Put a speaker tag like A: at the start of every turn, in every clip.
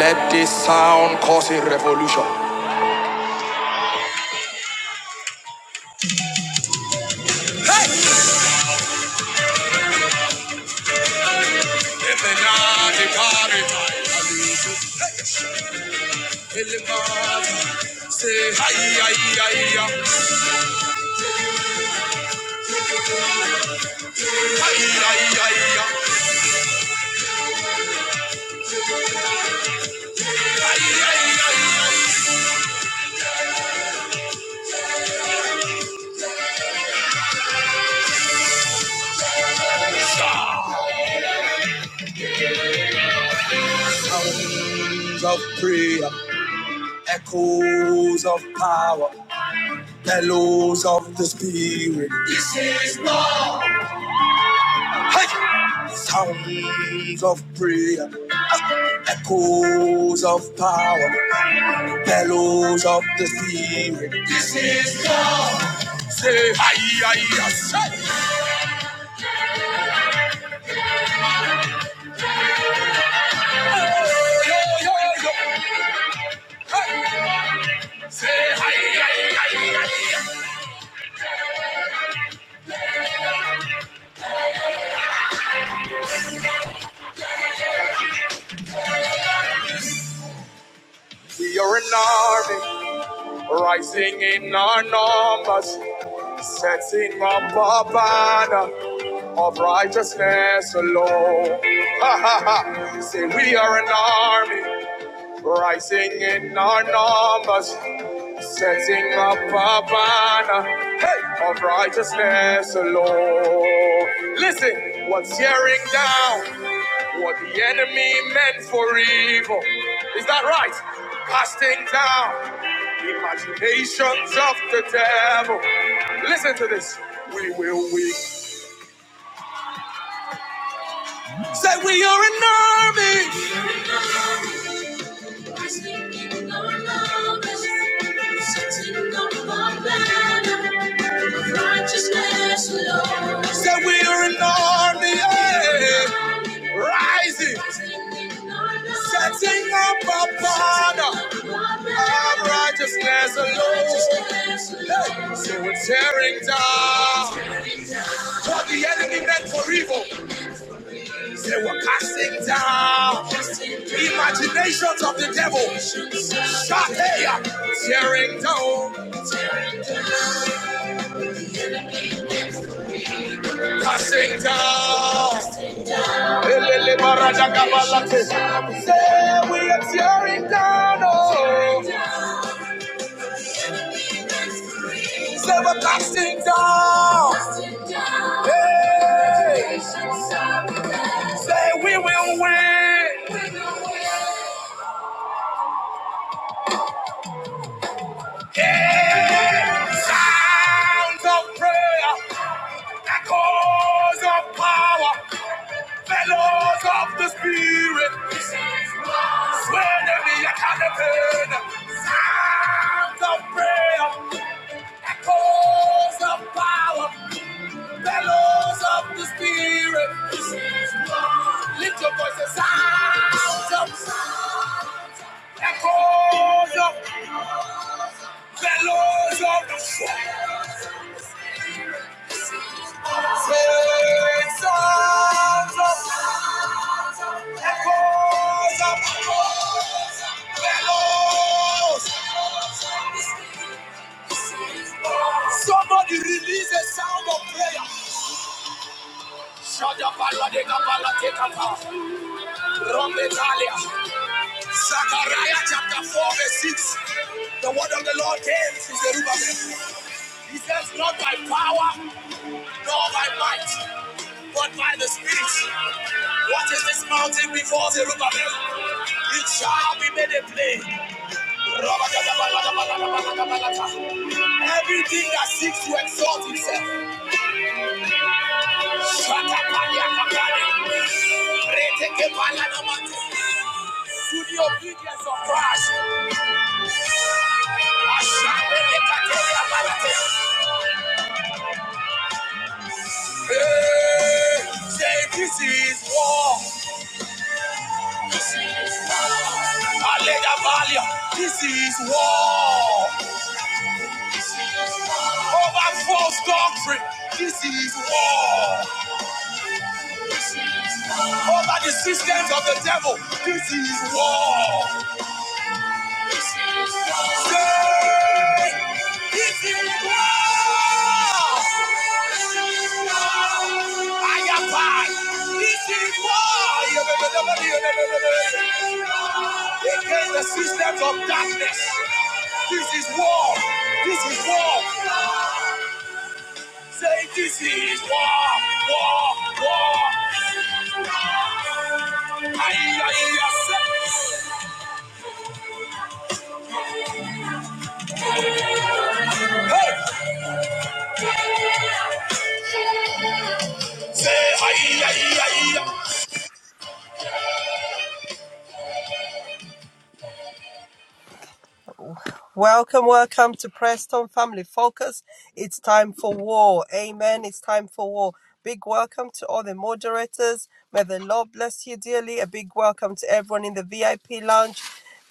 A: Let this sound cause a revolution. Sounds of prayer, echoes of power, bellows of the spirit. This is what. Hey! Sounds of prayer, echoes of power, Bellows of the sea. This is God. Say hi, hi, hi. Yo, yo, yo, yo. Hey. Say hi. We are an army, rising in our numbers, setting up a banner of righteousness alone. Ha, ha, ha. Say we are an army, rising in our numbers, Setting up a banner hey, of righteousness alone. Listen, what's tearing down what the enemy meant for evil? Is that right? Casting down imaginations of the devil. Listen to this. We will weep. Say we are an army Said we are an army yeah. rising, setting up a banner of righteousness alone. Hey, Say we're tearing down what the enemy meant for evil. Say we're casting down imaginations of the devil. Stop here! Tearing down, tearing down, gonna casting down. casting down, Elele baraja gabalate. Say we are tearing down, oh. tearing down, the enemy next to me. Say we're casting down. casting down, Hey. The nations of the land. Say we will win, we will win. Sounds of prayer, echoes of power, bellows of the spirit. This is war. Swear to me, I can't defend. Sounds of prayer, echoes of power, bellows of the spirit. This is war. Lift your voices, sounds of echoes of The Lords of the Spirits of the echoes of the Lords. Somebody release a sound of prayer. Shut up, Allah, take up, Allah, take up. Rompe Talia. Zechariah chapter 4, verse 6. The word of the Lord came to Zerubbabel. He says, Not by power, nor by might, but by the Spirit. What is this mountain before Zerubbabel? It shall be made a plain. Everything that seeks to exalt itself. To the obedience of Christ. Hey, say this is war. This is war. Alleluia, Valia. This is war. This is war. Over false doctrine. This is war. This is war. Over the systems of the devil. This is war. Against the systems of darkness. This is war. This is war. Say this is war. War. War. Ay, ay, ay, ay. Hey. Say, hi, hi, hi. hi.
B: Welcome, welcome to Preston Family Focus. It's time for war. Amen. It's time for war. Big welcome to all the moderators. May the Lord bless you dearly. A big welcome to everyone in the VIP lounge.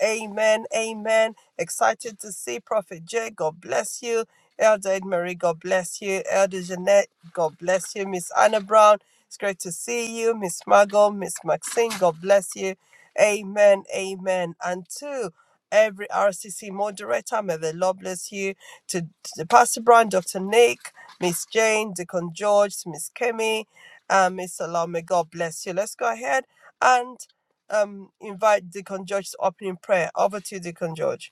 B: Amen. Amen. Excited to see Prophet Jay. God bless you. Elder Ed Marie, God bless you. Elder Jeanette, God bless you. Miss Anna Brown, it's great to see you. Miss Margot, Miss Maxine, God bless you. Amen. Amen. And to every RCC moderator, may the Lord bless you. To, to Pastor Brown, Dr. Nick, Miss Jane, Deacon George, Miss Kemi, and Miss Salome, God bless you. Let's go ahead and um, invite Deacon George to opening prayer. Over to you, Deacon George.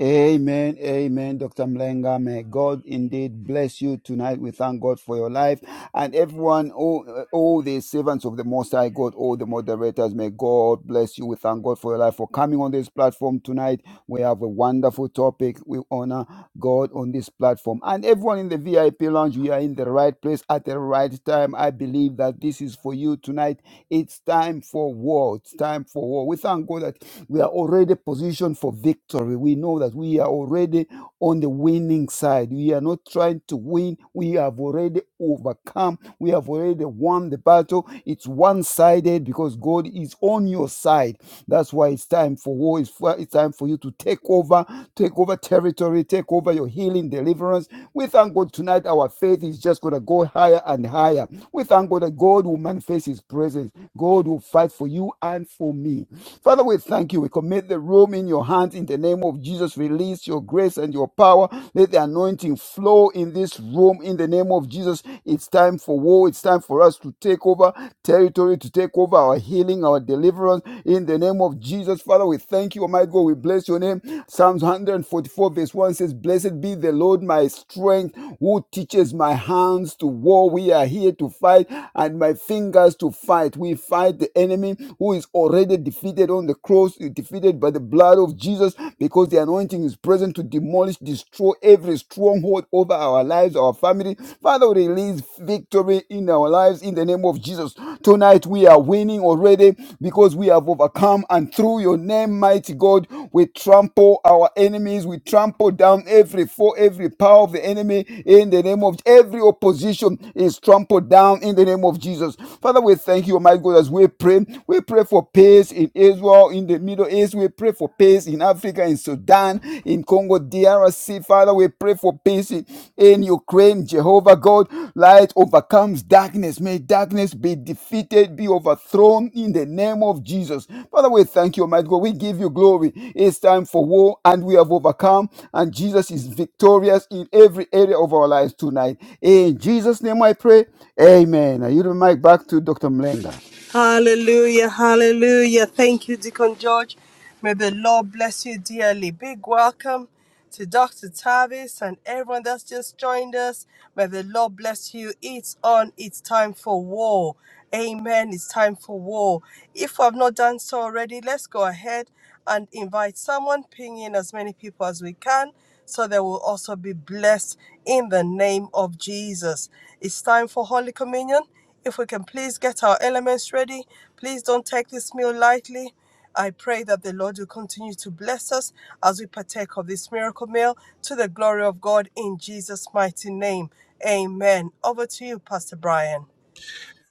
C: Amen. Amen. Dr. Mlenga, may God indeed bless you tonight. We thank God for your life and everyone, all, all the servants of the Most High God, all the moderators, may God bless you. We thank God for your life for coming on this platform tonight. We have a wonderful topic. We honor God on this platform. And everyone in the VIP lounge, we are in the right place at the right time. I believe that this is for you tonight it's time for war. It's time for war. We thank God that we are already positioned for victory. We know that we are already on the winning side. We are not trying to win. We have already overcome. We have already won the battle. It's one sided because God is on your side. That's why it's time for war. It's, it's time for you to take over, take over territory, take over your healing, deliverance. We thank God tonight. Our faith is just going to go higher and higher. We thank God that God will manifest His presence. God will fight for you and for me. Father, we thank you. We commit the room in your hands in the name of name of Jesus, release your grace and your power. Let the anointing flow in this room in the name of Jesus. It's time for war. It's time for us to take over territory, to take over our healing, our deliverance in the name of Jesus. Father, we thank you, Almighty God. We bless your name. Psalms 144, verse 1 says, Blessed be the Lord, my strength, who teaches my hands to war. We are here to fight and my fingers to fight. We fight the enemy who is already defeated on the cross, defeated defeated by the blood of Jesus because the anointing is present to demolish, destroy every stronghold over our lives, our family. Father, release victory in our lives in the name of Jesus. Tonight we are winning already because we have overcome, and through your name, mighty God, we trample our enemies, we trample down every foe, every power of the enemy in the name of every opposition is trampled down in the name of Jesus. Father, we thank you, my God, as we pray. We pray for peace in Israel, in the Middle East. We pray for peace in Africa, in Sudan, in Congo, DRC. Father, we pray for peace in, in Ukraine. Jehovah God, light overcomes darkness. May darkness be defeated, be overthrown in the name of Jesus. Father, we thank you, Almighty God. We give you glory. It's time for war, and we have overcome, and Jesus is victorious in every area of our lives tonight. In Jesus' name I pray. Amen. I yield the mic back to Dr. Mlenga.
B: Hallelujah, hallelujah. Thank you, Deacon George. May the Lord bless you dearly. Big welcome to Dr. Tavis and everyone that's just joined us. May the Lord bless you. It's on, it's time for war. Amen. It's time for war. If I've not done so already, let's go ahead and invite someone, ping in as many people as we can, so they will also be blessed in the name of Jesus. It's time for Holy Communion. If we can please get our elements ready, please don't take this meal lightly. I pray that the Lord will continue to bless us as we partake of this miracle meal to the glory of God in Jesus' mighty name. Amen. Over to you, Pastor Brian.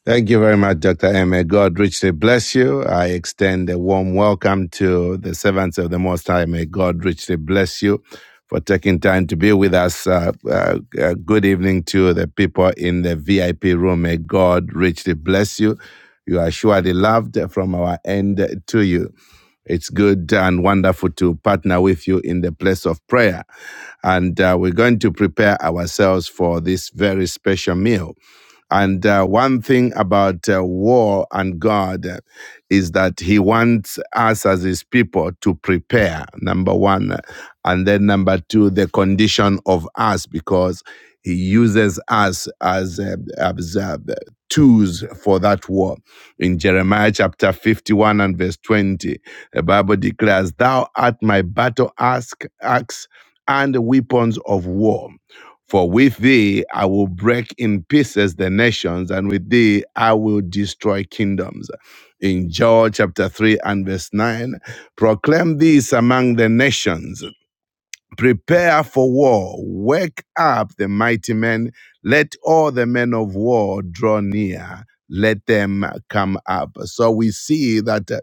A: Thank you very much, Dr. M. May God richly bless you. I extend a warm welcome to the servants of the Most High. May God richly bless you for taking time to be with us. Uh, uh, uh, good evening to the people in the VIP room. May God richly bless you. You are surely loved from our end to you. It's good and wonderful to partner with you in the place of prayer. And uh, we're going to prepare ourselves for this very special meal. And uh, one thing about uh, war and God uh, is that He wants us as His people to prepare, number one. And then number two, the condition of us, because He uses us as, uh, as uh, tools for that war. In Jeremiah chapter 51 and verse 20, the Bible declares, Thou art my battle ask, axe and weapons of war. For with thee I will break in pieces the nations, and with thee I will destroy kingdoms. In Joel chapter 3 and verse 9, proclaim this among the nations. Prepare for war. Wake up the mighty men. Let all the men of war draw near. Let them come up. So we see that uh,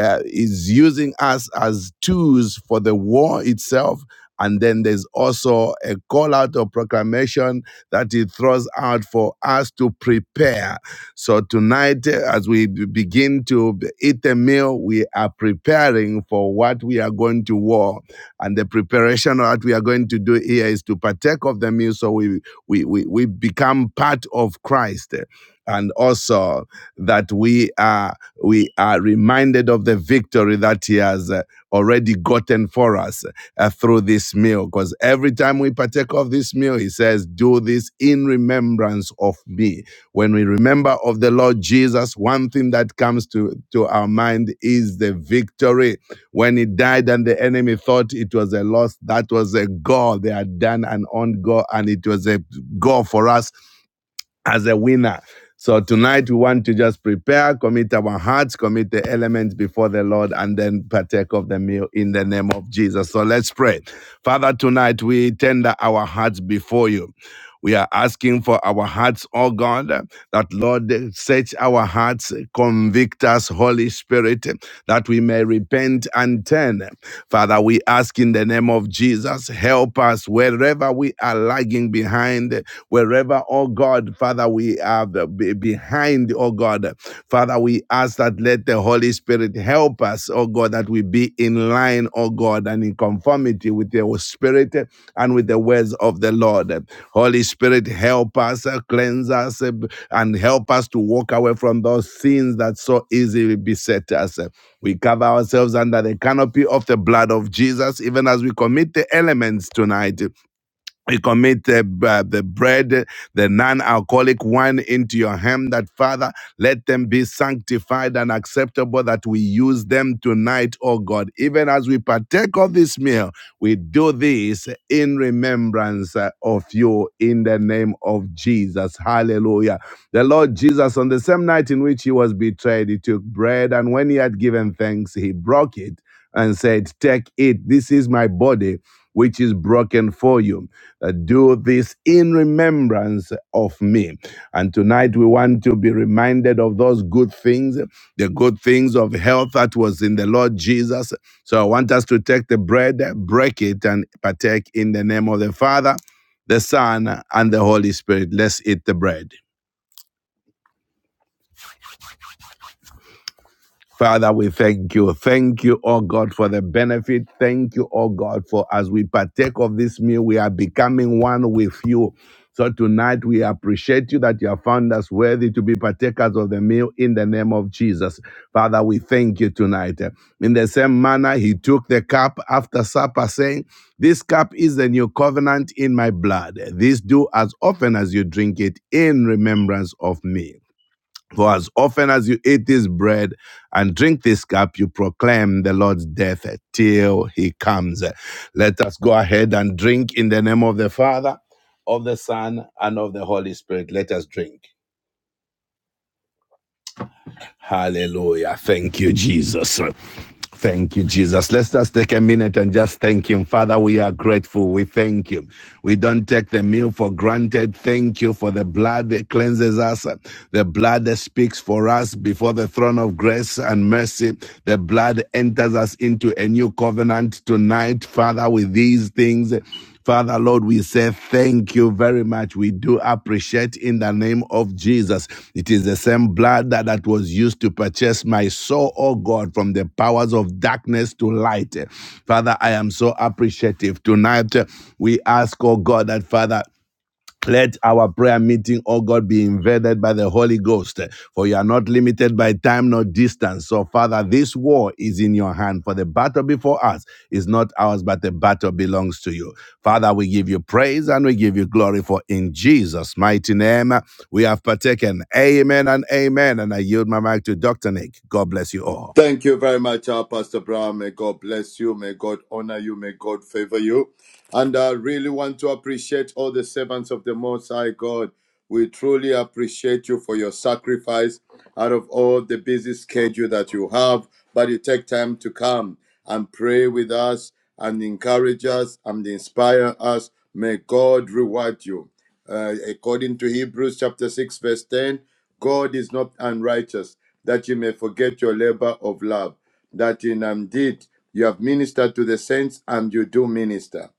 A: uh, is using us as tools for the war itself. And then there's also a call out or proclamation that he throws out for us to prepare. So tonight, eh, as we be- begin to b- eat the meal, we are preparing for what we are going to war. And the preparation that we are going to do here is to partake of the meal so we, we, we, we become part of Christ. And also that we are, we are reminded of the victory that He has uh, already gotten for us uh, through this meal. Because every time we partake of this meal, He says, Do this in remembrance of me when we remember of the Lord Jesus, one thing that comes to, to our mind is the victory when he died and the enemy thought it was a loss, that was a goal. They had done an own goal and it was a goal for us as a winner. So tonight we want to just prepare, commit our hearts, commit the elements before the Lord, and then partake of the meal in the name of Jesus. So let's pray. Father, tonight we tender our hearts before you. We are asking for our hearts, oh God, that Lord, search our hearts, convict us, Holy Spirit, that we may repent and turn. Father, we ask in the name of Jesus, help us wherever we are lagging behind, wherever, oh God, Father, we are behind behind, oh God. Father, we ask that let the Holy Spirit help us, oh God, that we be in line, oh God, and in conformity with your spirit and with the words of the Lord. Holy Spirit, help us, uh, cleanse us, uh, and help us to walk away from those sins that so easily beset us. We cover ourselves under the canopy of the blood of Jesus, even as we commit the elements tonight. We commit the, uh, the bread, the non alcoholic wine into your hand, that Father, let them be sanctified and acceptable, that we use them tonight, oh God. Even as we partake of this meal, we do this in remembrance uh, of you in the name of Jesus. Hallelujah. The Lord Jesus, on the same night in which he was betrayed, he took bread, and when he had given thanks, he broke it and said, Take it. This is my body, which is broken for you uh, do this in remembrance of me. And tonight we want to be reminded of those good things, the good things of health that was in the Lord Jesus. So I want us to take the bread, break it, and partake in the name of the Father, the Son, and the Holy Spirit. Let's eat the bread. Father, we thank you. Thank you, oh God, for the benefit. Thank you, oh God, for as we partake of this meal, we are becoming one with you. So tonight we appreciate you that you have found us worthy to be partakers of the meal in the name of Jesus. Father, we thank you tonight. In the same manner, he took the cup after supper, saying, This cup is the new covenant in my blood. This do as often as you drink it in remembrance of me. For as often as you eat this bread and drink this cup, you proclaim the Lord's death till he comes. Let us go ahead and drink in the name of the Father, of the Son, and of the Holy Spirit. Let us drink. Hallelujah. Thank you, Jesus. Thank you, Jesus. Let's just take a minute and just thank Him. Father, we are grateful. We thank you. We don't take the meal for granted. Thank you for the blood that cleanses us, the blood that speaks for us before the throne of grace and mercy. The blood enters us into a new covenant tonight, Father, with these things. Father, Lord, we say thank you very much. We do appreciate in the name of Jesus. It is the same blood that, that was used to purchase my soul, oh God, from the powers of darkness to light. Father, I am so appreciative. Tonight, we ask, oh God, that Father, let our prayer meeting, oh God, be invaded by the Holy Ghost, for you are not limited by time nor distance. So, Father, this war is in your hand, for the battle before us is not ours, but the battle belongs to you. Father, we give you praise and we give you glory, for in Jesus' mighty name we have partaken. Amen and amen. And I yield my mic to Dr. Nick. God bless you all.
D: Thank you very much, our Pastor Brown. May God bless you. May God honor you. May God favor you. And I really want to appreciate all the servants of the Most High God. We truly appreciate you for your sacrifice out of all the busy schedule that you have, but you take time to come and pray with us and encourage us and inspire us. May God reward you. Uh, according to Hebrews chapter 6, verse 10, God is not unrighteous that you may forget your labor of love, that in indeed you have ministered to the saints and you do minister.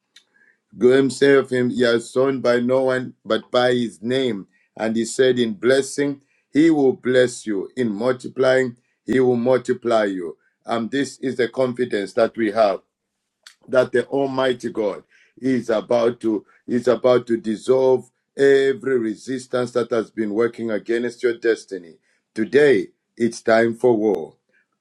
D: God himself him, he has sown by no one but by his name and he said in blessing he will bless you in multiplying he will multiply you and this is the confidence that we have that the almighty god is about to is about to dissolve every resistance that has been working against your destiny today it's time for war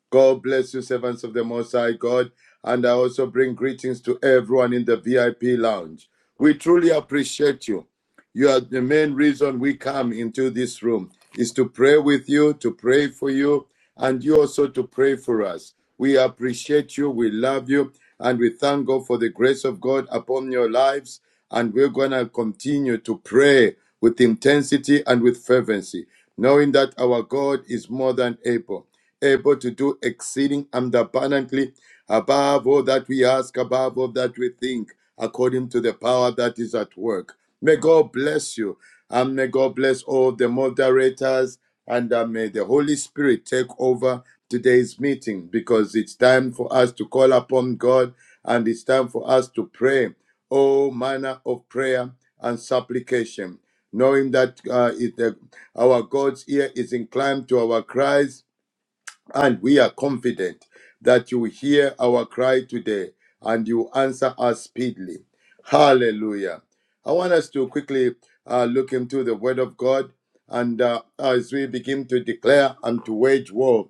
D: God bless you, servants of the Most High God. And I also bring greetings to everyone in the VIP lounge. We truly appreciate you. You are the main reason we come into this room is to pray with you, to pray for you, and you also to pray for us. We appreciate you, we love you, and we thank God for the grace of God upon your lives. And we're going to continue to pray with intensity and with fervency, knowing that our God is more than able, able to do exceeding and abundantly above all that we ask, above all that we think according to the power that is at work. May God bless you. And may God bless all the moderators. And uh, may the Holy Spirit take over today's meeting because it's time for us to call upon God and it's time for us to pray all manner of prayer and supplication, knowing that uh, it, uh, our God's ear is inclined to our cries and we are confident that you hear our cry today and you answer us speedily. Hallelujah. I want us to quickly uh, look into the Word of God and uh, as we begin to declare and to wage war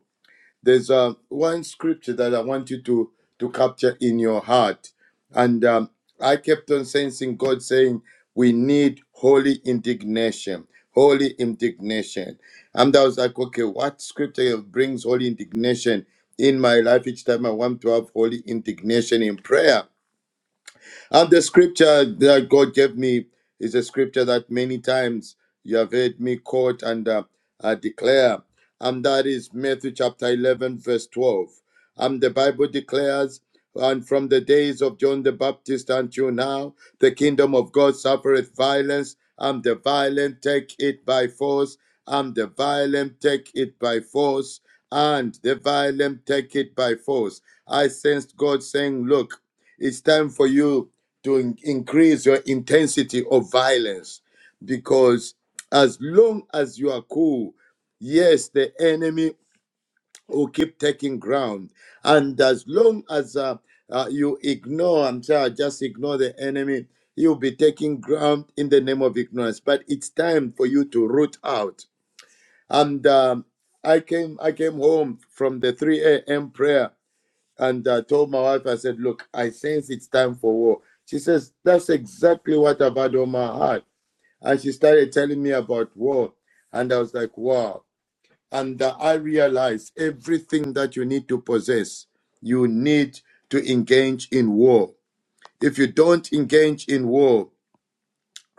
D: there's uh, one scripture that I want you to, to capture in your heart. And um, I kept on sensing God saying, We need holy indignation. Holy indignation. And I was like, okay, what scripture brings holy indignation in my life each time I want to have holy indignation in prayer? And the scripture that God gave me is a scripture that many times you have heard me quote and uh, uh, declare, and that is Matthew chapter 11, verse 12. And the Bible declares, and from the days of John the Baptist until now, the kingdom of God suffereth violence, and the violent take it by force, and the violent take it by force, and the violent take it by force. I sensed God saying, Look, it's time for you to in- increase your intensity of violence because as long as you are cool, yes, the enemy will keep taking ground. And as long as uh, uh, you ignore, I'm sorry, just ignore the enemy, you'll be taking ground in the name of ignorance. But it's time for you to root out. And um, I came, I came home from the 3 a.m. prayer and I told my wife, I said, Look, I sense it's time for war. She says, That's exactly what I've had on my heart. And she started telling me about war. And I was like, Wow. And uh, I realized everything that you need to possess, you need to engage in war. If you don't engage in war,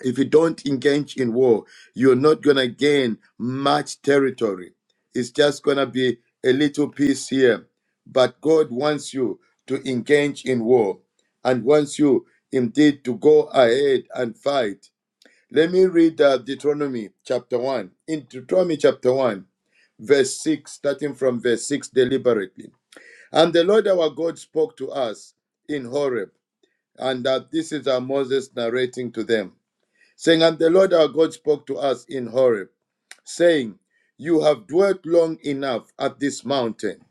D: if you don't engage in war, you're not going to gain much territory. It's just going to be a little piece here. But God wants you to engage in war and wants you indeed to go ahead and fight. Let me read uh, Deuteronomy chapter 1. In Deuteronomy chapter 1, verse 6, starting from verse 6 deliberately. And the Lord our God spoke to us in Horeb. And uh, this is uh, Moses narrating to them saying, And the Lord our God spoke to us in Horeb, saying, You have dwelt long enough at this mountain.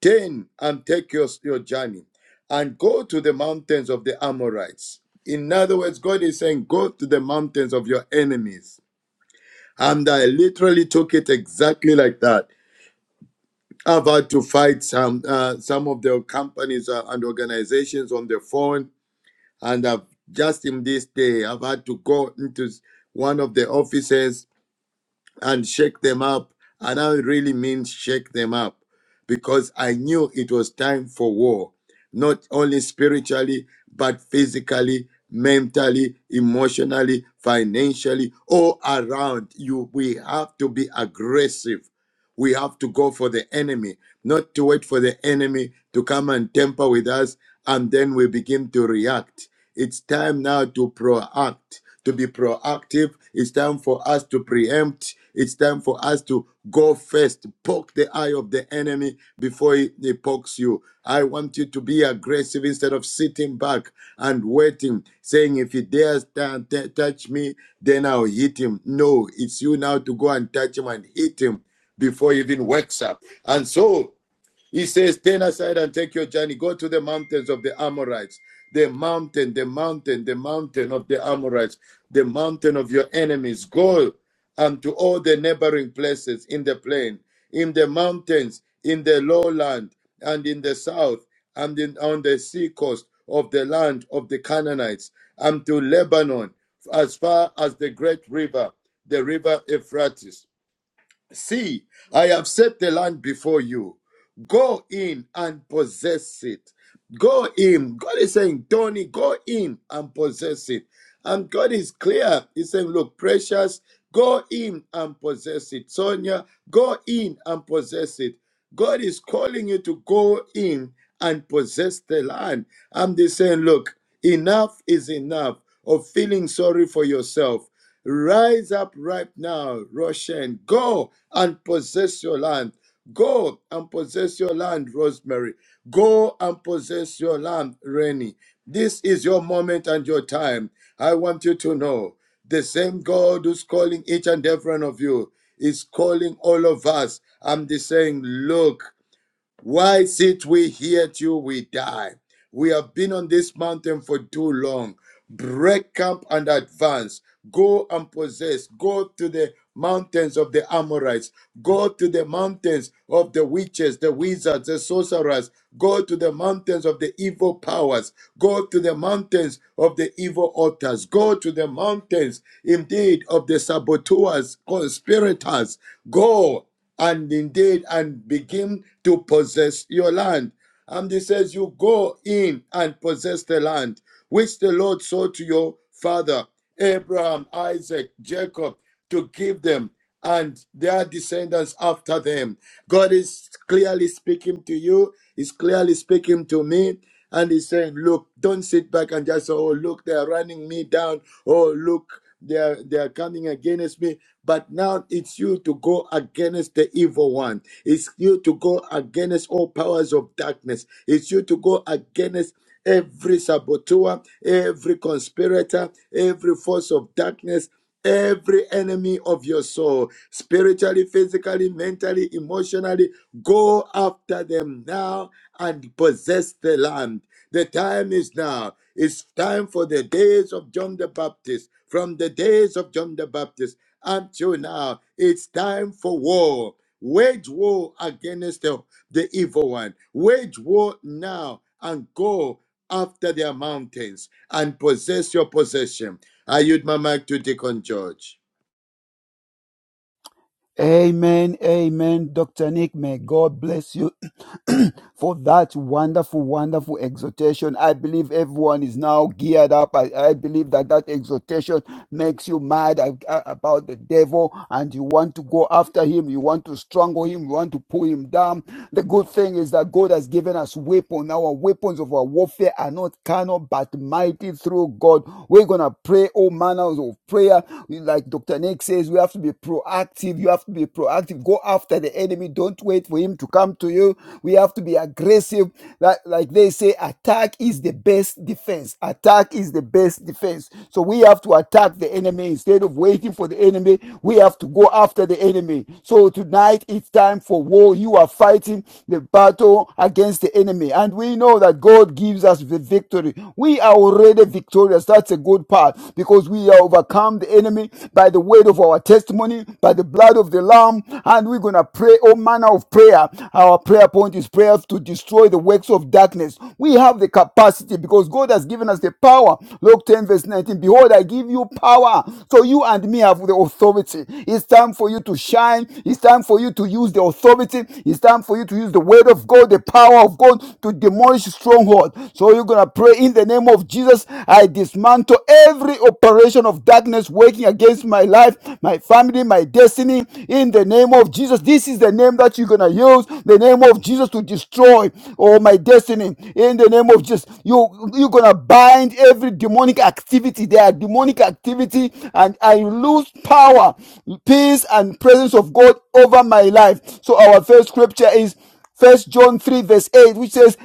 D: Turn and take your, your journey and go to the mountains of the Amorites. In other words, God is saying, Go to the mountains of your enemies. And I literally took it exactly like that. I've had to fight some uh, some of the companies uh, and organizations on the phone, and I've just in this day I've had to go into one of the offices and shake them up. And I really mean shake them up because I knew it was time for war, not only spiritually, but physically, mentally, emotionally, financially, all around you. We have to be aggressive. We have to go for the enemy, not to wait for the enemy to come and temper with us and then we begin to react. It's time now to proact, to be proactive. It's time for us to preempt. It's time for us to go first, poke the eye of the enemy before he, he pokes you. I want you to be aggressive instead of sitting back and waiting, saying, if he dares t- t- touch me, then I'll hit him. No, it's you now to go and touch him and hit him before he even wakes up. And so he says, Turn aside and take your journey. Go to the mountains of the Amorites. The mountain, the mountain, the mountain of the Amorites, the mountain of your enemies. Go unto all the neighboring places in the plain, in the mountains, in the lowland, and in the south, and in, on the sea coast of the land of the Canaanites, and to Lebanon, as far as the great river, the river Euphrates See, I have set the land before you. Go in and possess it. Go in. God is saying, Tony, go in and possess it. And God is clear. He's saying, Look, precious, go in and possess it. Sonia, go in and possess it. God is calling you to go in and possess the land. I'm just saying, Look, enough is enough of feeling sorry for yourself. Rise up right now, Roshan. Go and possess your land. Go and possess your land, Rosemary. Go and possess your land, Rennie. This is your moment and your time. I want you to know the same God who's calling each and every one of you is calling all of us. I'm just saying, look, why sit we here till we die? We have been on this mountain for too long. Break camp and advance. Go and possess. Go to the mountains of the Amorites. Go to the mountains of the witches, the wizards, the sorcerers. Go to the mountains of the evil powers. Go to the mountains of the evil altars. Go to the mountains, indeed, of the saboteurs, conspirators. Go and indeed and begin to possess your land. And he says, You go in and possess the land which the Lord saw to your father, Abraham, Isaac, Jacob, to give them and their descendants after them. God is clearly speaking to you, He's clearly speaking to me and he's saying, Look, don't sit back and just, oh, look, they're running me down. Oh, look, they're they're coming against me. But now it's you to go against the evil one. It's you to go against all powers of darkness. It's you to go against every saboteur, every conspirator, every force of darkness. Every enemy of your soul, spiritually, physically, mentally, emotionally, go after them now and possess the land. The time is now. It's time for the days of John the Baptist. From the days of John the Baptist until now, it's time for war. Wage war against the, the evil one. Wage war now and go after their mountains and possess your possession I yield my mic to Deacon George.
C: Amen, amen, Dr. Nick. May God bless you for that wonderful, wonderful exhortation. I believe everyone is now geared up. I, I believe that that exhortation makes you mad about the devil and you want to go after him, you want to strangle him, you want to pull him down. The good thing is that God has given us weapons. Our weapons of our warfare are not carnal but mighty through God. We're gonna pray all manners of prayer. Like Dr. Nick says, we have to be proactive. You have to be proactive. Go after the enemy. Don't wait for him to come to you. We have to be aggressive. Like, like they say, attack is the best defense. Attack is the best defense. So we have to attack the enemy instead of waiting for the enemy. We have to go after the enemy. So tonight it's time for war. You are fighting the battle against the enemy, and we know that God gives us the victory. We are already victorious. That's a good part because we are overcome the enemy by the word of our testimony, by the blood of the Lamb, and we're gonna pray all manner of prayer. Our prayer point is prayer to destroy the works of darkness. We have the capacity because God has given us the power. Luke ten. 10, verse 19, Behold, I give you power. So you and me have the authority. It's time for you to shine. It's time for you to use the authority. It's time for you to use the word of God, the power of God to demolish stronghold. So you're going to pray in the name of Jesus. I dismantle every operation of darkness working against my life, my family, my destiny. In the name of Jesus, this is the name that you're going to use. The name of Jesus to destroy all my destiny. In the name of Jesus, you, you're going to bind every every demonic activity. There are demonic activity, and I lose power, peace, and presence of God over my life. So our first scripture is First John 3, verse 8, which says,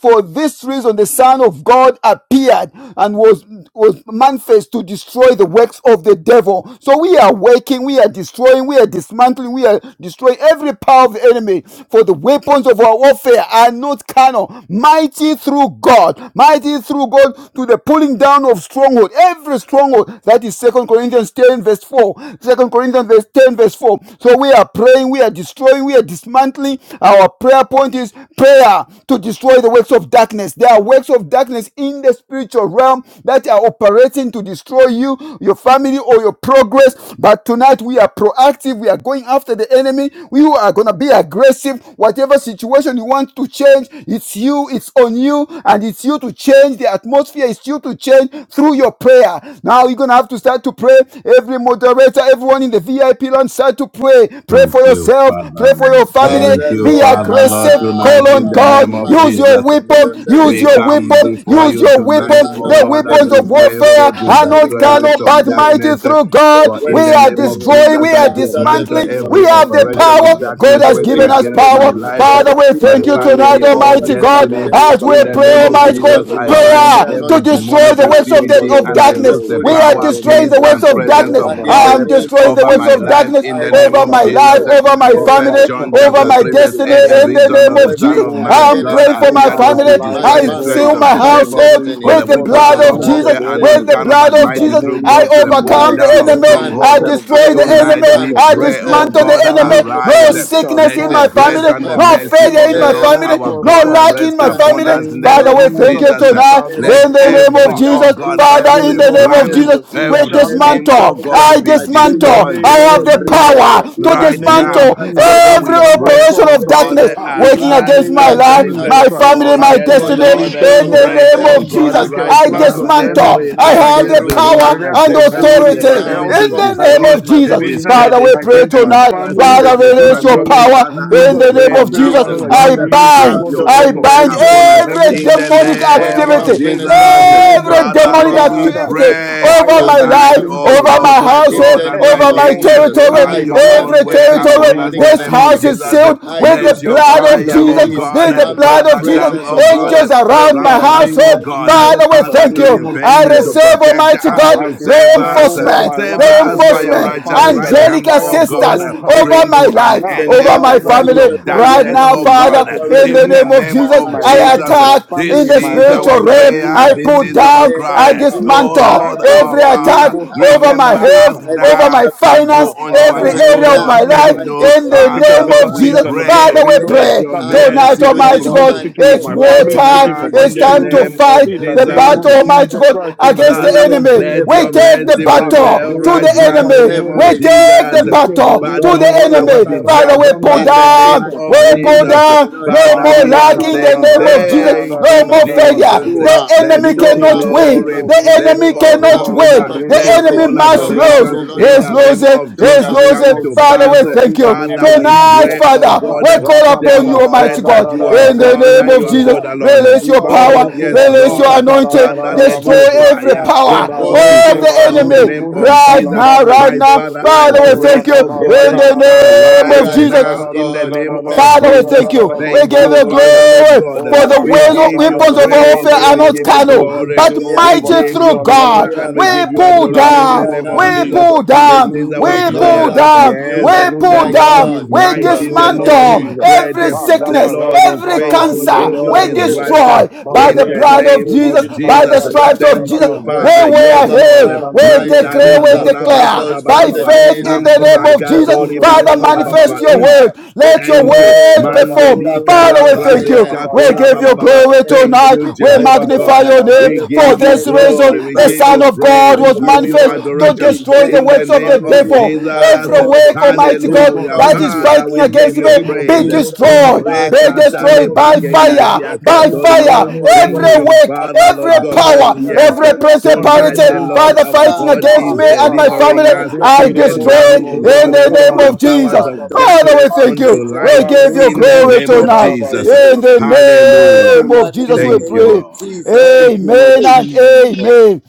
C: for this reason, the Son of God appeared and was, was manifest to destroy the works of the devil. So we are waking, we are destroying, we are dismantling, we are destroying every power of the enemy. For the weapons of our warfare are not carnal, mighty through God, mighty through through God to the pulling down of stronghold, every stronghold. That is Second Corinthians 10, verse 4. Second Corinthians 10, verse 4. So we are praying, we are destroying, we are dismantling. Our prayer point is prayer to destroy the works of darkness. There are works of darkness in the spiritual realm that are operating to destroy you, your family, or your progress. But tonight we are proactive, we are going after the enemy, we are gonna be aggressive. Whatever situation you want to change, it's you, it's on you, and it's you it's you to change the atmosphere. is you to change through your prayer. Now you're gonna have to start to pray. Every moderator, everyone in the VIP land, start to pray. Pray
A: Thank
C: for
A: you,
C: yourself.
A: Father
C: Pray for your
A: Lord.
C: family.
A: Thank you,
C: Be
A: Father Lord,
C: aggressive.
D: Hallelujah.
C: Call
A: tonight
C: on
A: in the
D: Abba,
C: God.
A: name of
D: Father,
C: Use
E: Jesus,
D: we
C: your
A: Jesus.
D: come to you in
C: weapon.
D: the
C: Use
A: We
D: name
C: your
D: of
A: come
C: weapon.
D: Jesus
A: before
D: Christ,
C: Use
A: you
C: your
D: the
A: tonight,
C: weapon.
D: Son
A: oh
D: of
C: The
D: the
A: God, as
C: weapons
D: living
A: we
C: of
D: God.
A: pray
C: warfare
A: for
C: are
A: the
D: Father, we
C: not
A: destroy
D: come
A: works
C: carnal
D: to
A: of
C: but
D: pray
C: mighty
A: darkness.
D: and
C: through God.
D: destroy
A: For
C: We
A: in
D: works
A: the
D: of
C: are
A: name of
D: darkness.
C: destroying.
A: Jesus,
C: We
A: I
C: are
D: Father, the
A: dismantle
C: dismantling.
D: reason,
C: We
A: every
C: have the
A: operation
D: Almighty
A: of
C: power.
D: God,
C: God
A: darkness
C: has
D: the
A: working
C: given us
D: reason
A: against
D: the
C: power.
A: my
D: Son of
A: life,
D: God
C: Father, we
D: appeared
A: my
C: thank
D: was
C: you
D: to
C: tonight,
A: family,
D: destroy the
A: or
C: Almighty
D: works of
C: God,
D: the
A: destiny.
D: devil.
C: as we
A: In
C: we
A: the
C: pray,
D: For
A: name
D: the
A: of
C: Almighty God,
A: Jesus,
D: weapons of
A: I
D: our
A: bind
D: warfare
C: prayer to
A: every
D: not carnal,
C: destroy
D: but
A: demonic
C: the works
D: mighty
C: of, the,
D: God
A: activity
C: of
A: and I
D: to the
C: darkness.
A: lose the
C: We
D: pulling
C: are
A: power,
D: down of
C: destroying
A: peace,
C: the works
A: and
C: of
D: strongholds.
A: presence
C: darkness.
A: of
D: And in
C: I
A: God
D: the
C: am
D: name of
C: destroying the
A: over
C: works
A: my
C: of
D: Jesus,
A: life.
C: darkness
A: In
D: I
A: the
E: Ah,
A: name
E: in
C: over
A: of
E: the
C: my
E: name
A: Jesus,
C: life,
E: of
D: dismantle
C: over my
A: for
E: Jesus,
A: First
C: family,
E: I
D: every
E: come
A: John
C: over
A: chapter 3,
E: against
C: my
D: operation of
A: verse
E: every
C: destiny
A: 8, the
E: plan
C: in
D: darkness
E: of
C: the
E: the
A: reason
C: name
A: of the
C: of
E: enemy,
A: Son
C: Jesus.
D: working
A: of
E: oh
C: I
A: Man,
E: God,
C: am
A: God
D: against
C: praying
D: my
C: for my
A: appeared
E: over
D: life,
A: was
E: my
C: family.
A: to
E: life,
D: my
A: destroy
E: oh
C: I
A: the
E: God,
D: family,
A: works
E: I
C: seal
A: of
C: my
A: the
E: come
D: and
A: devil.
C: household
E: against,
A: For
D: destiny.
E: oh
A: the
C: with the
E: God, the
A: weapons of
C: blood
A: our
C: of
E: plans
D: Father,
E: of
C: Jesus,
A: warfare
E: the
D: in
A: are
D: the
C: with
A: not
D: name
E: enemy,
C: the
D: of
A: carnal,
C: blood
A: but
E: in
D: Jesus.
C: of
E: the
A: mighty
C: Jesus.
A: through
E: name
A: God
E: of
A: to
C: I
A: the
E: Jesus.
A: pulling
C: overcome
D: I
C: the
A: down of
C: enemy.
E: Every
C: I
A: strongholds.
E: weapon
D: dismantle,
E: of the
C: destroy
D: I
C: the
E: enemy
A: Tonight
C: enemy.
E: formed
A: we
C: I
D: dismantle
A: pray,
E: against me
A: oh
E: and
C: dismantle
E: my
D: every
C: the
A: God,
E: family,
D: power
C: enemy.
D: of
C: No
A: arise.
E: it
D: darkness.
E: shall
C: sickness
A: Let
C: in
E: not
A: the
C: my
D: I
A: grace
C: family.
A: and the
E: prosper,
C: No
D: dismantle
A: mercy
E: it
C: failure
A: of
C: in
A: the
C: my
E: shall
A: Lord
E: not
D: every
C: family.
A: our
C: No
A: God
E: prosper,
C: lack
D: operation
C: back
D: of
A: rest
C: in my
E: in the
A: upon
D: darkness,
C: family.
A: us in
E: name
A: the
E: of
D: all
C: Father,
A: name
C: we
A: of
D: types
C: thank
E: Jesus,
C: you
D: of
A: Jesus.
E: it
C: tonight
E: shall
D: darkness,
E: not
A: Let
C: in the name of
D: hidden
A: every,
E: prosper,
A: oh
C: Jesus.
D: darkness,
A: God,
E: in the
C: Father,
D: public
C: in
E: name
A: every
C: the
E: of
C: name of
D: darkness,
A: plan,
C: Jesus,
E: Jesus, it
C: we
A: every
E: shall
D: darkness
E: not
D: in
A: scheme, oh
C: dismantle.
D: finance,
E: prosper
A: God,
C: I
D: in
A: be
E: in the
D: material,
C: dismantle.
A: destroyed.
C: I
E: name
D: in
E: of
C: have
A: Mm
C: the
D: every
E: Jesus.
C: power
D: area.
E: In
C: to
E: the
D: I
A: right
E: name of
A: now.
C: dismantle
E: Jesus,
D: dismantle
A: Father,
D: them
E: we
C: every
A: we
E: shall
D: now
E: not
A: pray,
C: operation
D: in
A: oh
C: of
D: the
E: prosper.
A: God,
D: name
C: darkness
A: eh,
D: of
E: Ah, in
C: working
D: Jesus
E: the
A: arise,
C: against
E: name
C: my
E: of
D: but the
C: life,
A: arise. eh.
D: blood
E: Jesus
C: my
D: of
E: Christ,
A: Oh
C: family,
D: Jesus.
E: I
C: my
E: come
A: yes,
D: For
C: destiny.
D: the
A: Lord,
E: against,
A: eh,
D: weapon
E: oh
C: In
D: of
E: God,
C: the
A: break,
C: name
D: warfare
A: oh
C: of
E: every
A: God,
D: are
C: Jesus,
E: wicked
A: right
D: not
C: I
E: plans
A: now
D: carnal,
E: of the
C: dismantle.
D: but
A: every
E: enemy
C: I
D: mighty
C: have
E: against
C: the
D: through
A: every
E: my
D: God
C: power
A: hidden
E: career,
C: and
D: for
A: agenda of
E: against
A: the
D: pulling
E: my
C: authority
D: down
A: enemy
E: health,
A: to
C: in the
D: strongholds,
C: name
A: destroy,
E: against
C: of
E: my
A: to
C: Jesus.
D: pulling
E: business,
C: Father,
D: down
A: discredit,
C: we pray
A: to
E: against
D: strongholds,
E: my
C: tonight.
A: embarrass,
E: family.
A: to
C: Father,
D: pulling
E: In
D: down
E: the
C: release your
A: dismantle me.
E: name
D: strongholds.
E: of
C: power
D: In
A: Father, I
C: in
D: the
E: Jesus,
C: the name
A: pray
D: name
E: I
D: of
C: of
E: pray,
A: now,
C: Jesus.
E: Father,
A: oh
D: Jesus,
E: that you
A: God,
C: I
D: I
C: bind
E: release, oh
A: have
C: bind,
E: God,
A: your
E: the
D: dismantle
C: I
E: host
A: own
E: of
D: every
A: way
C: bind
E: angels
A: upon
E: in
A: us
D: operation of
C: every
E: heaven.
A: in the
D: darkness
C: demonic
E: And
A: name
D: working
E: Father,
A: of
C: activity,
E: rain
D: against my
E: down,
A: Jesus.
E: oh
D: life,
C: every
E: God.
A: Father,
C: demonic
A: Lord,
D: family,
A: we
D: and
E: Father,
C: activity
D: destiny
A: pray
C: over
E: fire
C: my
E: and
D: family
A: tonight,
C: life,
D: and
A: oh
E: brimstone
C: over
E: to
A: Lord,
D: destiny.
C: my
A: my
D: In
E: destroy
A: God
D: the
C: household,
A: and my
E: every
D: name
C: over my
D: of
E: work of
A: King.
E: the
D: Jesus,
E: enemy
A: Have
D: I
E: in
C: territory,
E: my
A: your
E: life
D: bind
A: own
C: every
A: way
D: every
E: in the
A: upon
C: territory.
A: us,
E: name
D: demonic
E: of
A: the
C: This
A: name of
C: house
E: Jesus.
C: is
D: activity.
A: Jesus.
C: sealed
D: I
C: with the
D: lose
A: Let
D: the
A: your
C: blood
D: power
E: In
C: of
E: the
A: fire,
D: of
A: oh
C: Jesus.
E: name
D: peace
E: of
C: This
A: God,
C: is the
E: Jesus.
D: and the
E: Ah,
C: blood of
A: Father,
E: Lord,
C: Jesus.
E: this
A: come,
D: presence
E: is
A: oh
D: of
A: God,
D: God
C: Angels
E: war.
D: over
C: around
E: In
C: my
E: the
A: surround
D: my
A: us,
E: name
A: oh
C: household.
E: of
D: life,
A: God,
D: over
E: Jesus.
C: Father, we
E: In the
D: my
A: Father,
C: thank
A: to
C: you.
E: name
D: family,
E: of
C: I
A: defend,
E: Jesus.
A: to
C: receive,
D: over my
A: protect,
C: Almighty
E: Ah,
A: and
C: God,
D: household.
E: I
A: to save
D: I'm
E: declare
D: not
A: us.
E: over
D: I
C: reinforcement,
E: my
D: come
A: Save
D: to
E: life, oh
A: us by
E: God,
D: possess
E: and
A: your
E: my
D: my
C: reinforcement,
A: righteous
E: family that
A: right
E: the
D: inheritance
C: angelic
A: hand,
E: fire
A: oh
D: and
E: of the
A: God.
C: assistance
E: Most
D: posting
E: High
C: over
E: God,
A: Bring
D: victory
C: my
A: to an
C: life,
D: in
E: ah,
D: the
A: end
C: over
D: name
C: my
A: the
D: of
E: Father,
A: works
C: family
D: Jesus,
A: of
E: destroys
C: right
D: one
A: darkness,
C: now.
D: on
C: Father.
E: every
A: oh
D: the
E: work
A: God,
C: Father,
E: of the
D: Calvary.
C: in the
A: in
E: enemy
A: the
C: name of
A: name
D: Father,
C: Jesus,
E: in
A: of
D: I
E: my
C: I
D: pray
E: life,
A: Jesus.
E: in my
C: attack in
E: family,
A: This
E: in
C: the
D: in
E: my
A: is
D: the
E: health,
A: our
C: spiritual
E: in
D: name
E: the
D: of
C: realm.
E: name
A: prayer.
E: of
C: I
D: Jesus
A: This
C: put
A: is
E: Jesus,
A: our
C: down,
D: today,
C: I
D: oh
E: every
A: cry.
D: God.
E: area of
A: Oh
E: my life.
C: dismantle
A: Lord,
D: Arise
E: Oh,
A: our
C: every
D: on my
C: attack
A: Father,
E: Balebo
D: behalf.
C: over my
A: remember us
C: health,
D: Arise on
C: over
A: now
C: my
D: my
A: and
E: Ah,
D: behalf.
A: do
C: finance,
A: only
E: Father,
A: what
C: every
E: the
D: Right
A: you,
E: blood
A: the
C: area of
E: of
A: Lord,
C: my
D: now,
C: life,
E: Jesus
A: can
D: Almighty
A: do.
C: in
E: that
D: God,
C: the
A: Father,
E: speaketh
C: name
D: the
E: better
A: Lord,
C: of
A: we
E: things
C: Jesus.
D: Father,
E: than the
D: from
E: blood
A: pray.
C: Father,
E: of
C: we
E: Abel.
D: today,
A: Let
C: pray
A: your
E: That
D: I
E: blood is
C: tonight,
D: come
A: mercy,
D: to
E: speaking
A: oh
E: for
C: Almighty
E: me,
A: God,
C: God,
E: speaking for
A: speak
C: it's
E: my
D: dismantle
C: war
A: right
E: family,
D: every
C: time.
E: speaking
A: now
E: for my
A: in
C: It's
A: the
C: time to
D: resistance
A: name
E: children.
A: of
C: fight
E: In the
C: the
D: every
E: name
A: Jesus.
C: battle,
E: of
C: Almighty
E: Jesus
D: resistance
C: God,
D: to
E: Christ,
D: my
E: in the
C: against the
A: Father,
E: name
D: breakthrough,
E: of
C: enemy.
E: Jesus
A: let
C: We
A: your
E: Christ.
D: every
C: take the
A: mercy
D: resistance to
E: Rabba
D: my
A: prevail
C: battle to
A: right
E: Boko
C: the
D: increase,
A: now in the
C: enemy.
A: name
D: every
C: We
A: of
E: Zokarimondo.
C: take
D: resistance,
C: the
A: Jesus.
E: Like
C: battle
D: Almighty
C: to
D: God,
A: Battle
C: the
A: on
E: Berebo
D: for
A: our
C: enemy.
E: Zendaraba
D: success.
C: Father,
A: behalf
C: we pull
A: in the
E: Zandaraba
D: Father,
C: down,
A: name
D: I
E: Sota
A: of
D: pray,
C: were pulled
E: Kalimondo.
A: Jesus.
D: our
C: down,
D: Lord
C: no
D: God
A: Father,
E: Ah,
C: more
A: we are
C: lack
E: Rata
D: Almighty,
C: in
E: da
C: the
E: da
A: saying
E: da
C: name
D: Lord
E: da
C: of
E: da
C: Jesus,
D: God
E: da da
A: thank
E: da
C: no
A: you,
E: da
D: Almighty
C: more
D: Father,
C: failure.
D: show
A: Jesus.
C: The
D: up,
A: Let
C: enemy
E: Like
D: show
A: all
C: cannot
D: up the
C: win,
D: King
A: glory,
D: of
C: the
D: Kings,
A: let
C: enemy
E: Zundereba
D: show
A: all
C: cannot
E: Zumba
D: up the
E: Liba
D: King
A: honor,
C: win,
D: of
C: the
A: let
E: Reke
D: Glory,
C: enemy
A: all
E: Koduza
C: must
D: show
E: Reba
D: up
C: lose.
A: adoration
D: the Lord
A: in
D: of
E: Rokosa.
C: He's
A: the name
D: Lords,
C: losing,
A: of
E: In
D: show
C: he's
E: the
A: Jesus
D: up the
E: name
C: losing.
A: come
E: of
A: to
D: Ancient
C: Father,
D: of
A: pass.
C: we
E: Jesus,
C: thank
E: in
D: Days.
E: the
C: you.
E: name
A: Father,
D: Abba,
E: of
A: we
C: Tonight,
E: Jesus.
D: Father,
A: pray, oh
D: I am
C: Father,
E: Ah,
C: we
A: God,
D: calling
C: call
D: upon
C: upon you,
D: you.
A: demonstrate
C: Almighty
A: that
D: My
C: God,
A: you are
C: in
D: God,
C: the
A: God
C: name
A: and
D: appear
A: you
C: of
A: are
C: Jesus.
A: God
D: now.
E: rakabadadadadadadadadabazundelelebo.
A: alone.
D: My
C: Release your
D: God,
C: power,
A: Oh,
E: Ibaroko
A: yes,
D: appear
C: release
A: Lord.
D: now.
C: your
E: bashika
D: My
C: anointing,
A: Father,
D: God,
A: let
C: destroy
A: your
E: taradadadadabuze.
D: appear
C: every
A: fire
D: now.
C: power
A: go forth
D: Oh,
C: of
D: my
E: Ibareke
C: the
A: before us in
D: God,
A: the
E: barodo
C: enemy
A: name
D: I
A: of
E: busi
D: am
C: right
A: Jesus.
D: calling
C: now,
D: upon
E: kalabande.
C: right
A: My
C: now.
D: you.
A: Father, I
C: Father, we
E: Oh,
A: pray,
C: thank you
D: Covenant
A: oh God,
C: in
D: keeping God,
C: the name
A: arise
C: of Jesus.
D: righteous
A: now in the
D: God,
A: name of
C: Father, we
D: merciful
A: Jesus.
C: thank you.
D: God,
C: We
A: Thank
C: give
A: you,
C: you
D: powerful
A: Father,
E: radabarakaradadadabayandadadadadadadadabayandadadabazundelelebo.
A: Lord
D: God,
C: glory
A: God.
E: Oh,
C: for the
A: We
D: appear
A: give
D: now.
A: you
C: weapons of
A: praise
C: warfare
A: and
C: are
A: we
D: Appear
C: not
A: give you
D: now.
E: rakaradadadadabazundelelebo,
C: carnal, but
A: glory.
E: zundelebo
D: Appear
A: We
C: mighty
D: now.
A: give
C: through
E: kubashika
A: you
C: God.
A: honor
E: liboze.
D: Appear
A: and we
C: We
A: give you
D: now.
C: pull
E: In the
A: adoration in
C: down,
E: name
D: Appear
A: the
E: of
A: name of
D: now.
C: we
D: Mm.
A: Jesus.
E: Jesus,
C: pull
E: in the
A: This
C: down,
A: is
E: name of
A: our
D: We
C: we
D: call
C: pull
A: prayer
E: Jesus.
A: that
D: upon
C: down,
E: In
A: yes,
D: you,
E: the
C: we
E: name
C: pull
A: the
D: my
E: of
A: Lord
C: down,
D: God,
A: is
E: Jesus,
C: we
E: in the
A: mighty,
D: from
A: the
E: name of
A: Lord
C: dismantle
D: today
A: is
E: Jesus.
D: that
A: great,
C: every
D: the
E: Ah, la
A: the
E: ba
C: sickness,
D: devices
E: la
D: of
A: Lord
E: ba ba ye lava, lava,
A: is
C: every
E: taraba,
D: darkness
A: faithful, the
C: cancer.
E: yeke,
D: will
A: Lord
E: lele,
C: We
D: not
A: is
E: lele.
D: prevail,
A: righteous.
C: destroy by
D: will
A: In
C: the
D: not
A: the
E: Bareke,
C: blood of
A: name
E: lele,
A: of
D: succeed,
C: Jesus,
E: zin,
C: by
D: will
C: the
A: Jesus,
E: taraba, yanda, ba
D: not,
E: yan
C: stripes
E: da ra
C: of
A: thank
E: ra
D: Almighty
C: Jesus.
E: ba
A: you,
C: We
D: God,
A: Father.
C: say we
E: zonde.
A: Yes,
C: are
A: Lord.
E: In
C: healed.
D: overcome,
E: the
C: We
E: name of
D: Almighty
A: Mandale
C: declare, we
E: Jesus,
D: Father,
A: kola
E: sir.
A: ba ba
C: declare
A: ba
D: because
A: ba ba
D: from
C: by
E: In
A: ba
D: the
E: the
A: ba.
C: faith
E: name
D: days
E: of
C: in the
D: of
C: name
A: Nambra
E: Jesus,
C: of
D: John
E: sir.
D: the
C: Jesus.
E: In
A: katori
E: the
A: ba
D: Baptist
A: ba
C: Father,
E: name
A: ba
E: of
A: ba ba ba.
E: Jesus,
C: manifest
A: ba.
D: until
C: your
E: sir.
A: Mm.
C: word.
D: now, the
C: Let your
A: Thank
D: kingdom
A: you.
D: of
E: Oh,
C: word
D: God
E: Dada,
C: perform.
E: leke,
A: Mandeli
D: suffered
C: Father, we
E: lele,
C: thank
E: zunda,
C: you.
D: violence,
A: kalabrazeska
E: lava,
C: We
A: kola
D: and
E: yeke,
C: give
A: ba
D: the
A: ba
C: you
E: lele, ba
C: glory
D: violence
A: Thank
D: take
C: tonight.
A: you,
D: it
C: We
D: by
E: Loba,
A: Jehovah
C: magnify
D: force
A: God.
E: lava,
C: your
E: lava,
D: and
C: name.
A: We
D: the
E: zonde,
C: For
A: give
E: lava,
A: you
C: this
D: violent
E: sere,
D: take
C: reason,
E: lava,
A: glory.
D: it
A: We
E: si.
C: the
D: by
A: give
C: Son
A: you
D: force.
C: of
A: praise.
C: God
D: And
E: In
A: We
C: was
E: the
D: by
A: give
E: name
A: you
C: manifest
E: of
D: force,
C: to
A: adoration.
D: we
E: Jesus,
C: destroy
D: take
C: the
A: In the
C: works of
A: name
C: the
E: in
A: of
D: authority.
E: the
C: devil.
E: name of
D: By
A: Jesus.
C: Every
D: force,
E: Jesus,
C: work,
E: in
D: we
E: the
C: Almighty
D: take
E: name
C: God,
E: of
A: Hallelujah.
C: that is
E: Jesus.
D: authority
A: Father,
C: fighting
A: we
D: in the
A: give
C: against
A: you
E: In
C: me
D: name
E: the
D: of
C: be
A: praise.
E: name of
D: Jesus,
C: destroyed,
E: Jesus.
D: by
A: Ore
D: the
C: be
E: In the
D: blood of
A: katale
E: name
C: destroyed
E: of
C: by
D: Jesus,
E: Jesus.
A: brakendaria
C: fire,
D: with the
C: by
E: In
D: help
E: the
A: katore
D: of
A: baba.
D: the
E: name
C: fire.
E: of
D: Holy
A: Thank
C: Every
D: Ghost.
A: you,
C: work,
A: Father,
D: Abba,
C: every
A: Lord God,
D: Father,
A: that
C: power,
D: we're
A: yes,
C: every
D: calling upon you
A: tonight
C: principality,
A: the Lord
D: now.
C: Father,
A: our
C: fighting
A: God
D: Father,
C: against
A: is
C: me and my
D: appear.
C: family,
A: delivering
D: Let
A: us
D: your
C: I
D: angels
A: even
C: destroy
A: now,
C: it
A: oh
D: appear.
C: in
A: God,
C: the
D: We
A: from
C: name
D: do
A: the
C: of
A: powers
C: Jesus.
A: of
D: dismantle
C: Father,
D: the
C: we
A: darkness
C: thank you.
A: unto
D: foundation of
C: We
A: light
C: give you
A: in the
D: resistance,
C: glory
A: name
E: Jesus.
D: the
A: of
C: tonight.
A: Jesus.
D: foundation
C: In
D: of
C: the
D: evil,
E: Thank
D: Oh
A: Hallelujah.
E: you,
C: name
E: Lord
C: of
D: God, in
C: Jesus,
D: the
C: we
A: Thank
D: name
A: you,
E: Jesus.
D: of
C: pray.
A: Lord.
D: Jesus, we
E: Thank you, Lord
C: Amen
D: decree
C: and
E: Jesus.
C: amen.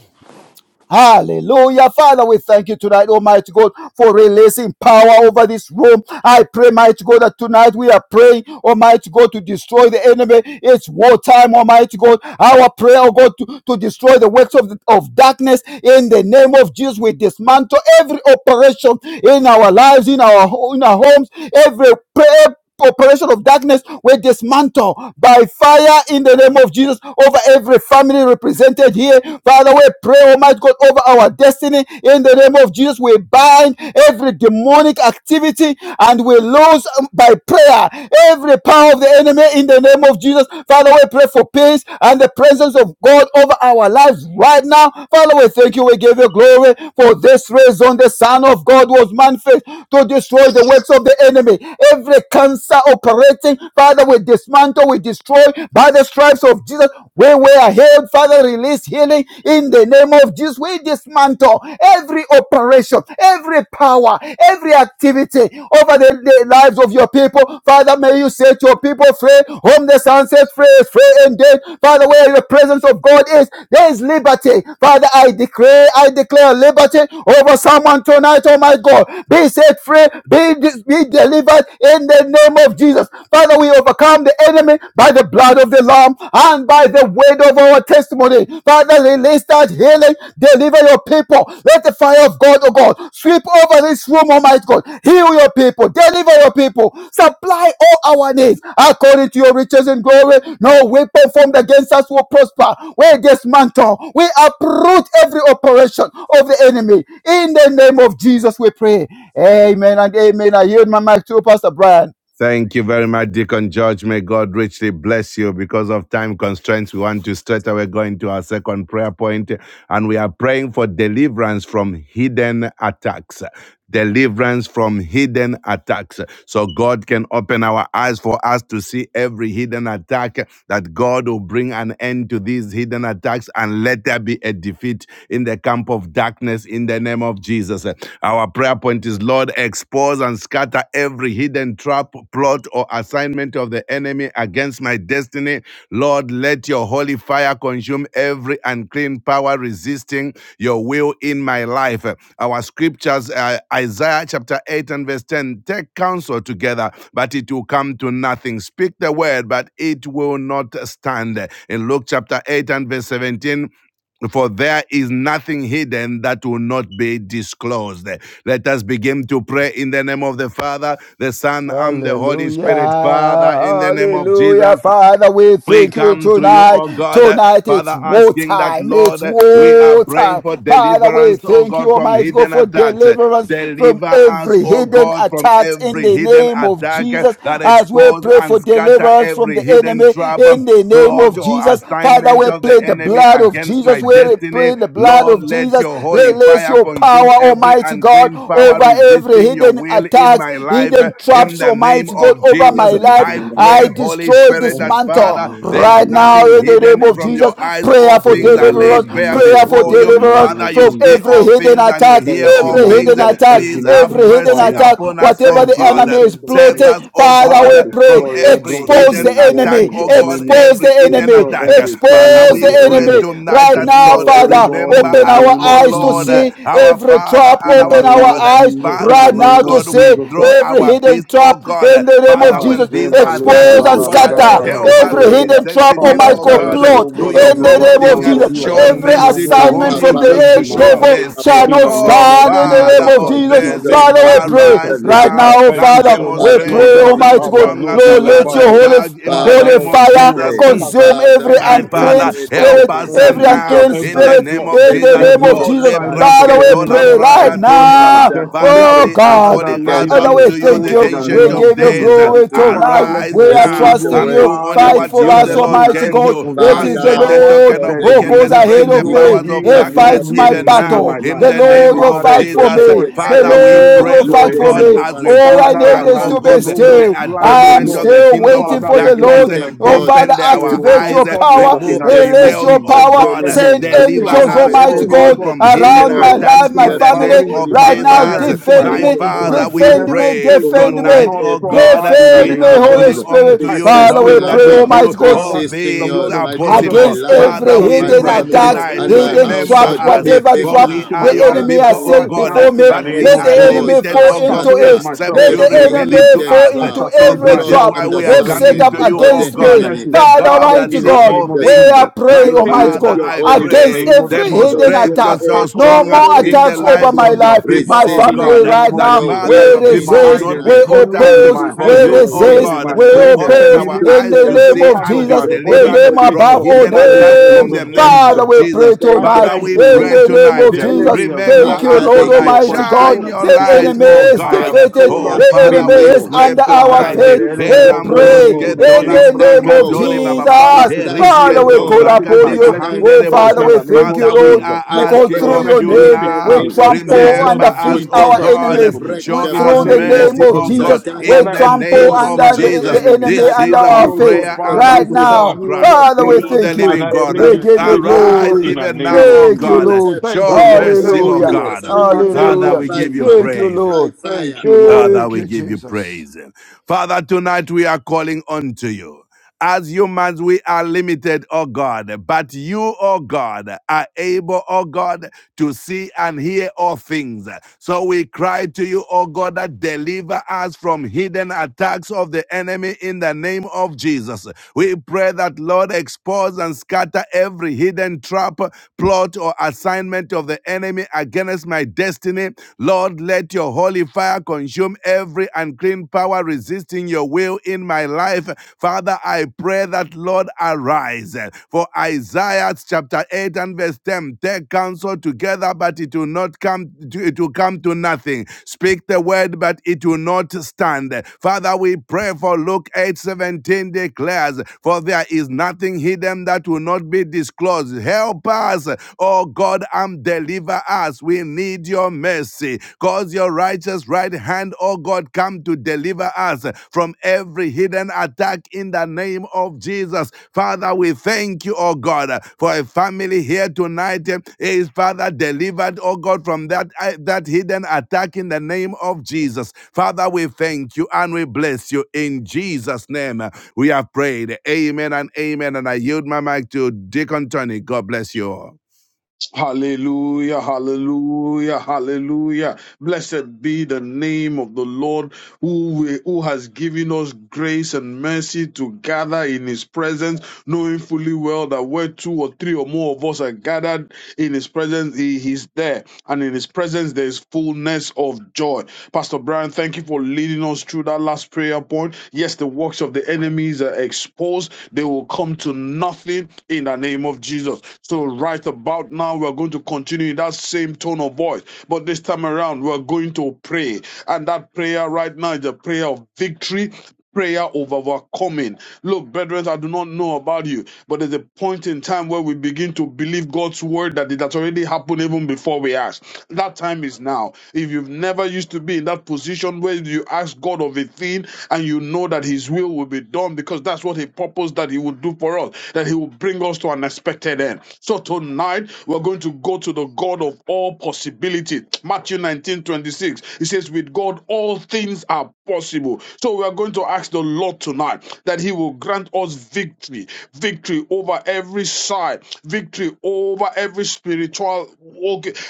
C: Hallelujah. Father, we thank you tonight, Almighty God, for releasing power over this room. I pray, mighty God, that tonight we are praying, Almighty God, to destroy the enemy. It's wartime, Almighty God. Our prayer, oh God, to, to destroy the works of, the, of darkness. In the name of Jesus, we dismantle every operation in our lives, in our, in our homes, every prayer operation of darkness were dismantled by fire in the name of Jesus over every family represented here. Father, we pray, Almighty God, over our destiny in the name of Jesus. We bind every demonic activity and we lose um, by prayer every power of the enemy in the name of Jesus. Father, we pray for peace and the presence of God over our lives right now. Father, we thank you. We give you glory for this reason. The Son of God was manifest to destroy the works of the enemy enemy. Every cancer operating, Father, we dismantle, we destroy by the stripes of Jesus. When we are healed, Father, release healing in the name of Jesus. We dismantle every operation, every power, every activity over the, the lives of your people. Father, may you set your people free. Homeless and set free, is free indeed. Father, where the presence of God is, there is liberty. Father, I declare, I declare liberty over someone tonight, oh my God. Be set free, be, be delivered in the name of Jesus. Father, we overcome the enemy by the blood of the Lamb and by the word of our testimony. Father, release that healing, deliver your people. Let the fire of God, oh God, sweep over this room, Almighty God. Heal your people, deliver your people, supply all our needs according to your riches and glory. No weapon formed against us will prosper. We dismantle, we uproot every operation of the enemy. In the name of Jesus, we pray. Amen and amen. I yield my mic to Pastor Brian.
A: Thank you very much, Deacon George. May God richly bless you. Because of time constraints, we want to straight away go into our second prayer point, and we are praying for deliverance from hidden attacks deliverance from hidden attacks. So God can open our eyes for us to see every hidden attack, that God will bring an end to these hidden attacks and let there be a defeat in the camp of darkness in the name of Jesus. Our prayer point is Lord, expose and scatter every hidden trap, plot, or assignment of the the enemy against my destiny. Lord, let your holy fire consume every unclean power resisting your will in my life. Our scriptures, uh, Isaiah chapter 8 and verse 10, take counsel together, but it will come to nothing. Speak the word, but it will not stand. In Luke chapter 8 and verse 17, for there is nothing hidden that will not be disclosed. Let us begin to pray in the name of the Father, the Son, and the Holy
C: Hallelujah.
A: Spirit. Father, in the name of
C: Hallelujah.
A: Jesus.
C: Father, we
A: We
C: thank you
A: come to you,
C: tonight.
A: oh God,
C: Tonight it's
A: Father,
C: war
A: asking that,
C: time. It's
A: Lord, we are
C: war
A: praying
C: time.
A: for
C: Father, we
A: deliverance, oh
C: thank you,
A: God, from
C: Almighty God,
A: hidden
C: for
A: attacks.
C: deliverance from
A: Deliver us,
C: every
A: oh
C: hidden
A: God, from
C: attack in
A: every
C: the
A: hidden
C: name of
A: attack
C: Jesus.
A: that
C: As we
A: expose
C: pray
A: and
C: for
A: scatter
C: deliverance from
A: every
C: the
A: hidden
C: enemy
A: trap
C: in the name
A: plot
C: of
A: or
C: Jesus. Father,
A: assignment
C: we
A: of the
C: plead the
A: enemy
C: blood of
A: against
C: Jesus.
A: my
C: We
A: destiny.
C: pray the blood
A: Lord,
C: of
A: let
C: Jesus.
A: your holy
C: Release
A: fire
C: your
A: consume
C: power,
A: every
C: Almighty God,
A: unclean power
C: over every
A: resisting your
C: hidden
A: will in
C: attacks,
A: my life.
C: hidden
A: In
C: traps,
A: the name
C: Almighty
E: Oh,
A: of
C: God, over my
A: Jesus,
C: life.
A: I
C: I
A: pray, Holy
C: destroy
A: Spirit,
C: this
A: that
C: mantle
A: Father, there is
C: right now in the
A: nothing
C: in the
A: hidden
C: name of
A: from
C: Jesus.
A: your eyes.
C: Prayer
A: All
C: for
E: In the name of Jesus, in the
A: things are
E: name of
C: deliverance,
A: laid bare
C: prayer
E: Jesus. in
C: for
A: before
E: the
A: you.
C: deliverance
E: name
A: Father,
E: of
A: you you
C: from
A: see
E: Jesus.
C: every
A: all
C: hidden
A: things and you
C: attack,
A: hear
E: Thank you,
A: all
C: every
E: mighty
C: hidden
A: things.
E: God.
C: attack,
E: Thank
A: Please
E: you,
A: have
C: every
E: merciful
C: hidden
A: mercy
E: Father.
C: attack,
A: upon us,
C: whatever
A: oh
E: Thank
C: the
E: you,
A: God.
C: enemy is
E: Ancient of
A: Save
E: Days.
A: us,
C: plotting.
A: oh
C: Father,
E: Father,
A: God,
C: we
A: from
E: destroy,
C: pray,
E: oh
A: every
E: God,
C: expose
A: hidden
E: every
C: the
E: work
A: attack,
C: enemy,
E: of
A: oh
E: the
A: God,
E: enemy.
C: expose the
A: every hidden
C: enemy,
E: Destroy
A: attack.
E: every
A: Father,
E: plans
C: expose
E: of
A: we
C: the
E: the
A: pray
C: enemy
E: enemy.
A: tonight
C: right
A: that,
C: now,
A: Lord,
E: Destroy, oh
C: Father.
E: God, in
A: remember
E: the
C: Open
A: us,
C: our
E: name
A: oh
E: of
C: eyes to
A: Lord,
E: Jesus.
C: see
A: our
C: every
A: Father
C: trap,
A: and
E: In the
C: open
A: our
E: name
C: our
E: of
A: God.
C: eyes
E: Jesus. In
A: Father,
E: the
C: right
A: Lord
C: now
E: name
C: to
E: of
A: God,
C: see
E: Jesus.
A: withdraw
C: every
A: our
C: hidden
A: peace, oh
C: trap
A: God.
C: in the name of
A: Father,
E: Ah,
A: when
C: Jesus.
A: these
E: Zemba, Leka,
A: attacks,
C: Expose
E: Ra,
A: oh
C: and
D: Bruko
E: Ra,
A: God,
E: Ra,
A: are
E: Ra,
C: scatter
A: there,
E: Ra,
D: zikatara
E: Ra, Ra.
A: help
D: bruko
A: us
C: every
E: So,
A: to be
C: hidden
D: dorbaba
C: trap,
A: sensitive,
E: Father,
C: Almighty
E: I
C: Almighty
A: oh
C: God,
D: ikatara
E: thank
A: God,
E: you, oh
C: plot
D: bruko
A: to
E: God, that
A: your
C: in
E: even
C: the
D: zikatara
E: right
C: name
E: now,
C: of
A: prompting.
D: bruko
E: Lord,
C: Jesus.
E: you are
A: Show
D: skatara.
C: Every
E: moving, oh
A: mercy
E: God,
A: to
E: in
A: whom
C: assignment
D: Abba
A: you
E: mighty
C: from the
D: Father,
A: choose
E: ways
C: eh,
A: to
E: in
D: we
E: my
D: are
A: show
E: life.
D: calling
C: devil
A: mercy.
C: shall
D: upon
E: In
C: not
E: the
D: you
E: name
A: Oh,
E: of
C: stand
D: right
C: in
D: now in the
C: the
A: Father
E: Jesus
C: name of
D: name
A: of
E: Christ,
D: of
E: in
C: Jesus.
E: the
D: Jesus
A: mercy,
E: name
C: Father,
D: Christ,
C: we
E: of
D: the Son
E: Jesus
D: of the
C: pray
E: Christ.
A: arise
D: Living
C: right
E: I
A: now
D: God.
C: now,
E: thank you
A: and
C: Father,
D: Our
E: so
C: we
E: much,
D: Father, we
E: Lord.
A: demonstrate
C: pray,
D: pray
E: Ah,
D: in
A: yourself
D: the
C: Almighty God,
E: Abba,
D: name of
A: stronger.
C: Lord,
D: Jesus,
C: let
D: O
A: Father,
C: your
E: Labazu.
D: God.
C: holy
A: charge in the
E: Father,
D: Father,
C: Holy
A: name of
D: from
C: fire
E: expose and
A: Jesus.
D: today,
A: Mm.
E: scatter
C: consume every
D: Father,
E: every
A: My
D: we
C: unclean
A: Father,
E: hidden
D: pray
E: trap
A: help
E: of
C: spirit,
E: the
A: us
D: deliverance
A: uh,
D: from
C: every
E: enemy,
A: now
D: hidden
C: unclean
A: in
E: every
A: the
C: spirit
D: attacks,
A: name
E: plot,
A: of
C: in the
A: Jesus.
D: every
C: name
E: every
C: of
A: Oh,
D: hidden
C: Jesus.
D: attack
E: assignment of
C: Father,
E: the
A: lebraske
C: we
D: against
E: enemy
C: pray
D: our lives.
C: right
A: tolambrakatori
E: against my
A: baba.
D: Father,
C: now.
D: they
A: Father,
E: destiny.
C: Oh
A: we
D: take
A: are
D: counsel
C: God,
E: Father,
A: calling
E: let
A: out
E: it
D: together
E: be
C: Father, we
A: unto you,
D: and
C: thank
D: they
E: exposed
A: the
E: in
C: you.
E: the
D: shall
C: We
A: ancient
E: name
D: not,
A: of
E: of
C: give
D: it
C: you
D: shall
A: days. Uh,
E: Jesus.
D: come
C: glory
D: to
E: Father,
D: nothing.
C: tonight.
E: let
A: Arise
C: We
E: your
D: They
C: are
E: Holy
A: now
D: speak the
E: Ghost
C: trusting
A: and
C: you.
D: word,
A: do only
E: fire
D: but
C: Fight
D: it
A: what
C: for
D: shall
A: you,
C: us,
A: the
D: not
A: Lord,
E: consume
C: Almighty
D: stand.
A: can
E: every
C: God.
A: do.
C: It is
E: unclean
C: the
A: Frustrate
D: Father,
A: the
E: power
C: Lord
A: token
D: for
A: of
E: that is
D: there
C: who
D: is
C: goes
A: wickedness,
C: ahead
A: break
D: nothing
E: resisting
A: the
C: of
E: your
D: hidden
A: powers
C: me.
A: of
E: will
C: He
D: that
E: and
D: will
E: your
A: darkness
C: fights
D: not
E: will
C: my
D: be
A: even
E: alone in
A: now
E: my
C: battle.
D: disclosed.
E: life.
A: in
C: The
A: the
D: And
A: name
C: Lord
D: we
C: will
A: of
E: Father,
D: pray,
C: fight for
D: let
A: Jesus.
D: it
E: destroy
C: me.
D: be
C: The
A: Father,
D: exposed
A: we
D: now.
E: every
C: Lord
E: works
C: will
A: pray,
E: of
A: oh
C: fight
D: Lord,
E: the
C: for
A: God,
C: me.
E: enemy.
D: expose
A: as
D: and
A: we
C: All
A: push
C: I
D: scatter
E: Father,
C: need
A: back,
E: that
D: every
C: is
E: has
A: oh
C: to be
E: been,
A: God,
D: hidden
A: the,
E: oh
C: still
D: trap,
A: the
E: God,
C: still. I
E: planned,
D: every
E: oh
C: am
A: advancement
E: God.
A: of
D: hidden
A: the
C: still
D: trap,
A: kingdom of
C: waiting
E: Father,
C: for
E: to
C: the
D: every
A: darkness.
C: Lord.
E: fashion
D: hidden
C: Oh,
E: against
D: plot,
E: it,
C: Father,
A: Open
E: it
A: our
E: will
D: every
C: activate
E: not
A: eyes.
C: your
A: eh,
D: assignment
C: power,
E: prosper
D: of
E: in
D: the
A: Remove
E: the
A: the
E: name of
D: enemy
C: release
A: scales,
C: your
E: Jesus.
A: oh
C: power,
A: God. eh,
D: against,
E: Every
C: send
A: Deliver
E: plan
D: against
C: angels,
E: of the
D: my
A: us, oh
C: Almighty
E: enemy, oh
C: God,
A: God,
D: destiny.
E: God,
A: from
E: to bring
A: hidden
C: around my
D: Lord,
E: chaos
A: attacks
C: life,
E: into
C: my
E: my
A: in
D: let
A: the
D: your
A: name
E: family,
C: family.
D: holy
E: into
A: of
E: my
C: Right now,
D: fire,
E: career,
A: Jesus.
E: into my
C: defend
D: let
A: My
E: work,
D: your
C: me,
E: into my
D: holy
A: Father, we
E: business,
C: defend
D: fire
C: me,
A: pray
E: it
C: defend
E: will
D: consume
C: me,
A: tonight,
E: not
A: oh
D: every
A: God,
E: prosper
A: eh,
E: in the
A: we
C: defend
D: unseen
C: me,
E: name
A: are
E: of
C: Holy
D: power
A: calling
E: Jesus.
A: on
C: Spirit.
A: to
E: I
A: you,
E: thank
C: Father,
E: you,
C: we
D: resisting
A: knowing
D: our
E: Lord,
A: that
C: pray,
A: with
D: God,
E: because
A: you
C: Almighty God,
A: all
E: Father,
D: resisting
E: the
A: things
D: your
E: blood of
A: are
D: might God,
E: Jesus
D: my
E: has
A: possible.
C: against
D: life,
E: taken
A: Father,
C: every
E: better
A: we
D: my
E: things
C: hidden
E: than
A: pray
E: the blood
D: family,
C: attacks,
E: of
A: tonight.
D: and my
E: Abel.
C: hidden
E: The
A: Remember
C: traps,
D: household,
E: blood is
A: us,
C: whatever
D: even
A: for
E: speaking
C: trap
A: we
E: into
D: now.
E: my
A: are
C: the
A: your
E: life
C: enemy
D: Father,
A: people,
C: has
D: we
A: oh
E: right
C: set
A: God, eh,
E: now
C: before
D: pray,
E: in
C: me.
E: the
A: but we
E: name
C: Let
E: of
A: are
C: the
E: Jesus.
D: expose
C: enemy
A: limited,
D: and
E: I
C: fall
A: oh
C: into
A: God,
E: saturate
D: scatter
C: it.
E: myself
A: except
C: Let
E: with the
A: you
C: the
E: blood
D: every
E: of
A: reveal it to
C: enemy
E: Jesus.
D: hidden
A: us.
C: fall
E: I
D: trap,
C: into
A: So
E: saturate
C: every
E: my
A: this is is
D: Lord,
C: trap
E: health
A: why
D: and
E: with
D: the
E: the
A: we are
E: blood
C: they've
E: of
C: set
A: coming
D: assignment
C: up
A: to
E: Jesus.
A: you,
D: of
A: oh
D: the
C: against me.
A: God,
D: enemy.
A: the
E: Sicknesses
D: I
C: Father
A: God
E: bow
A: that
C: Almighty
E: in the
A: sees
D: damnness
C: God,
D: my
E: name
A: all
E: of
C: we
A: things.
E: Jesus.
C: are
D: destiny.
A: My
C: praying,
D: Lord,
C: Almighty
D: let
E: Pain
A: Father,
C: God,
D: your
E: bow
A: I
D: holy
E: in the
C: against
A: pray,
E: name of
D: fire
C: every
E: Jesus.
C: hidden
A: demonstrate
D: consume
C: attacks.
A: yourself
E: Attack of
D: every
C: No
E: the
A: stronger
C: more
E: enemy
A: in
D: unclean
A: the
C: attacks
E: comes
C: over
A: lives
E: to
D: power
C: my
A: of your
C: life,
E: nothing
A: people,
C: my
A: oh
E: in the
D: resisting
C: family
A: God,
E: name
C: right
E: of
A: that
D: your
C: now.
E: Jesus.
C: We
A: Father,
D: will
A: your
E: In my
D: in
A: people will
D: my
E: eye,
C: resist,
A: not
E: there's
A: be
C: we
D: life,
A: caught
E: healing,
A: out
E: in
C: oppose,
E: my
A: for
E: hand,
C: we
D: resisting
E: there's
A: you,
D: your
A: O
D: will
E: healing,
C: resist,
E: in
A: God,
E: my
D: in my
C: we
A: who
E: brain there's
D: life.
A: open
C: oppose
A: our
E: healing.
C: in
A: eyes
D: Today,
C: the
A: to
E: Every
C: name
A: see
C: of
E: part
D: Father,
A: and
D: I
E: of
A: be
C: Jesus,
E: my
D: pray for
C: the
D: the
E: body
A: delivered
C: name
D: holy
E: is
A: from
D: fire
C: above
D: of
C: all
D: the
A: hidden
E: fortified with
D: Holy
E: the
A: attacks
D: Ghost
A: in
E: blood
C: names.
D: to
A: the
E: of
D: fall
A: name
D: now
C: Father,
E: Jesus.
A: of
C: we pray
D: and
A: Jesus.
E: I
D: bend the
C: tonight
A: Father,
E: thank
A: we
E: you,
C: in
A: pray
E: Lord.
C: the
D: foundation,
C: name
D: the
A: tonight.
E: The
C: of
A: uh,
C: Jesus.
D: roots,
E: enemy has
A: Remember
C: Thank
E: lost the
C: you,
D: Father,
A: us
D: the
C: Lord
E: battle
A: tonight.
E: of my
C: Almighty
D: hidden
C: God.
A: Shine
E: soul
A: your
D: traps
C: The
E: because,
D: be
A: light,
C: enemy
A: oh
E: Lord,
C: is
D: burnt
E: I
D: by
A: God.
E: am
C: defeated,
E: sold
A: Oh
D: fire,
E: out to
C: the
E: you
D: be
E: and
A: Father,
C: enemy
E: you
A: we
C: is
D: burnt
E: alone.
D: by
A: pray
C: under our
E: Father,
D: fire.
A: tonight.
E: let
C: feet.
E: the
D: It's
E: enemy
C: We
D: time
E: not
D: for
E: hold
A: Elambros
C: pray
A: que
E: anything
D: war.
C: in
D: It's
E: against
C: the
E: me,
A: tolambra
E: oh
C: name
D: time
E: God,
C: of
D: for
E: me.
A: katori
D: war.
A: bababa.
E: Father,
C: Jesus.
D: It's
E: to keep
D: time
E: me
A: Eriske
D: for
C: Father,
E: away
C: we
E: from
C: call
A: tombra
D: war.
E: receiving my
C: upon
D: It's
A: kadeba
C: you.
E: blessings,
D: time
C: Oh,
D: for
E: I
C: Father,
E: pray in
A: hamderebosta.
C: Father, we
E: the
D: war.
E: name
C: thank
E: of
C: you,
A: Father, we
C: Lord,
E: Jesus.
D: Father,
A: are
D: I
E: Let
C: because
A: asking
E: your
D: pray
C: through
A: of
C: your
A: you
E: mercy
D: in
C: name
E: speak
D: the
E: for
C: we
A: now.
E: me.
D: name of
E: Let the
C: trample
D: Jesus.
E: blood
A: Remember
E: of
C: underfoot
A: us,
E: Jesus
A: oh
C: our
D: Today
E: Christ speak
D: I
E: for
C: enemies.
A: God.
E: me.
D: break
A: Show
C: We,
D: the
E: In the
A: us
C: through the
D: power
E: name of
C: name
A: mercy,
C: of
D: of
A: oh
E: Jesus.
A: God,
C: Jesus, we
A: in
E: Father,
A: the
D: satanic
C: trample
A: name
E: expose the
C: under
A: of
D: forces
E: plans
D: I
E: of
C: the,
E: the
A: Jesus.
C: the
D: come
E: enemy.
C: enemy
A: This
D: that
C: under
D: have
A: is
E: Plans,
A: our
C: our
E: oh
C: faith
E: God,
A: prayer
D: resisted
A: and
E: Father,
D: us
C: right
A: this
E: to
D: I
A: is
E: cause
A: our
E: me,
D: come.
C: now.
E: oh
A: cry
E: God,
D: And
A: to
C: Father, we
E: pain.
A: you, the
C: thank
D: Father,
C: you.
D: and
A: living
E: Father,
A: God.
E: bring
C: We
D: every
E: it
C: give
E: to
C: you
D: hidden
E: exposure
A: Arise
E: in
C: glory.
D: attack
E: the
A: even
E: name
A: now,
D: is
E: of
A: O
C: Thank
E: Jesus.
C: you,
A: God.
C: Lord.
D: uprooted
E: Thank you,
A: Show
D: in the
E: Lord.
D: name
A: mercy,
D: of
E: Thank
A: O
E: you,
C: Hallelujah.
E: Lord.
D: Jesus
A: God.
E: In
D: and
E: the
D: dissolved
E: name
A: Father,
E: of
C: Hallelujah.
A: we
D: by
A: give you
C: Thank
E: Jesus.
D: fire,
C: you,
A: praise.
D: by
C: Lord.
E: Thank
D: fire.
E: you, Lord.
A: Father,
C: Thank
A: we
C: you,
A: give you
C: Jesus.
A: praise. Father, tonight we are calling unto you. As humans, we are limited, oh God, but you, oh God, are able, oh God, to see and hear all things. So we cry to you, oh God, that deliver us from hidden attacks of the enemy in the name of Jesus. We pray that, Lord, expose and scatter every hidden trap, plot, or assignment of the enemy me against my destiny. Lord, let your holy fire consume every unclean power resisting your will in my life. Father, I pray that, Lord, arise. For Isaiah chapter 8 and verse 10, take counsel together, but it will not come to, it will come to nothing. Speak the word, but it will not stand. Father, we pray for Luke 8 17 declares, For there is nothing hidden that will not be be disclosed. Help us, oh God, and deliver us. We need your mercy. Cause your righteous right hand, oh God, come to deliver us from every hidden attack in the name of Jesus. Father, we thank you, oh God, for a family here tonight eh, is, Father, delivered, oh God, from that, eh, that hidden attack in the name of Jesus. Father, we thank you and we bless you in Jesus' name. We have prayed. Amen and amen. And I yield my mic to Deacon Tony. God bless you all.
E: Hallelujah, hallelujah, hallelujah. Blessed be the name of the Lord who, who has given us grace and mercy to gather in his presence, knowing fully well that where two or three or more of us are gathered in his presence, he is there. And in his presence, there is fullness of joy. Pastor Brian, thank you for leading us through that last prayer point. Yes, the works of the enemies are exposed, they will come to nothing in the name of Jesus. So, right about now, we're going to continue in that same tone of voice, but this time around, we're going to pray. And that prayer right now is a prayer of victory, prayer of overcoming. Look, brethren, I do not know about you, but there's a point in time where we begin to believe God's word that it has already happened even before we ask. That time is now. If you've never used to be in that position where you ask God of a thing and you know that His will will be done because that's what He purposed that He would do for us, that He will bring us to an expected end. So tonight, we're going to go to the God of all possibility. Matthew 19:26. 26. He says, With God, all all things are possible. So we are going to ask the Lord tonight that He will grant us victory, victory over every side, victory over every spiritual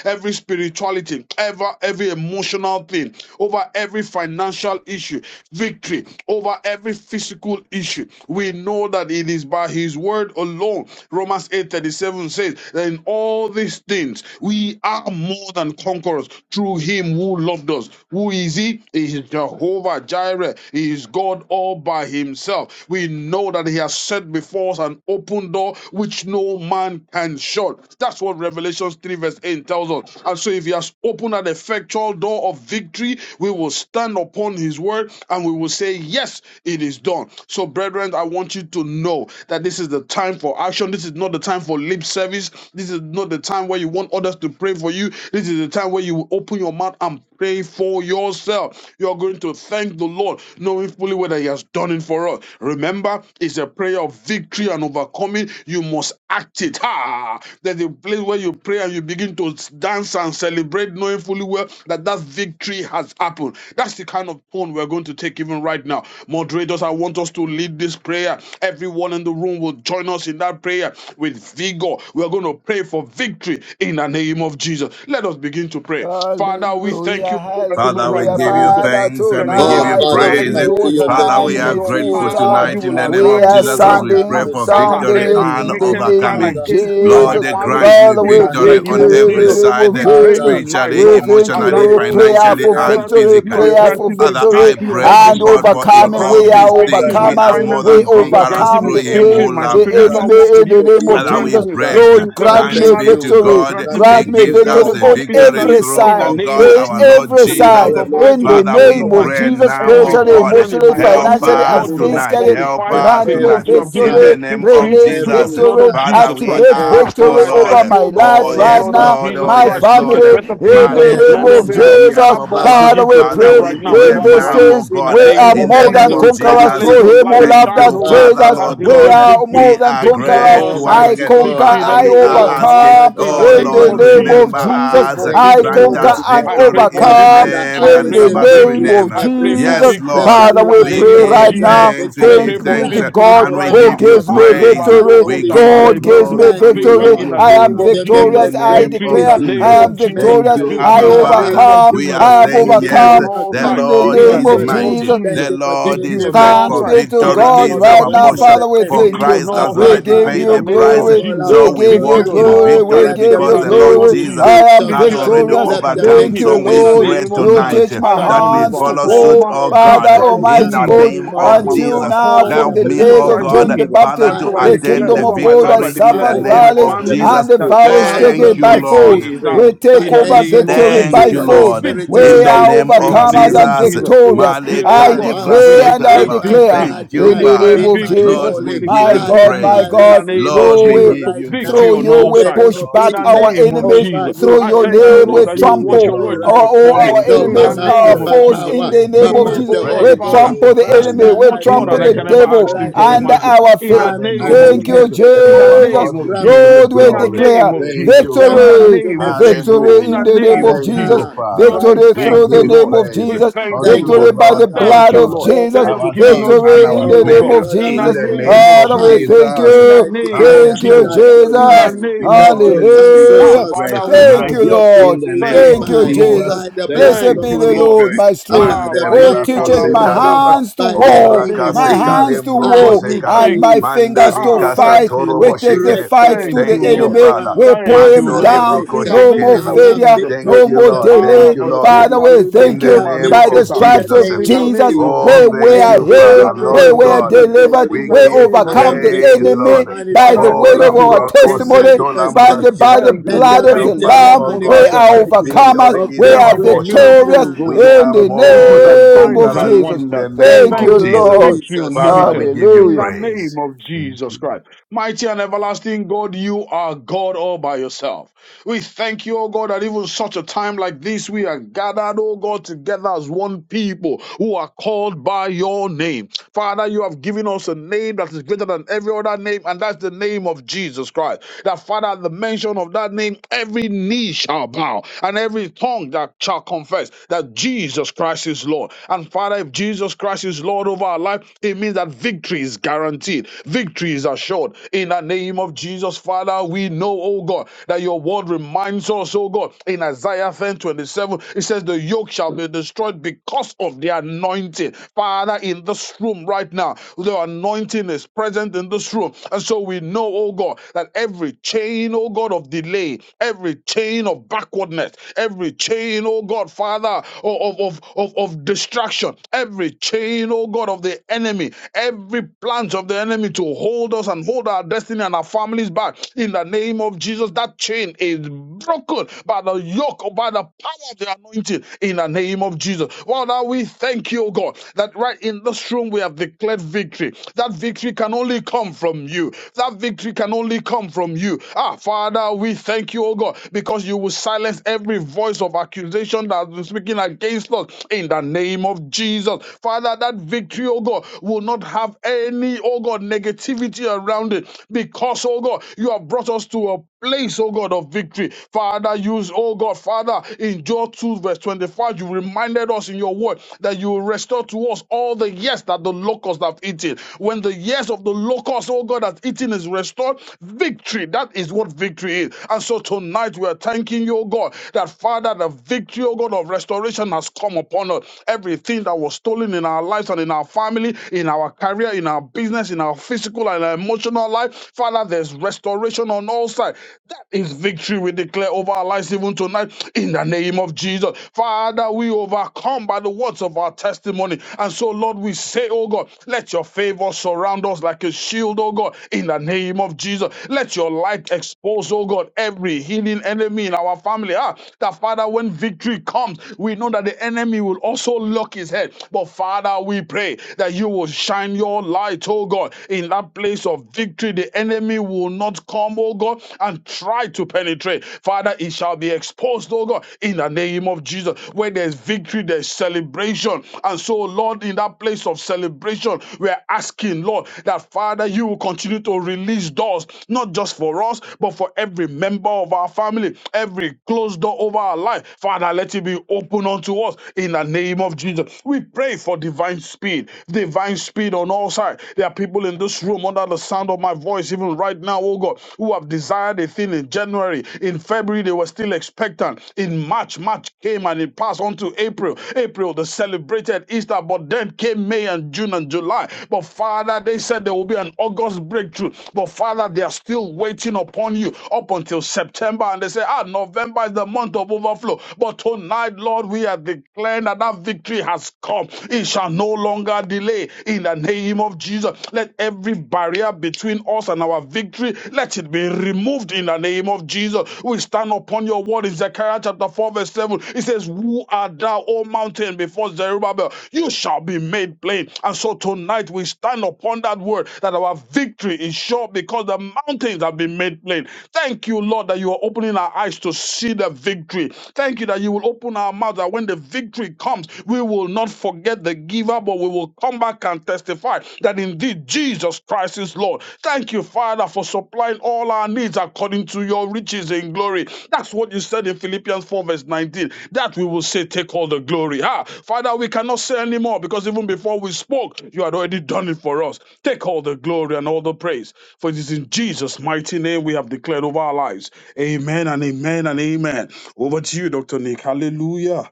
E: every spirituality, ever every emotional thing, over every financial issue, victory over every physical issue. We know that it is by His word alone. Romans eight thirty seven says that in all these things we are more than conquerors through Him who loved us, who is easy. He is Jehovah Jireh. He is God all by himself. We know that he has set before us an open door which no man can shut. That's what Revelation 3 verse 8 tells us. And so if he has opened an effectual door of victory, we will stand upon his word and we will say, yes, it is done. So brethren, I want you to know that this is the time for action. This is not the time for lip service. This is not the time where you want others to pray for you. This is the time where you will open your mouth and pay for yourself. You're going to thank the Lord, knowing fully what He has done it for us. Remember, it's a prayer of victory and overcoming. You must act it. Ha! There's a place where you pray and you begin to dance and celebrate, knowing fully well that that's victory victory has happened. That's the kind of tone we're going to take even right now. Moderators, I want us to lead this prayer. Everyone in the room will join us in that prayer with vigor. We're going to pray for victory in the name of Jesus. Let us begin to pray. Father, we thank
C: Hallelujah,
E: you even
A: Father,
E: right
A: we
C: hallelujah.
E: now,
A: give
E: oh
A: you
E: God,
C: Father,
A: thanks and
E: that
A: we
E: you
A: give
E: will
D: Oh,
A: you
C: tonight
D: Father, we
C: it's
E: arise,
A: praise.
D: come to
E: oh
C: war
D: you in
E: God.
D: the
A: Father,
C: time,
A: we
D: name
E: In
A: are
D: of
C: it's
E: your
C: war
A: grateful
D: Jesus,
E: power,
C: time.
D: Abba
E: you
A: tonight in
E: will
A: the name
D: Father.
C: We
A: of
E: arise,
C: are
E: oh
A: Jesus
D: We
A: as
E: God,
A: we
D: come
A: pray
E: and
D: to
C: sounding,
A: for
E: scatter
C: sounding
A: victory
D: celebrate,
C: it
E: every
A: and
C: in the
D: Almighty
E: wicked
C: name
E: plan
A: overcoming.
C: of
D: Father.
E: against me and
D: And
E: my
A: Lord,
C: Jesus.
D: Father, we
E: family
A: grant
D: come
A: me
C: Father,
D: to
E: in
C: we
E: the
D: stand
A: victory
C: thank
E: name
A: on
D: upon your
E: of
C: you in
A: every
C: the
E: Jesus.
D: word.
C: name
A: side,
C: of
E: We pray
C: Jesus.
D: Father,
E: tonight,
D: we
A: spiritually,
C: We
E: Lord
D: come to
C: thank
E: as
C: you,
E: that,
A: emotionally,
D: pray
C: Lord.
E: oh God,
D: the
C: Prayer
E: is
A: financially,
C: for
D: prayer
A: and
E: scattered,
D: of
C: victory,
E: you are
A: physically.
D: victory
C: prayer
D: of
C: for
E: granting me
A: Father,
D: and
C: victory
A: I
E: victory on
A: pray,
E: every
A: oh
C: and
D: overcoming,
A: God,
E: side.
A: for
D: Almighty
E: You are
A: in
D: God.
C: overcoming.
A: all
C: We
E: granting me
C: are
A: these
E: victory
A: things
D: Father,
E: in my
A: we
D: in
A: are
C: overcomers.
D: all
A: more
E: finances.
C: We
D: these
A: than
E: You are
D: things, we
A: conquerors
E: granting
C: overcome
D: are
E: me
A: through
C: the,
D: more
A: him
E: victory
D: than
E: in
A: who
C: we-
E: my
C: the
A: loved
E: spiritual
D: conquerors
A: us.
E: walk
C: enemy
E: with
C: in the
E: you.
D: through
C: name
E: You
D: him
E: are
C: of
A: And
D: who
A: I will
C: Jesus.
E: granting me
D: loved us.
A: pray.
E: victory
C: Lord,
D: And
C: Grant
A: Thanks
C: me
D: thank
E: emotionally.
A: be to
D: you,
E: You are
D: oh,
C: victory.
A: God.
E: granting me
D: thanks
A: He
C: Grant
D: be
C: me
D: to
A: gives
E: victory,
A: us
C: victory
D: God
E: oh
A: the
E: God,
C: on
D: who
A: victory
C: every
E: physically
D: gives us
A: through,
E: in the
C: side.
A: oh
E: name
A: God,
D: victory
E: of
C: In
A: our
E: Jesus.
A: Lord
C: every
E: The
D: through
A: Jesus.
E: crowns
C: side.
D: our
E: of my
D: Lord
E: head
C: In
E: to the
C: the
A: Father,
D: Jesus
E: toes
A: we
C: name
E: of my
C: of
D: Christ.
A: pray
E: feet
C: Jesus,
A: now, oh
E: every
C: spiritually,
D: Father,
A: God,
E: organ in
C: emotionally,
E: my
D: Lord,
A: help
E: body.
C: financially,
D: grant
A: us
E: Lord,
C: and
D: me
E: you are
A: tonight.
C: physically.
D: victory
A: Help
E: fortified
D: on
A: us
C: Grant me
E: because
A: tonight.
E: you
D: every
E: have given
A: In
E: me
A: the
C: victory.
D: side,
A: name
D: on
E: victory
A: of
C: Release
E: through the
A: Jesus.
D: every
E: blood
C: victory.
E: of
D: side,
A: Father,
E: Jesus
A: we
E: Christ.
D: on
C: Activate
E: Ah,
A: ask,
D: every
A: oh
E: Father,
C: victory
E: I
A: Lord.
C: over
D: side.
E: thank you,
C: my
E: O God.
C: life
A: Oh
E: The
D: Oh,
C: right
A: yes,
E: blood of
C: now,
A: Lord.
D: Father,
E: Jesus
A: Oh
D: mm,
C: my
A: yes,
E: Christ
A: Lord.
E: speaketh
C: family.
E: better things
C: In
D: on
E: than
C: the
E: the
A: Male
E: blood
D: every
C: name
E: of
C: of
D: side.
E: Abel.
A: kalendaria
C: Jesus.
E: That
A: bo ba
E: blood
A: ba ba.
D: Father,
C: Father,
E: begin
C: we
E: to speak
A: Father,
C: pray
A: we
E: right
D: spiritually,
E: now
A: pray
C: in
E: over my
C: these
A: now,
E: life.
D: emotionally,
A: oh
C: things.
E: In the
A: God,
C: We are
E: name
D: Father,
A: in
E: of
A: the
C: more
A: name
C: than
E: Jesus,
A: of
E: Father,
D: financially,
C: conquerors
E: let
A: Jesus.
E: your
C: through him who
E: light
D: physically,
A: Thank
C: loved us,
E: shine,
A: you,
E: O God,
A: Father,
C: Jesus.
E: and
D: Father,
A: Lord
E: bring
C: We
E: me
A: God.
D: mm,
C: are
E: victory.
C: more
A: We
C: than
A: are
E: Victory on
C: conquerors.
E: all
A: grateful once
C: I
E: sides
D: Almighty
A: again.
C: conquer,
D: God.
E: victory in
A: Father,
C: I
A: we
E: every
A: are
E: area of
D: Oh,
E: my life.
A: asking,
D: my
C: overcome
E: In the
D: God,
A: oh
D: I
C: in
E: name
A: Lord,
C: the
E: of
D: thank
C: name
D: you,
E: Jesus,
C: of
A: remember
D: God.
E: I pray
C: Jesus.
A: us.
E: for
D: Thank
C: I
D: you,
E: victory,
A: Grant
E: oh
C: conquer
E: God.
D: Almighty
A: us
C: and
D: God.
E: I pray
A: victory
E: for
A: in
D: The
A: the
E: victory.
C: overcome
D: Father,
A: name
D: I
E: I
A: that
C: in
A: is
E: pray
C: the
D: receive
E: for
A: above every
E: victory.
C: name
D: victory
A: name.
C: of
D: in
E: I
D: every
E: pray for
D: side.
C: Jesus.
A: Yes,
E: victory
D: Let
A: Lord,
D: there
C: Father,
E: in
D: be
E: the
C: we
A: we
C: pray
E: name of
A: give
C: right
D: manifestation
E: Jesus.
C: now.
D: of
A: thanks, we
E: I
D: victory
A: give
E: pray
C: Thank
E: for
C: be
A: thanks,
C: to
D: right
E: victory
D: now.
C: God
E: even
D: No,
A: and we
E: right
C: who
A: give
D: Baba,
E: now.
A: you
D: no,
C: gives
E: Ah,
C: me
D: Baba,
E: leba
A: praise.
D: Baba, the
C: victory.
E: loco
A: We
D: Holy
A: give
E: shata
A: you
D: Spirit.
C: God gives
E: lebrondo.
C: me
A: glory
D: Thank
A: and
D: you,
A: we
E: Victory
C: victory.
A: give
D: Lord,
E: in the
A: you
C: I
D: for
C: am
E: name
A: honor
E: of
D: giving me
A: in
E: Jesus.
A: the
C: victorious. I
D: victory
A: name
E: Victory in
A: of
E: the
C: declare
A: Jesus.
E: name
C: I
D: physically,
E: of
C: am
E: Jesus.
A: Thank
C: victorious.
A: you,
D: mentally.
E: Victory
C: I
A: Abba
E: in the
D: Father,
E: name
A: Father.
E: of
D: thank
C: overcome.
D: you
A: We
D: for
A: are
E: Jesus.
C: I have
D: giving me
A: saying,
E: Victory
A: Yes,
E: on
D: victory,
C: overcome
D: oh
E: all
A: the
D: God,
C: in
E: sides.
C: the
A: Lord
E: In the
C: name
A: is
C: of
E: name
D: emotionally.
E: of
A: mighty.
C: Jesus.
E: Jesus.
D: Thank
A: The
D: you for
A: Lord
D: giving
E: Victory
A: is
D: me
E: on
A: great,
E: all
C: Thanks
D: victory
A: for
E: sides.
C: be to
E: In
A: victory
E: the
D: over
C: God
D: all
A: is
E: name
D: the
E: of
C: right
A: our
C: now,
D: works of
E: Jesus.
A: portion.
C: Father.
D: the
C: We
A: For
D: enemy.
C: thank
E: Victory
C: you.
E: on
A: Christ
E: all
A: has
C: We
D: Abba,
E: sides
A: already
C: give
E: in
A: paid
E: the
C: you
D: Father,
A: the
E: name
D: I
A: price.
E: of
C: glory.
D: call
E: Jesus,
C: We
A: So
D: upon
A: we
C: give
D: you
C: you
E: victory
A: walk
E: on
D: now.
A: in
C: glory.
E: all
C: We
E: sides.
A: victory
D: Let the
C: give
E: In
C: you
A: because
E: the
A: the
E: name
A: Lord
D: victory
E: of
C: glory.
D: be
E: Jesus,
A: Jesus
C: I
D: swift,
C: am
D: oh
A: has
E: victory that
D: God.
E: the
A: already
C: victorious.
E: world
D: Let the
E: cannot
A: overcome.
C: Thank
E: give.
D: victory
C: you,
A: So
D: be
E: In
A: we
E: the
C: Lord.
A: pray
D: swift,
E: name
D: oh
E: of
C: You
E: Jesus,
D: God.
A: tonight
C: teach
E: I
C: my
D: My
E: am
A: that
E: an
A: we
C: hands to
D: Father,
A: follow
D: I
A: suit,
C: war,
E: overcomer
A: oh
D: pray
E: through
C: Father
A: God,
E: Christ
D: right
A: in
D: now
C: Almighty
D: in
A: the
D: the
E: Jesus.
C: God.
A: name
D: name
E: I
A: of
D: of
E: am an
D: Jesus,
C: Until
A: Jesus.
C: now,
D: by
E: overcomer
C: from
D: the
A: Help
C: the
A: me,
D: blood
E: through
C: days
A: oh
D: of
C: of
E: Christ
A: God,
C: John the
D: Jesus,
E: Jesus.
A: Father,
C: Baptist,
E: And
A: to
D: I
E: so I
C: the
D: receive
E: declare
A: attend
D: the
C: kingdom
A: the
E: over
C: of
E: my
C: God
E: life,
D: victory.
E: I
C: has
A: victory in
E: declare
A: the
C: suffered
D: I
E: over my
A: name
C: violence,
D: declare
A: of
D: the
E: family
C: and
A: Jesus.
C: the
E: that
D: victory.
C: violence
D: I
E: Father,
A: Thank
C: taken
A: you,
C: by
D: pronounce
A: Lord.
C: force.
E: victory is ours
D: victory
C: We take
E: in the
C: over
E: name
D: financially,
E: of
C: victory
E: Jesus.
A: Thank
C: by
A: you,
D: materially,
C: force.
A: Lord.
C: We
E: Victory
D: spiritually,
A: In
C: we
E: is
A: the
E: ours
C: are
A: name
E: in
D: physically,
A: of
E: the
C: overcomers
E: name
C: and
E: of
D: in
A: Jesus.
E: Jesus.
D: ministry,
E: We
C: victorious.
E: pray,
A: Male
D: in
E: oh
C: I
D: my
A: kale
E: God, we
C: declare
A: braske
D: household,
C: and I
E: declare
D: in
A: taraba.
D: my
C: declare
E: victory.
A: Thank you,
E: We
C: in
D: bloodline,
C: the
E: declare
C: name
A: Father.
D: in
C: of
D: my
E: victory.
A: Lord,
C: Jesus,
E: We
A: we
D: calling.
A: give
C: my
E: declare
A: you
C: God,
D: Father,
E: victory
C: my
D: I
A: praise.
E: in the
C: God,
D: receive
E: name of
A: Lord,
C: though
A: we
D: victory
E: Jesus.
C: we pu-
A: give
D: right
A: you
D: now
E: Victory
C: through
A: glory.
E: on
C: you
D: in
E: all
C: we
D: the
E: sides.
D: name
C: push
D: of
A: Lord,
E: In
C: back
A: we
E: the
D: Jesus.
C: our
A: give
E: name
A: you
E: of
C: enemies,
D: Over
E: Jesus.
A: praise.
C: through
E: I
C: your
D: usually,
E: thank
D: I
A: Lord,
E: you,
C: name
A: we
E: Lord,
C: we
E: that you
D: receive
A: give
E: will
A: you
E: watch
C: trample
E: your
D: victory
E: word
A: glory.
E: to
D: right
C: our-
D: now.
C: all
E: perform it.
C: our
A: Thank
D: No
A: you,
E: In
D: by
E: the
C: enemies,
A: Holy
D: might,
C: our
E: name
D: not
A: Spirit.
E: of
D: by
C: foes in
D: power,
E: Jesus.
A: We
C: the
E: You
C: name
D: but
C: of
D: by
E: will,
A: give
C: Jesus.
D: the
E: oh God,
D: Holy
C: We
A: praise. We
D: Ghost.
E: Father,
C: trample
A: give
C: the
E: bless me
C: enemy,
A: praise
D: Father,
C: we
D: I
E: much more
A: in
C: trample
E: than
A: the
E: I
C: the
D: pray
E: can ever
A: name
C: devil
E: ask,
A: of
D: right
E: think, or
C: under
A: Jesus.
D: now,
E: imagine.
C: our
E: In the
C: feet
D: grant
E: name of
D: unto
C: Thank
A: Hallelujah.
D: me
C: you,
E: Jesus. In the
D: victory.
A: Jehovah
C: Jesus.
A: God,
E: name of
A: we
D: Grant
A: give
E: Jesus.
A: you
C: Lord,
D: unto
E: In
C: we
D: me
E: the
A: glory.
E: name
C: declare
E: of
D: victory.
A: Thank
E: Jesus.
A: you,
E: In
D: Grant
E: the
A: Father.
C: victory,
D: unto
E: name
D: me
E: of Jesus.
D: victory.
C: victory
E: In the
C: in
A: Hallelujah.
C: the name
E: name
D: Right
C: of
E: of
A: Thank
E: Jesus.
C: Jesus,
A: you,
D: now.
A: Father.
E: Lord,
D: Right
E: we
C: victory
A: We
D: now.
E: thank
C: through the
E: you,
A: give
D: Mm.
C: name
E: Lord.
C: of
A: praise
E: We
C: Jesus,
E: thank you,
A: unto
D: Thank
A: the
E: Lord.
D: you,
C: victory by
A: Lord
C: the
A: our
D: Father.
E: Thank
C: blood
E: you,
C: of
A: God,
E: Lord, that
C: Jesus,
E: you
D: Almighty
E: have
A: our
E: given
D: God.
A: King
E: us
A: and
C: victory in
A: our
E: victory,
C: the
D: Oh,
E: oh
D: my
C: name
E: God.
A: Maker
C: of
D: Lord
E: In
D: and
E: the
A: in
D: my
C: Jesus.
A: the
D: God.
A: name
E: name of
C: Father,
A: of
C: we
D: I
E: Jesus.
C: thank
A: Jesus.
D: try,
E: In the
C: you.
D: I
E: name of
D: declare
C: Thank you,
D: and I
E: Jesus.
A: Hallelujah.
E: In the
C: Jesus.
D: pronounce
A: Thank you,
E: name
D: that
E: of
A: Lord.
D: your
E: Jesus.
A: We
D: counsel
A: give
E: Ah,
C: Hallelujah.
D: shall
A: praise
E: Father, we
D: stand.
C: Thank
E: thank
A: tonight
C: you,
E: you.
D: Your
A: in
C: Lord.
A: the
D: victory
A: name
D: is
E: Thank
A: of
C: Thank you,
E: you,
D: mine
E: Lord.
A: Jesus.
C: Jesus.
D: by the
A: Thank
D: blood
C: Blessed
A: you,
E: Thank
D: of
C: be
E: you,
C: the
A: Holy
E: Lord.
C: Lord,
A: Spirit.
D: Jesus
C: my
D: and
C: strength
D: by
E: Ah,
A: Mande
D: the
C: Oh,
D: fire
A: riba
D: of
E: Baleka
C: teach
D: the
C: us
A: kose
D: Holy
C: my
D: Ghost.
A: kalabra,
E: Labradosa,
C: hands to
D: By the
E: in the
C: war,
A: ombra
D: name
E: name
D: of
C: my
E: of
A: kase
D: Jesus,
E: Jesus.
C: hands to
A: kalembro
D: I
E: Lord,
C: war,
A: kose
E: we
A: kala,
C: and
E: thank
D: decree
C: my
E: you.
C: fingers
A: mandari
C: to
E: Ah,
D: victory, oh
A: kasa
E: thank
C: fight.
E: you,
D: God,
A: toro
C: We
A: bo
E: Lord.
C: take the
A: shekere.
C: fights
D: breakthrough,
C: to
E: Thank
C: the
E: you,
A: Thank you,
E: Lord.
C: enemy.
A: Father.
D: turnaround,
C: We
E: Thank
C: pull
E: you,
C: him
A: Mando
E: Lord.
A: libro
C: down.
E: In
D: acceleration.
E: the
A: kose
C: No more
E: name
A: kereba.
D: I
E: of
D: have
C: failure,
E: Jesus
A: Thank
D: victory
E: Christ.
C: no
D: in
A: you,
C: more
D: the
A: Lord. Thank
E: Ah,
C: delay.
D: blood
A: you,
D: of
A: Lord.
C: Father,
E: Mazoba
C: we
D: Jesus.
E: Lebo
A: In
C: thank
D: I
A: the
D: have
E: Koma
C: you
A: name
C: by
D: victory
C: the
A: of
E: Reketa.
D: in the
C: stripes
A: Jesus.
C: of Jesus.
E: In
D: name
E: the
D: of
C: Jesus,
E: name of
D: Jesus.
A: Oh,
C: where we
E: Jesus.
D: I
A: thank
D: have
C: were
A: you,
E: In
D: victory
E: the
C: healed,
A: Father.
D: by
A: Lord
D: the
E: name
C: where we
E: of
C: were
A: God,
D: fire of the
E: Jesus.
C: delivered,
D: Holy
E: In
A: we
C: we
E: the
D: Ghost.
A: give
E: name
D: I
E: of
C: overcome
D: have
C: the
E: Jesus.
A: praise,
D: victory in
C: enemy
A: Lord.
C: by
E: Father,
C: the
E: I
A: Oh,
C: weight
E: thank
C: of
E: you,
D: manifestation.
C: our
A: Lambra
E: Lord.
D: In
C: testimony,
A: Koseto
C: by
A: Lambra
C: the,
D: manifestation.
C: by the
A: Ketar.
E: Thank you,
D: Let
C: blood
E: Lord.
D: there
C: of
D: be
C: the
A: Help
E: Thank you
A: us,
E: for
D: genuine
C: Lamb.
A: oh
C: We
E: abundance
A: God,
E: of
C: are
A: that
D: manifestation
E: testimony.
C: overcomers,
A: victory
D: of
C: we
A: is
E: Thank
C: are
E: you
A: our
E: for
D: victory
A: portion.
C: victorious
E: miracles, oh
D: now.
A: We
E: God.
C: in
A: are
D: Of
C: the
E: Thank you
A: more
D: victory
E: for
A: than
C: name
E: signs
C: of
A: conquerors
E: and
D: now.
C: Jesus.
A: in
E: wonders.
A: the name
D: Thank
C: Thank
E: Thank
A: of
C: you,
E: you
D: you,
E: for
A: Jesus.
C: Lord.
E: victory
D: Jesus.
A: Father,
E: unlimited.
A: we give you
E: In
C: Hallelujah.
E: the name
A: praise.
E: of
C: Thank
E: Jesus
C: you, Lord.
E: Christ. Mighty and everlasting God, you are God all by yourself. We thank you, O God, that even such a time like this, we are gathered, O God, together as one people who are called by your name. Father, you have given us a name that is greater than every other name, and that's the name of Jesus Christ. That, Father, at the mention of that name, every knee shall bow and every tongue that shall confess that Jesus Christ is Lord. And, Father, if Jesus Christ is Lord over our life, it means that that victory is guaranteed, victory is assured. In the name of Jesus, Father, we know, oh God, that your word reminds us, oh God, in Isaiah 10 27, it says, The yoke shall be destroyed because of the anointing. Father, in this room right now, the anointing is present in this room. And so we know, oh God, that every chain, oh God, of delay, every chain of backwardness, every chain, oh God, Father, of, of, of, of of distraction, every chain, oh God, of the enemy enemy, every plant of the enemy to hold us and hold our destiny and our families back. In the name of Jesus, that chain is broken by the yoke, or by the power of the anointing. In the name of Jesus. Father, we thank you, O God, that right in this room we have declared victory. That victory can only come from you. That victory can only come from you. Ah, Father, we thank you, O God, because you will silence every voice of accusation that has been speaking against us in the name of Jesus. Father, that victory victory, oh God, will not have any, oh God, negativity around it because, oh God, you have brought us to a place, oh God, of victory. Father, use, oh God, Father, in Job 2, verse 25, you reminded us in your word that you will restore to us all the years that the locusts have eaten. When the years of the locusts, oh God, has eaten is restored, victory, that is what victory is. And so tonight we are thanking you, oh God, that Father, the victory, oh God, of restoration has come upon us. Everything that was stolen in our our lives and in our family, in our career, in our business, in our physical and emotional life. Father, there's restoration on all sides. That is victory we declare over our lives even tonight in the name of Jesus. Father, we overcome by the words of our testimony. And so, Lord, we say, oh God, let your favor surround us like a shield, oh God, in the name of Jesus. Let your light expose, oh God, every hidden enemy in our family. Ah, that Father, when victory comes, we know that the enemy will also lock his head. But Father, we pray that you will shine your light, oh God, in that place of victory. The enemy will not come, oh God, and try to penetrate. Father, it shall be exposed, oh God, in the name of Jesus. Where there's victory, there's celebration. And so, Lord, in that place of celebration, we're asking, Lord, that Father, you will continue to release doors, not just for us, but for every member of our family, every closed door over our life. Father, let it be open unto us in the name of Jesus. Jesus. We pray for divine speed, divine speed on all sides. There are people in this room under the sound of my voice, even right now, oh God, who have desired a thing in January. In February, they were still expectant. In March, March came and it passed on to April. April, they celebrated Easter, but then came May and June and July. But Father, they said there will be an August breakthrough. But Father, they are still waiting upon you up until September. And they say, ah, November is the month of overflow. But tonight, Lord, we are declaring that that that victory has come. It shall no longer delay in the name of Jesus. Let every barrier between us and our victory, let it be removed in the name of Jesus. We stand upon your word in Zechariah chapter 4 verse 7. It says, Who art thou, O mountain, before Zerubbabel? You shall be made plain. And so tonight we stand upon that word that our victory is sure because the mountains have been made plain. Thank you, Lord, that you are opening our eyes to see the victory. Thank you that you will open our mouths that when the victory victory comes, we will not forget the giver, but we will come back and testify that indeed Jesus Christ is Lord. Thank you, Father, for supplying all our needs according to your riches in glory. That's what you said in Philippians 4, verse 19. That we will say, Take all the glory. Ah, Father, we cannot say anymore because even before we spoke, you had already done it for us. Take all the glory and all the praise. For it is in Jesus' mighty name we have declared over our lives. Amen and amen and amen. Over to you, Dr. Nick. Hallelujah.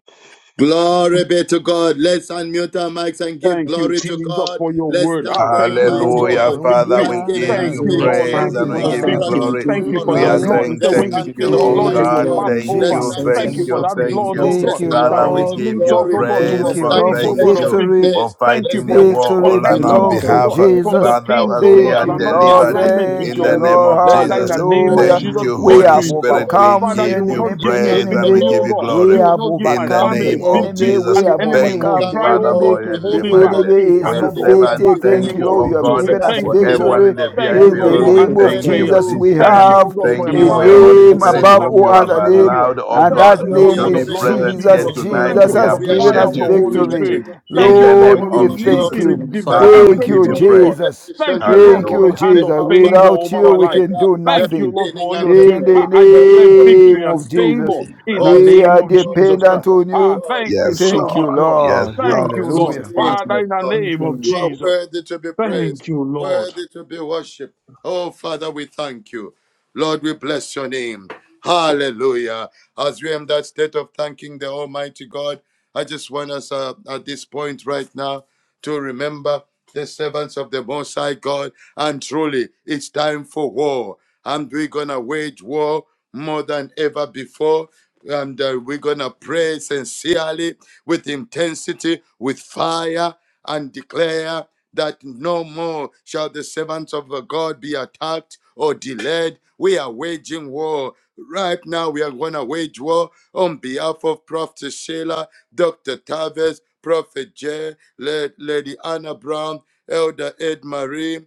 D: Glory be to God. Let's unmute our mics and give
E: Thank you,
D: glory to
E: Jesus,
D: God.
E: for your
D: Let's
E: word. Ah,
D: thank the
E: thank you, oh
D: Almighty
E: God,
A: Hallelujah,
E: for
D: God who
A: Father,
D: has
E: victory.
A: we
C: Hallelujah,
D: given
A: give
E: Thank
D: us
A: you
E: you,
F: Hallelujah.
E: Lord.
D: victory,
A: praise
E: Thank
F: Father,
E: you
A: and
C: hallelujah,
E: for
A: we
D: who
F: we
E: the
D: has
A: give you
F: thank
E: victory.
F: you.
D: broken
F: We
A: glory.
D: through
F: give
E: Thank
F: you
E: you
D: for
E: for
A: We
E: the
F: glory,
A: are
D: us.
E: blood.
C: hallelujah.
E: You
F: Lord.
A: saying
E: say
D: Let's
E: when you
A: thank
F: We
D: thank
E: see
D: the
A: you,
E: the
F: give you
A: oh
F: all
E: blood,
F: the
E: you
D: Almighty
C: Thank
E: will
A: God,
D: God.
E: pass
C: you,
F: glory.
A: thank
D: Let's
F: We
E: over.
A: you,
D: thank
F: say
D: the
E: Thank
A: thank
E: you
F: thank
C: Jesus.
D: King
E: for
F: you
D: of
A: you,
E: that
F: for
A: thank
F: your
D: Kings.
E: blood,
A: you.
E: oh
F: mercy,
C: Thank
E: God,
D: Let's
F: for
C: you,
D: thank
F: your
E: that
D: the
A: Father, we
D: King
F: grace,
C: Lord.
D: of
A: give
E: brings
A: you
E: us,
D: Glory.
E: oh
F: and
E: God,
F: give
E: to
A: praise
E: a
C: Thank
F: you
D: Let's
C: you,
A: for
D: thank
C: Lord,
E: place,
D: the
F: thanks
C: for
E: oh
A: thank
E: God, of
D: Ancient
A: you
D: of
E: victory.
C: victory.
A: for
D: Days.
E: Thank
D: Let's
E: you
A: fighting
E: for
A: the
D: thank the
A: war
D: All
C: Victory
A: all
F: for
A: on our
E: disconnecting
D: Faithful
F: your
E: us,
C: belongs
D: God,
C: to
E: oh
F: favor.
A: behalf.
E: God,
D: the
F: Thank
E: from
D: All
E: the
F: you.
C: Jesus.
A: Father,
E: things,
D: Powerful
A: as
E: oh
A: we
E: God,
D: God.
C: Thank
A: are
E: that
C: you,
E: are
F: We
E: not in
F: give
D: Let's
C: Lord.
F: you
A: delivered
D: give Him
E: alignment
F: glory.
E: with
C: Thank
A: in
C: you,
E: your
A: the
D: thanks.
A: name
E: will.
C: Lord.
A: of
D: Let's
E: Father, in
D: give
A: Jesus,
E: the
D: Him
F: In
E: name
F: the
E: of
D: praise.
C: Hallelujah.
A: thank
F: name
E: Jesus,
F: of
A: you,
D: Let's
C: We
D: Let's
F: Jesus,
A: Holy
C: have
D: give
E: victory
F: We
E: is
D: him
A: Spirit.
E: sure.
F: Thank you.
A: We
C: overcome
E: Father,
A: give
D: adoration.
E: you will
C: any-
A: you
E: not
D: Let's
E: give
C: the
E: me
A: praise
D: thank
A: and
D: the
A: we
E: victory,
C: enemy.
E: oh
A: give you
E: God.
C: We
D: Almighty
A: glory
E: You will
C: have
D: God.
E: not give my
A: in the
D: Thank
C: overcome
D: the
C: the
E: family
A: name of
D: all
E: victory,
C: enemy. We
A: Jesus.
E: and
D: glorious
E: the
C: have
D: God.
E: enemy
A: Thank
E: will
C: overcome
A: you,
D: Thank
C: the
E: try,
D: the
A: Father,
E: oh
C: enemy.
A: for
D: all
E: God, to
A: your
C: The
E: hold it
D: powerful
E: back.
D: God.
C: enemy
A: deliverance
E: He
A: for
C: is
D: Thank
A: your
E: cannot
D: him,
E: hold it
D: thank
A: servant.
E: back
C: defeated.
D: him,
C: Thank
D: thank
A: Thank
C: you,
A: you,
D: him.
E: anymore.
C: Lord.
F: We
A: oh
C: You
F: give you
C: have
E: So
A: God,
E: we
C: given
F: Jesus.
D: Thank
C: us
E: thank
D: the
F: Thank
A: for
E: you,
F: you.
D: living
E: Lord.
A: everyone in
C: victory.
A: the
D: God.
E: Thank
A: VIP
E: you,
C: In
F: Thank
D: For
F: you,
E: Lord,
C: the
D: he
A: room.
E: for
F: Lord,
A: We
D: is
F: for
C: name
F: your
C: of
E: answered
A: thank
F: grace.
A: you
E: prayers.
A: for
C: Jesus,
D: faithful.
A: this
C: we
E: Thank
A: time.
E: you,
D: Thank
E: oh
C: have
E: God,
F: Thank
D: him
E: for
A: Thank
F: you,
A: you
C: a
F: Lord,
A: for
D: now.
F: for
A: your
E: empowering
F: your
E: me
A: Holy
E: to
C: name
D: Thank
A: Spirit,
E: walk
F: mercy.
E: in
C: above
D: the
A: whom
C: all
A: you
E: accordance
A: have
C: other
E: to
D: Almighty
E: your
C: name,
E: will.
D: God.
A: allowed, oh
C: and
E: Thank
A: God,
C: that
D: God.
E: you,
D: Father,
F: Thank
E: Lord,
D: we
F: you,
C: name
A: to
E: for
D: are
E: the
A: be
F: Lord,
C: is
F: for
E: blood
D: grateful
E: of
F: your
D: to
A: present
C: Jesus.
D: you,
A: here
E: Jesus.
D: O
F: thank
D: God.
F: you,
A: tonight.
F: Lord,
E: Thank
C: Jesus
E: you
F: for
A: We
E: for
C: has
E: the
D: We
F: your
D: are
C: given
E: fire
A: appreciate
C: us
F: family,
E: of the
D: grateful
F: your
A: you
D: to you,
E: Holy
D: the
C: victory.
D: King
F: community.
E: Spirit.
D: of
E: Thank
D: Kings,
A: in
E: you,
A: the
E: oh God,
D: the
A: name
C: Lord,
E: for
C: we
D: King
A: of
D: of
F: In
C: thank
A: Jesus.
F: Jesus'
D: Glory,
C: you.
E: releasing
F: name,
D: the
F: Father,
D: Lord
A: Father,
E: divine
F: we
A: we
D: of
C: Thank
A: give
F: give
C: you,
A: you
F: you
E: breakthroughs,
D: Lords,
E: oh
A: praise.
F: glory.
E: God.
D: the
C: Jesus.
E: Thank
D: Ancient of
E: you, Lord,
C: Thank
D: Days,
E: for
C: you,
E: the
A: Hallelujah.
E: hand
D: the
E: of
C: Jesus.
D: Alpha
E: favor
D: and
C: Without
E: over
D: the
C: you,
E: my
C: we
E: life.
C: can
D: Omega,
C: do
D: the
E: Thank you,
C: nothing.
E: Lord, for
D: beginning
E: all
D: and
E: you're
D: the
C: In
E: doing.
D: end.
E: Ah,
C: the
E: I
D: Thank you
E: declare
D: for giving
C: name
E: victory and
C: of
D: us
C: Jesus,
D: victory.
E: favor in
A: Jesus.
E: the
C: we
D: Awesome
E: name
C: are
E: of
D: God.
E: Jesus Christ.
C: dependent on
D: Mighty
E: Ah,
C: you.
D: God,
E: thank you
A: Yes,
E: so
C: Thank
E: much,
C: you,
D: powerful
A: Lord.
E: Lord.
D: God,
A: Yes,
C: Lord.
D: we
E: Thank
A: Lord.
E: you,
D: bless
F: Thank
D: your
E: Lord.
F: you,
C: Hallelujah.
D: name,
E: Father,
F: Father.
D: oh
E: in the
D: God.
F: Thank
E: name of
D: You
F: you.
D: are
E: Jesus.
D: worthy to be praised,
E: Thank you, Lord.
D: worthy to be worshipped. Oh Father, we thank you. Lord, we bless your name. Hallelujah. As we are in that state of thanking the Almighty God, I just want us uh, at this point right now to remember the servants of the Most High God. And truly, it's time for war. And we're going to wage war more than ever before and uh, we're gonna pray sincerely with intensity with fire and declare that no more shall the servants of uh, god be attacked or delayed we are waging war right now we are gonna wage war on behalf of prophet sheila dr tavis prophet jay La- lady anna brown elder ed marie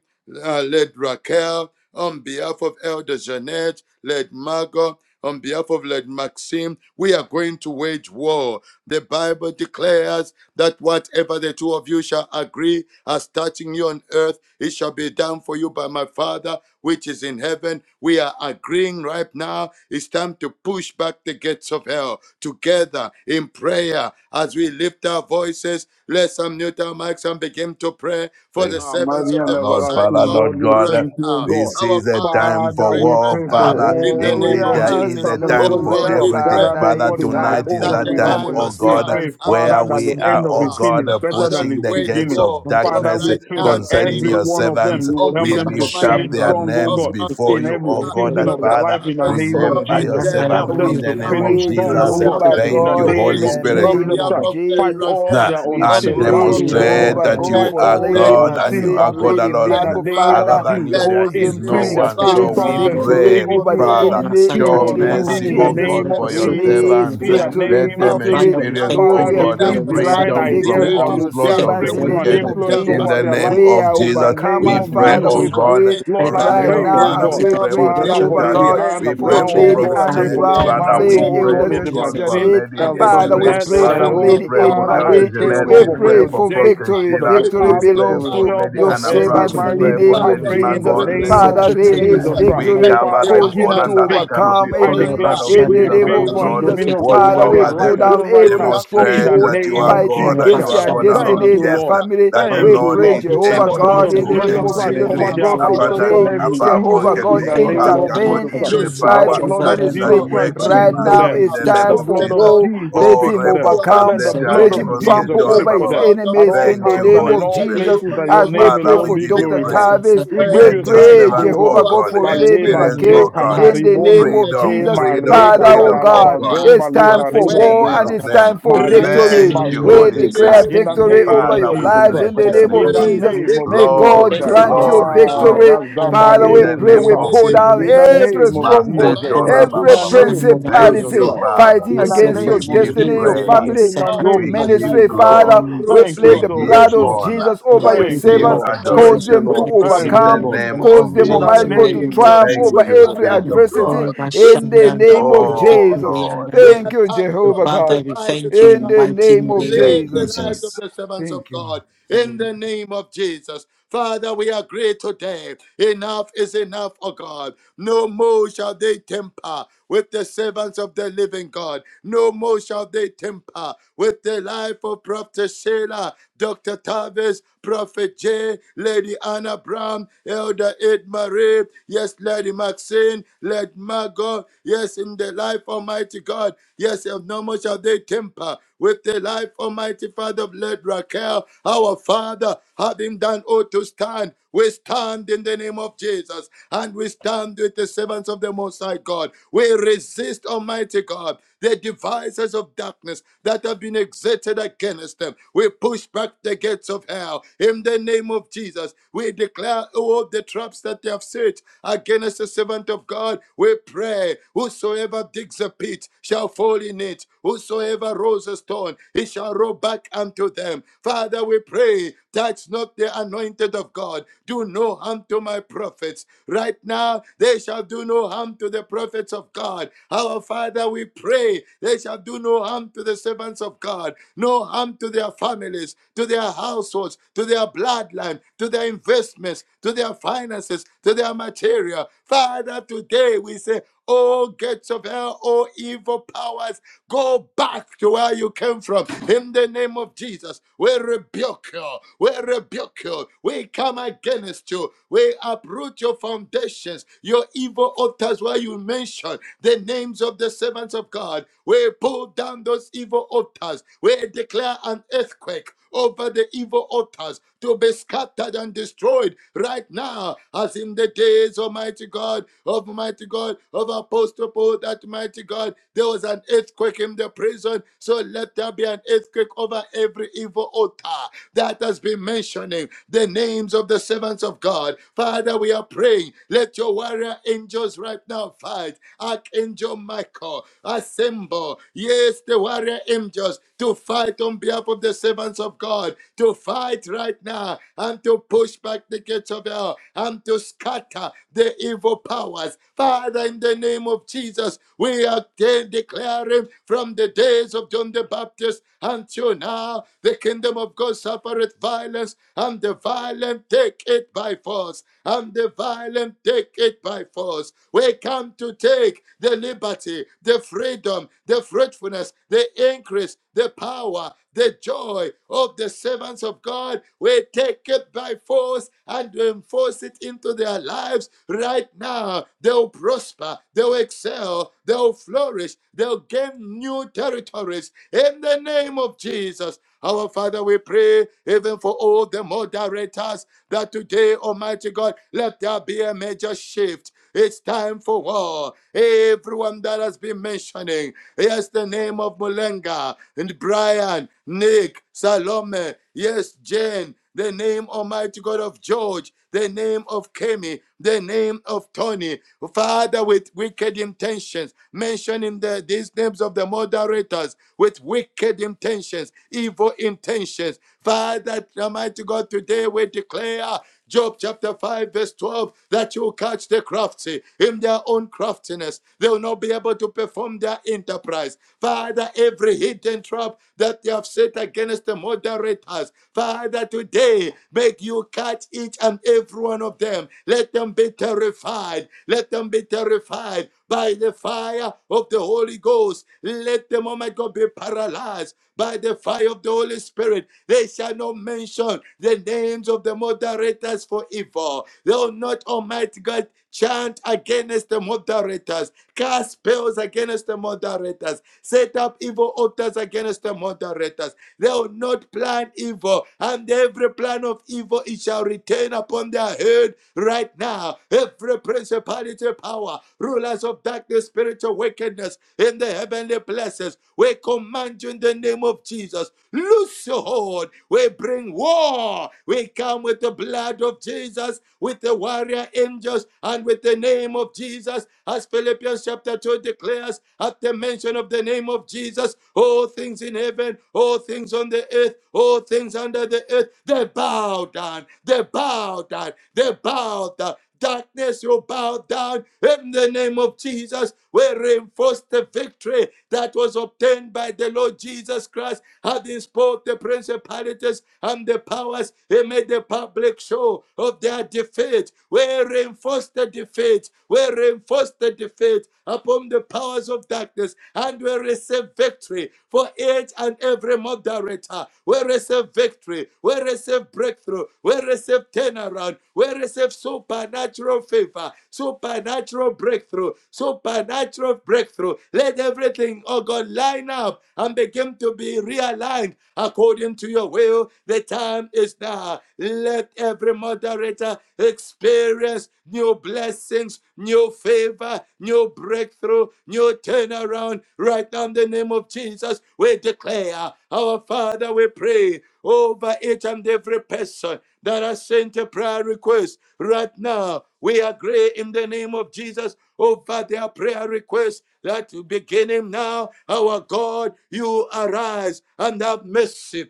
D: uh, let Raquel, on behalf of Elder Jeanette, Led Margot, on behalf of Led Maxim, we are going to wage war. The Bible declares that whatever the two of you shall agree as touching you on earth, it shall be done done for you by my Father, which is in heaven. We are agreeing right now. It's time to push back the gates of hell together in prayer as we lift our voices. Let's unmute our mics and begin to pray for
A: Thank
D: the servants
E: Almighty
D: of
E: and
D: the
A: Our Lord,
D: Most High
A: Father,
E: everlasting
D: God
A: Lord
E: God, we
A: God,
D: right
E: thank you, O
D: now.
E: God.
A: this
D: Our
A: is a
D: Father, we
A: time
D: are
E: Father,
A: for
D: praying
E: we
A: war,
D: right
E: pray
D: now
E: for
A: Father.
D: in
F: Hallelujah.
D: the
E: all, oh
D: name
A: Indeed,
D: of
C: Hallelujah,
E: God,
A: there
E: the
A: is
D: Jesus.
A: a
E: servants,
D: Oh
A: time
E: oh
F: Thank
A: for
E: God,
F: you.
D: Lord,
E: who
C: hallelujah,
D: we
E: have
D: pray
A: everything.
E: gathered,
C: Father.
E: oh
A: Father,
E: God,
C: It's
E: in
F: Thank
E: our,
F: you.
C: time
A: tonight
E: oh
A: is
C: for
D: that
F: Thank
E: God,
A: that
D: the
E: with
C: woe
F: you.
E: us.
A: time,
C: for
D: time
F: Thank
C: your
A: oh
D: has
E: We
D: come
A: God,
E: pray,
C: servants
D: and
F: you.
D: the
F: Thank
A: where
E: Father,
F: you.
E: that
F: so
D: time
A: we
F: much.
E: the
D: is
A: are,
E: end of
A: oh
E: the
D: now.
F: That's-
E: thing
A: God,
E: is
D: The
E: better
D: Father,
E: than
A: pushing
D: we
E: its
A: the
D: wage
F: that's
A: gates
E: beginning.
A: of
D: war
F: a the
D: on
F: of
E: Father,
F: you.
A: darkness
E: we
D: right
E: pray
D: now
E: that
D: in
F: You-
D: the
F: you
A: concerning
D: name
F: know,
E: every
D: of
A: your
E: one
D: Jesus.
E: of them,
F: um,
A: servants.
E: you will
D: On
E: help
F: I'm
A: We
D: behalf
E: them
F: about to
E: to
D: of
A: lift
D: mighty
F: share
A: up
E: finish
F: my
A: their
D: God,
F: life.
E: strong, oh
F: I'm
D: of
A: names
E: God,
F: grateful
A: before
D: Prophet
E: in
F: to
A: you,
E: every
A: oh
F: you. You're
D: Sheila,
A: God,
E: season
A: that
F: really
E: of
D: Dr.
E: their
F: good.
A: Father,
E: life in the
F: My
D: Tavis,
E: name
F: soul is
E: of
A: remember
F: about
D: Prophet
A: your
E: Jesus.
F: none of
D: Jay,
F: that. I'm
A: servants
E: Help
F: gonna
D: on
F: need
C: We
A: in
E: them
F: it.
A: the
E: to
D: behalf
A: name of
D: of
E: finish
D: my
C: pray,
E: strong,
D: God
F: I'm
D: of
E: oh
A: Jesus.
F: so
E: God,
C: Jehovah
D: Elder
F: grateful to
E: in
D: Ed
A: Thank
E: the
F: you.
C: God,
A: you,
F: You're
C: in
E: name
A: Holy
D: Marie,
E: of
F: grateful
C: the
F: to me.
A: Spirit
D: on
F: I'm
C: name
E: Jesus
F: gonna
D: behalf
F: love
C: of
E: Christ.
F: it.
D: of Lady
E: Fight
C: Jesus.
E: all
A: uh,
E: their
D: Raquel,
C: We
F: My
D: on
A: and
E: unseen
D: behalf
C: pray,
D: of
F: secretary
E: battles,
F: and
E: oh
F: that
E: God
D: Elder
A: demonstrate
C: Jehovah
F: about
A: that
F: you.
C: God,
A: you
E: fight
D: Jeanette,
C: for
A: are
E: all their
D: Lady
C: Lady
A: God
D: Anna
A: and you
E: unseen
C: Maxim,
A: are
D: Brown,
A: God
E: battles
C: Lady
A: alone.
E: in the
D: Lady
C: Margot,
E: name
A: Other
C: Father,
E: of
D: Margot,
A: than you,
E: Jesus.
D: Lady
A: there
C: cause
A: is
C: them
F: My
C: to
D: Maxim,
A: no
E: Increase their
A: one. So
C: experience
F: secretary
E: spiritual
A: we
F: and
D: Father,
F: that
D: we
F: about
C: victory
A: pray,
C: over
E: sensitivity,
C: the
E: oh
D: contend
E: God,
F: you.
A: Father,
F: My
D: in
E: to
C: enemy in
A: show
C: the
E: your
D: war
F: secretary
C: name of
F: about
E: leading
A: mercy,
E: in
F: you.
E: the
A: O
F: And
C: Jesus.
D: against
F: that
A: God,
E: name of
F: about
A: for
D: every
A: your
E: Jesus.
C: Release
F: secretary
A: servants.
D: resistance
F: and
E: In
F: that
E: the
F: about you.
C: victory,
A: Let
E: name
D: powers
A: them
E: of
D: of
C: victory.
F: Father,
E: Jesus.
F: we
A: experience,
F: thank
C: Lord,
A: O
F: you
D: darkness
E: Father,
C: we are
F: Lord,
A: God,
F: for
A: the
D: that
E: release
F: your
C: praying,
D: has
F: mercy
D: tried
C: grant
E: divine
F: that
D: to
A: freedom
F: you
A: from
F: give.
E: ideas
C: victory
E: that
C: to
D: derail
E: will
C: your
F: We
D: their
A: onslaught
E: bring
F: thank
A: of
F: you
C: servants
A: the
F: for
C: in the
E: breakthrough and
F: everything
A: wicked.
D: ministry,
C: name
F: that
C: of
F: you are
D: their
E: influence
A: In
F: doing
C: Jesus.
E: over
A: the
F: for
E: their
D: pastors,
F: them.
A: name
E: life
C: We
A: of
C: are
D: their
E: in the
A: Jesus,
E: name
D: calling,
C: overcomers,
F: Lord
A: we
E: of
D: their
A: pray,
C: Father.
F: Almighty,
A: O
C: We
E: Jesus Christ.
D: identity,
A: God,
C: pray
F: we pray
E: Lord,
A: for
F: that
E: I
D: their
C: right
E: pray,
F: Lord
A: Raquel.
C: now
E: oh
A: Father,
C: as
E: God,
F: Almighty
A: we
C: we
D: health,
A: pray
F: that you
C: pray,
A: for
E: Father,
F: watch
D: their
A: Dr.
E: for
F: over
C: Jehovah
E: Lady
A: Tavis.
F: them,
C: God
D: families.
E: Anna
A: We
F: you
A: pray
C: for
E: Brown,
F: watch
A: for
F: over
D: Today,
E: oh
C: Lady
F: their
A: Prophet
E: God, I
C: Anna
A: J.
E: pray
F: family,
E: for
F: in the
E: Lady
D: we
C: Brown,
A: Father,
E: Margot,
A: we
F: mighty
C: Lady
E: oh
A: pray,
F: name
E: God,
C: Elder
F: of
A: oh
E: Lady
C: Jeanette,
A: God,
F: Jesus.
A: for
E: Maxine,
D: are
A: Lady
F: Now
E: Elder
F: come
C: Father, we
A: Edmary.
F: over
E: Jeanette, uh,
C: pray
A: Father,
C: for
F: shine.
A: we
E: oh
F: that
C: Lady
A: pray
F: for
C: Ed
A: for
F: you
E: Father, I
A: Elder
F: to
C: Marie.
E: pray, oh
F: the
A: Jeanette.
E: God,
C: We
A: We
E: for
A: pray
C: pray
F: number
A: for
E: Prophet
C: for
E: J
A: Prophet
C: victory.
E: for
A: Sheila.
E: Dr.
C: Victory
A: We
E: Tavis,
A: pray
E: for
C: belongs
A: for
C: to
E: Rochelle,
A: Lady
C: your
E: for
A: Anna
F: myself for
E: Andy
A: Brown.
F: to
C: servants
A: We
F: the
C: in the
E: Marie.
A: pray
F: end
A: for
C: name
E: I
C: of
F: another.
A: Lady
E: pray in the
C: Jesus.
A: Margot,
F: And
E: name
A: Lady
F: so
E: of
C: Father,
F: get to
A: Maxine.
F: the
C: release
E: Jesus
F: end
E: Christ.
A: We
C: victory.
F: another.
A: cover
E: Father,
A: them
C: Cause
E: give
A: all
C: them to
E: them
A: under the
E: victory.
A: canopy
C: overcome
A: of
E: I
F: Come
A: the
C: any
F: over
E: declare
A: blood of
C: in
F: shine,
C: the
E: victory,
A: Jesus,
C: name
A: that
F: another,
C: of
E: favor,
F: you
E: and
A: Lord,
C: Jesus,
F: take it
E: dominion
F: to
A: watch
F: the
C: Father,
E: over
C: we
E: their
A: over
F: end
C: pull
E: lives
A: them.
E: even
C: down
E: right
C: every
E: now in
A: Demonstrate
E: the
C: stronghold
A: that you
E: name
A: are
E: of
C: fighting
A: God
E: Jesus
A: and you
C: against
E: Christ.
A: are
C: their
A: God
E: Thank
F: another.
A: alone.
C: destiny,
E: you,
C: their
A: Yes
E: Lord.
C: family.
A: that the
F: Our
C: We
E: Thank
F: Lord,
E: you,
A: Lord
F: we
C: pray,
E: Lord.
A: is
F: to
E: Let
F: we
C: Jehovah
E: the
A: able to
E: blood
C: God,
F: submit
E: of
C: in
A: do
C: the name
E: Jesus
F: everything
C: of
F: to
E: Christ
F: your
C: Jesus, for
E: cover
A: exceedingly
E: their
F: hands, O
C: Prophet
F: Lord, we
E: household
F: need to
E: from
A: abundantly
C: J.
F: limit
E: every
F: it.
A: above all we
C: Jehovah
E: evil
A: can
F: we
C: God,
E: in
A: think
E: the
F: pray
A: or
F: that,
A: ask
E: name
F: Lord,
E: of
F: that you
C: intervene
E: Jesus
A: according
C: in
A: to
E: Christ.
A: the
F: continue
C: his
F: to
E: Let
C: life,
E: the
F: watch
A: power
C: his
E: blood
F: over
E: of
A: that is
F: them in
A: at
F: the
C: ministry.
E: Jesus
A: work
E: Christ
F: mighty
E: speak
A: within
C: Right
E: for
A: us
C: now,
F: name
E: them.
F: of
A: in
C: it's
A: the
E: Let
A: name
E: the
C: time
F: Jesus.
A: of
C: for
E: blood
A: Jesus.
E: of
C: war.
E: Jesus
C: Let
A: Oh,
E: speak
C: him
E: for them.
A: Rebo
F: And
E: Let
C: overcome.
E: the
A: Kasete
F: so for
E: blood
A: Ali
C: Let him
E: of
F: children, we
C: trample
E: Jesus
A: Brosketo
F: love
E: speak
C: over
A: Reba
E: for
C: his
F: you.
E: them
A: Baba.
E: at
C: enemies
E: all
C: in
A: Thank
C: the name
A: you,
E: times and
C: name
E: in
A: Holy
C: of
E: all
A: Spirit.
C: Jesus.
E: places that your
C: As we
E: name
C: pray
A: Father,
E: alone
A: we
C: for
E: be
A: give you
C: Dr.
F: We
E: glorified.
F: must
A: praise.
C: Tavis,
F: accept
E: We
F: for
E: give
C: we
A: Let
E: you
A: your
F: children,
E: thanks,
C: pray,
F: we
E: O
A: servants,
F: love you.
A: oh
C: Jehovah
E: God.
C: God,
A: God,
C: for
F: We
C: Lady
F: pray,
E: Baleba
A: experience,
E: je
F: Lord,
C: Raquel
A: oh God,
C: in the
F: Almighty,
C: name
E: kataribondo,
C: of
A: freedom,
E: e
F: And
C: Jesus.
F: Lord
A: freedom,
C: Father,
E: mareka da
C: oh
E: da
A: freedom,
E: da
A: oh
C: God,
A: God.
E: bazon
C: it's time
E: baleka
A: In
C: for
E: reno
C: war and
E: zonta.
A: Jesus'
C: it's
A: name.
C: time for
E: Marike
C: victory.
A: Thank you,
C: We
A: Holy
E: bazonte.
F: Jesus,
C: declare
E: Ah,
A: Spirit.
E: in the
F: we
C: victory
E: name
C: over
E: of
F: thank
A: Father,
C: your
F: you
A: we
F: for
E: Jesus
C: lives
F: your
A: bless
E: Christ.
C: in the
F: grace
A: your
C: name of
E: In
F: upon
A: name.
E: the
F: our
C: Jesus.
F: lives.
E: name of
C: May
F: We
E: Jesus
C: God
A: Glory,
F: thank
E: Christ.
F: you,
C: grant
F: Lord,
C: you
F: for
A: glory,
F: everything
E: Ah,
F: that
C: victory.
A: glory.
F: you're doing right
C: Father,
A: In
F: now
C: we
A: the
E: gazabalebo
F: in
C: pray,
F: the
A: name
C: we
E: shuta.
A: of
D: the
F: mighty
C: pull
D: name of
C: down
F: name
A: Jesus.
E: In
F: of
E: the
D: Jesus,
F: Jesus.
C: every
E: name of
C: strong
D: that
F: My
C: stronghold,
E: Jesus
F: God,
A: Masetora
D: devices
E: Christ.
D: of
F: my
E: In
A: Baba
C: every
E: the
A: Baba.
D: darkness,
E: name
F: shining
E: of
F: God, I love
A: Thank
D: loose
E: Jesus
A: you,
D: your
C: principality
F: you.
E: Christ.
D: hold
A: Father.
C: fighting
F: My
E: In
D: from
E: the
F: soul
D: the
C: against
A: We
C: your
E: name
F: touch
E: of
F: me,
A: give
D: destinies of
C: destiny,
D: the
F: the
C: your
E: Jesus
F: end of
D: servants
A: praise.
D: of
F: the
E: Christ.
C: family,
E: In the
D: God.
F: sucker
C: your
A: We
E: name
D: And
E: of
D: right
A: give
C: ministry,
E: Jesus
D: now
E: Christ.
D: we
C: Father.
A: glory.
F: you
C: We
D: approach
E: Thank you
A: We
C: plead
D: you,
C: the
E: so
A: give
D: we
C: blood
E: much,
C: of
E: Lord.
A: honor.
D: dismantle
C: Jesus over
F: know,
D: you,
A: We
C: your
F: through
E: Thank
F: the
D: we
E: you,
A: give
C: servants,
F: blood
E: Lord.
F: of
D: attack you
E: Thank
C: cause
F: Jesus
E: you,
A: adoration.
C: them
F: upon
C: to
D: with
E: Lord.
F: every
A: In
E: Thank
F: single
D: warrior
E: you,
A: the
C: overcome.
F: one
E: Lord.
F: of
A: name
F: them
D: angels,
A: of
C: Cause
F: in the
C: them,
E: In the
F: mighty
C: Almighty
A: Jesus.
D: warring
C: God, to
E: name
F: name of
D: angels,
E: of
C: triumph
F: Jesus.
A: Thank
C: over
D: with
A: you,
E: Jesus
C: every
E: Christ.
D: fire
A: Spirit
F: Father,
D: and
A: of God.
C: adversity
F: we
D: brimstone,
F: thank
D: with
C: in the
D: snares and
C: name of
D: horrible
A: Oh,
C: Jesus.
D: tempest.
A: Lord.
D: We
C: Thank you,
D: attack you,
C: Jehovah God.
D: devices
F: you
D: of
F: in
C: In
F: the
D: darkness.
C: the
F: mighty
C: name of
F: name
A: Thank
F: of
D: Live
A: you,
D: the
C: Jesus.
A: Jesus.
D: lives of
F: Jesus.
D: the servants of
C: Thank you, Lord.
D: God in
F: Amen.
D: the name of Jesus. Father, we agree today. Enough is enough, O God. No more shall they temper with the servants of the living God. No more shall they temper with the life of Prophet Sheila, Dr. Tavis, Prophet J, Lady Anna Brown, Elder Ed Marie, yes, Lady Maxine, Lady Margot, yes, in the life, Almighty God, yes, no more shall they temper with the life, Almighty Father, of Lady Raquel, our Father, having done all to stand, we stand in the name of Jesus and we stand with the servants of the Most High God. We resist, Almighty God, the devices of darkness that have been exerted against them. We push back the gates of hell in the name of Jesus. We declare all the traps that they have set against the servant of God. We pray, whosoever digs a pit shall fall in it, whosoever rolls a stone, it shall roll back unto them. Father, we pray, touch not the anointed of God. Do no harm to my prophets. Right now, they shall do no harm to the prophets of God. Our Father, we pray, they shall do no harm to the servants of God, no harm to their families, to their households, to their bloodline, to their investments, to their finances, to their material. Father, today we say, Oh, gates of hell, oh, evil powers Go back to where you came from in the name of Jesus. We rebuke you. We rebuke you. We come against you. We uproot your foundations, your evil altars where you mention the names of the servants of God. We pull down those evil altars. We declare an earthquake over the evil altars to be scattered and destroyed right now, as in the days, Almighty God, of Mighty God, of Apostle Paul, that Mighty God, there was an earthquake in the prison. So let there be an earthquake over every evil altar that has been mentioning the names of the servants of God. Father, we are praying. Let your warrior angels right now fight. Archangel Michael, assemble. Yes, the warrior angels to fight on behalf of the servants of God, to fight right now and to push back the gates of hell and to scatter the evil powers. Father, Father, in the name of Jesus, we are declaring from the days of John the Baptist until now, the kingdom of God suffereth violence, and the violent take it by force, and the violent take it by force. We come to take the liberty, the freedom, the fruitfulness, the increase, the power, the joy of the servants of God we take it by force and enforce it into their lives right now. They'll prosper, they'll excel, they'll flourish, they'll gain new territories in the name of Jesus. Our Father, we pray even for all the moderators that today, Almighty God, let there be a major shift. It's time for war. Everyone that has been mentioning. Yes, the name of Mulenga and Brian, Nick, Salome. Yes, Jane. The name, Almighty God of George, the name of Kemi, the name of Tony, Father, with wicked intentions, mentioning the, these names of the moderators with wicked intentions, evil intentions. Father, Almighty God, today we declare Job chapter 5, verse 12, that you catch the crafty in their own craftiness. They will not be able to perform their enterprise. Father, every hidden trap that they have set against the moderators, Father, today make you catch each and every one of them. Let them be terrified. Let them be terrified by the fire of the Holy Ghost. Let them, oh my God, be paralyzed by the fire of the Holy Spirit. They shall not mention the names of the moderators for evil. They will not, Almighty God, chant against the moderators, cast spells against the moderators, set up evil altars against the moderators. They will not plan evil, and every plan of evil it shall return upon their head right now. Every principality, power, rulers of darkness, spiritual wickedness in the heavenly places, we command you in the name of Jesus. Loose your hold. We bring war. We we come with the blood of Jesus, with the warrior angels, and with the name of Jesus. As Philippians chapter 2 declares, at the mention of the name of Jesus, all things in heaven, all things on the earth, all things under the earth, they bow down, they bow down, they bow down. Darkness, you bow down in the name of Jesus. We reinforce the victory that was obtained by the Lord Jesus Christ, having spoke the principalities and the powers. He made the public show of their defeat. We reinforce the defeat. We reinforce the defeat upon the powers of darkness, and we receive victory for each and every moderator. We receive victory. We receive breakthrough. We receive turnaround heaven. We receive supernatural favor, supernatural breakthrough, supernatural breakthrough. Let everything, oh God, line up and begin to be realigned according to your will. The time is now. Let every moderator experience new blessings, new favor, new breakthrough, new turnaround. Right now, in the name of Jesus, we declare, Our Father, we pray over each and every person that has sent a prayer request right now. We agree in the name of Jesus over their prayer request that beginning now, our God, you arise and have mercy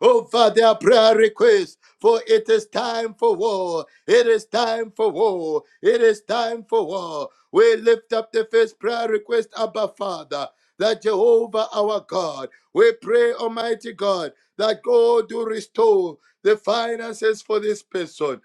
D: over their prayer requests. For it is time for war. It is time for war. It is time for war. We lift up the first prayer request, Abba Father, that Jehovah our God, we pray, Almighty God, that God do restore the finances for this person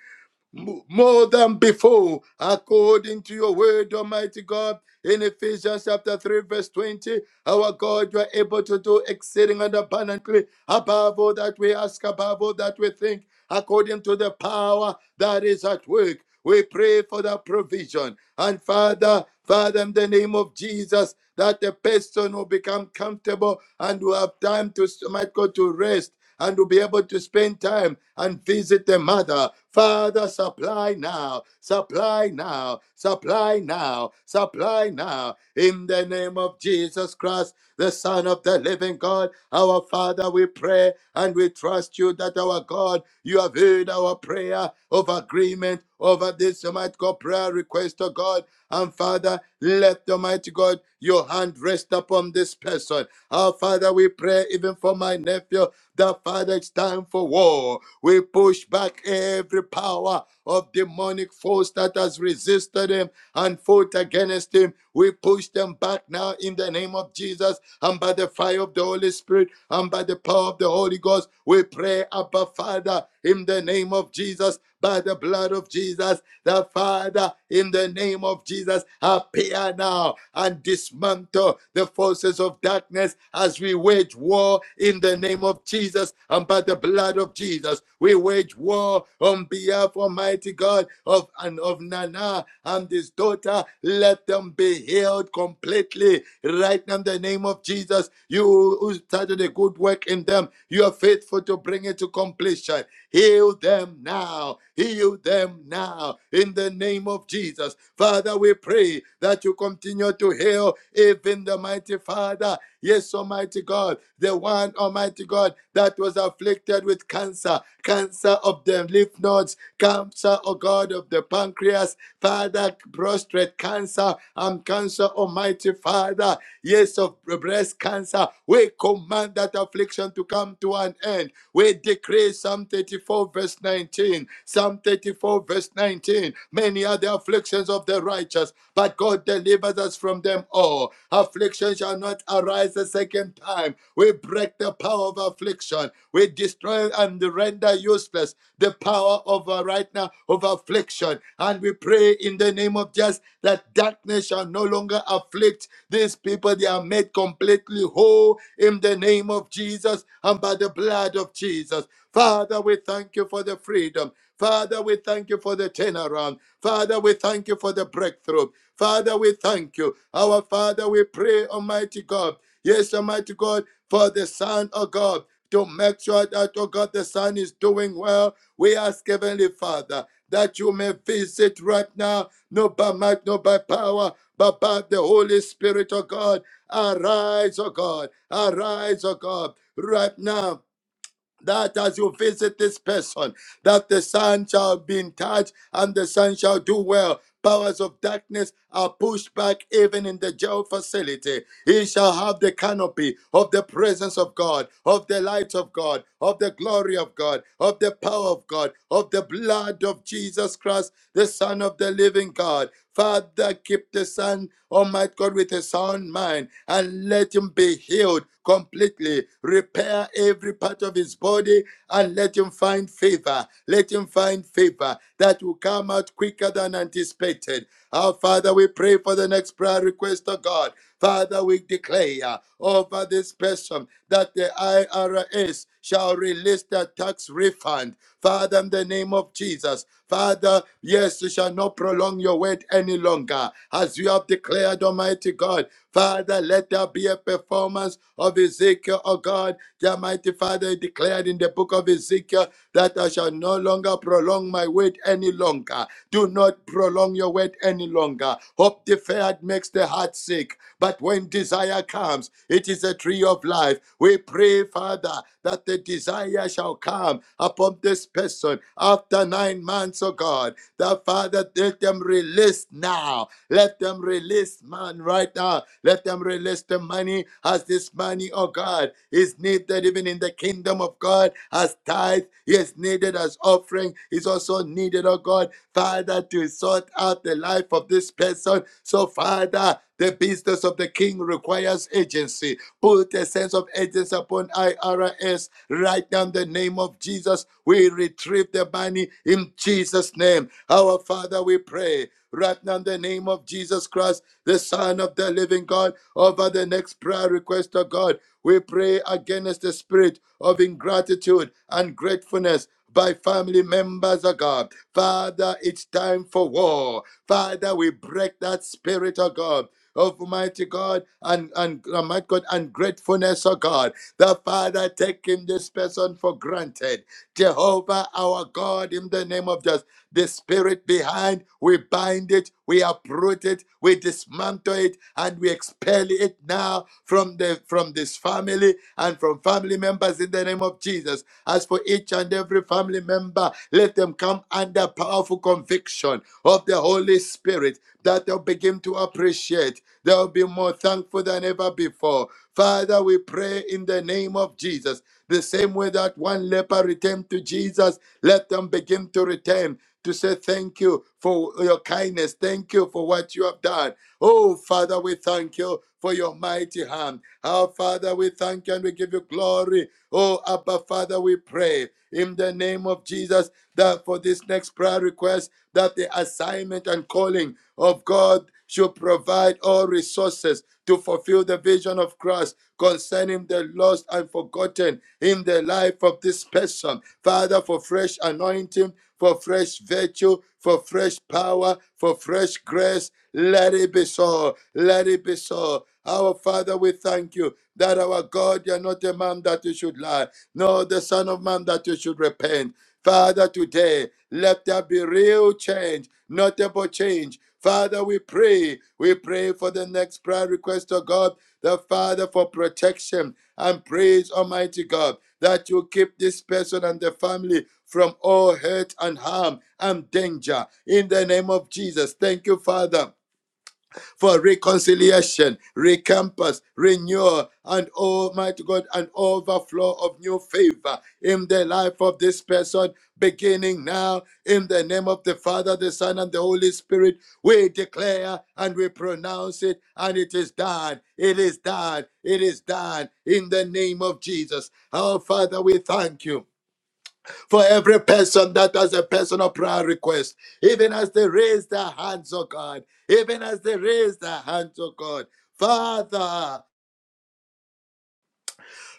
D: more than before, according to your word, Almighty God. In Ephesians chapter 3, verse 20, our God, you are able to do exceeding and abundantly above all that we ask, above all that we think, according to the power that is at work. We pray for the provision. And Father, Father, in the name of Jesus, that the person will become comfortable and will have time to might go to rest and to be able to spend time and visit the mother. Father, supply now, supply now, supply now, supply now. In the name of Jesus Christ, the Son of the living God, our Father, we pray and we trust you that our God, you have heard our prayer of agreement over this Almighty God prayer request, to God. And Father, let Almighty God your hand rest upon this person. Our Father, we pray even for my nephew that Father, it's time for war. We push back every power of demonic force that has resisted him and fought against him. We push them back now in the name of Jesus and by the fire of the Holy Spirit and by the power of the Holy Ghost. We pray, Abba Father, in the name of Jesus, by the blood of Jesus. The Father, in the name of Jesus, appear now and dismantle the forces of darkness as we wage war in the name of Jesus and by the blood of Jesus. We wage war on behalf, Almighty God, of and of Nana and his daughter. Let them be healed completely right now in the name of Jesus. You who started a good work in them, you are faithful to bring it to completion. Heal them now. Heal them now. In the name of Jesus. Father, we pray that you continue to heal even the mighty Father. Yes, Almighty God, the one Almighty God that was afflicted with cancer, cancer of the lymph nodes, cancer, oh God, of the pancreas, Father, prostate cancer, and cancer, Almighty Father, yes, of breast cancer. We command that affliction to come to an end we decree Psalm 34, verse 19. Psalm 34, verse 19. Many are the afflictions of the righteous, but God delivers us from them all. Affliction shall not arise a second time. We break the power of affliction. We destroy and render useless the power of uh, right now of affliction. And we pray pray in the name of Jesus that darkness shall no longer afflict these people. They are made completely whole in the name of Jesus and by the blood of Jesus. Father, we thank you for the freedom. Father, we thank you for the turnaround. Father, we thank you for the breakthrough. Father, we thank you. Our Father, we pray, Almighty God. Yes, Almighty God, for the Son of God to make sure that, oh God, the Son is doing well. We ask, Heavenly Father that you may visit right now, not by might, not by power, but by the Holy Spirit, O God. Arise, O God. Arise, O God. Right now, that as you visit this person, that the son shall be in touch and the son shall do well. Powers of darkness are pushed back even in the jail facility. He shall have the canopy of the presence of God, of the light of God, of the glory of God, of the power of God, of the blood of Jesus Christ the Son of the living God. Father, keep the Son, Almighty God, with a sound mind and let him be healed completely. Repair every part of his body and let him find favor. Let him find favor that will come out quicker than anticipated. Our Father, we pray for the next prayer request of God. Father, we declare over this person that the IRS shall release the tax refund. Father, in the name of Jesus, Father, yes, you shall not prolong your wait any longer. As you have declared, Almighty God, Father, let there be a performance of Ezekiel, oh God. The Almighty Father declared in the book of Ezekiel that I shall no longer prolong my wait any longer. Do not prolong your wait any longer. Hope deferred makes the heart sick, but when desire comes, it is a tree of life. We pray, Father, that the desire shall come upon this person after nine months, oh God. That Father, let them release now. Let them release man right now. Let them release the money as this money, oh God, is needed even in the kingdom of God as tithe. Yes, needed as offering is also needed, oh God, Father, to sort out the life of this person. So, Father, the business of the king requires agency. Put a sense of urgency upon IRS right now in the name of Jesus. We retrieve the money in Jesus' name. Our Father, we pray right now in the name of Jesus Christ, the Son of the living God, over the next prayer request of God. We pray against the spirit of ingratitude and gratefulness by family members of God. Father, it's time for war. Father, we break that spirit of God Almighty God, and, and Almighty God, and gratefulness, oh God. The Father taking this person for granted. Jehovah, our God, in the name of Jesus. The spirit behind, we bind it, we uproot it, we dismantle it, and we expel it now from the from this family and from family members in the name of Jesus. As for each and every family member, let them come under powerful conviction of the Holy Spirit that they'll begin to appreciate. They'll be more thankful than ever before. Father, we pray in the name of Jesus. The same way that one leper returned to Jesus, let them begin to return to say thank you for your kindness. Thank you for what you have done. Oh, Father, we thank you for your mighty hand. Our Father, we thank you and we give you glory. Oh, Abba, Father, we pray in the name of Jesus that for this next prayer request, that the assignment and calling of God should provide all resources to fulfill the vision of Christ concerning the lost and forgotten in the life of this person. Father, for fresh anointing, for fresh virtue, for fresh power, for fresh grace, let it be so. Let it be so. Our Father, we thank you that our God, you're not a man that you should lie, nor the Son of Man that you should repent. Father, today, let there be real change, notable change. Father, we pray. We pray for the next prayer request of God, the Father, for protection and praise, Almighty God, that you keep this person and the family from all hurt and harm and danger. In the name of Jesus, thank you, Father for reconciliation, recompense, renewal, and Almighty God, an overflow of new favor in the life of this person, beginning now, in the name of the Father, the Son, and the Holy Spirit. We declare and we pronounce it, and it is done. It is done. It is done in the name of Jesus. Our Father, we thank you for every person that has a personal prayer request, even as they raise their hands, oh God, even as they raise their hands, oh God. Father,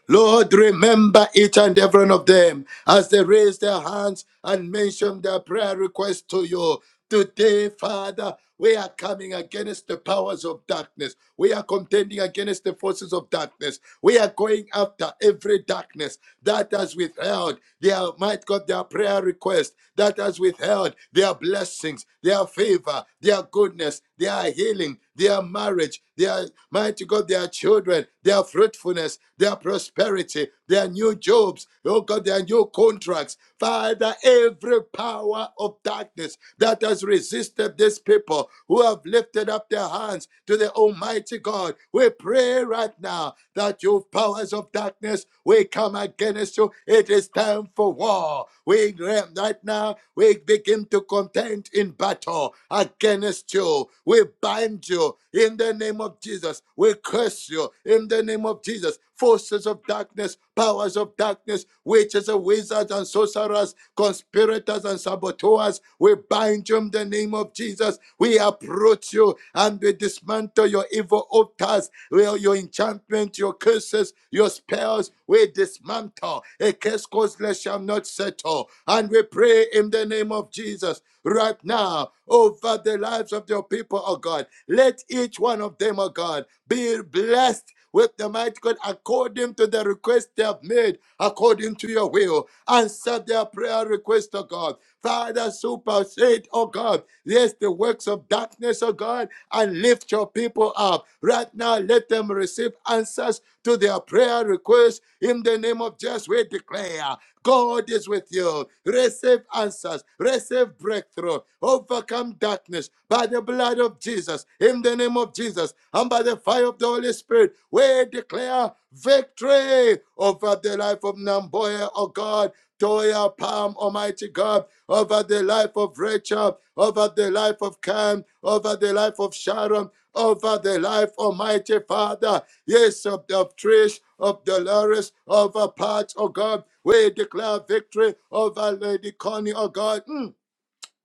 D: Lord, remember each and every one of them as they raise their hands and mention their prayer request to you. Today, Father, we are coming against the powers of darkness. We are contending against the forces of darkness. We are going after every darkness that has withheld their might God, their prayer request, that has withheld their blessings, their favor, their goodness, their healing, their marriage, their mighty God, their children, their fruitfulness, their prosperity, their new jobs, oh God, their new contracts. Father, every power of darkness forces that has resisted this people who have lifted up their hands to the Almighty God. We pray right now that your powers of darkness will come against you. It is time for war. We right now we begin to contend in battle against you. We bind you in the name of Jesus. We curse you in the name of Jesus. Forces of darkness, powers of darkness, witches and wizards and sorcerers, conspirators and saboteurs to us. We bind you in the name of Jesus. We approach you and we dismantle your evil altars, your enchantment, your curses, your spells. We dismantle. A case causeless shall not settle. And we pray in the name of Jesus right now over the lives of your people, oh God. Let each one of them, oh God, be blessed with the might God according to the request they have made, according to your will. Answer their prayer request, O God. Father, supersede, oh God, yes, the works of darkness, oh God, and lift your people up. Right now, let them receive answers to their prayer requests in the name of Jesus. We declare God is with you. Receive answers, receive breakthrough, overcome darkness by the blood of Jesus, in the name of Jesus, and by the fire of the Holy Spirit. We declare victory over the life of Namboya, O God. Toya Palm, Almighty God over the life of Rachel, over the life of Cam, over the life of Sharon, over the life, Almighty Father, yes, of, of Trish, of Dolores, over parts, oh God. We declare victory over Lady Connie, oh God. Mm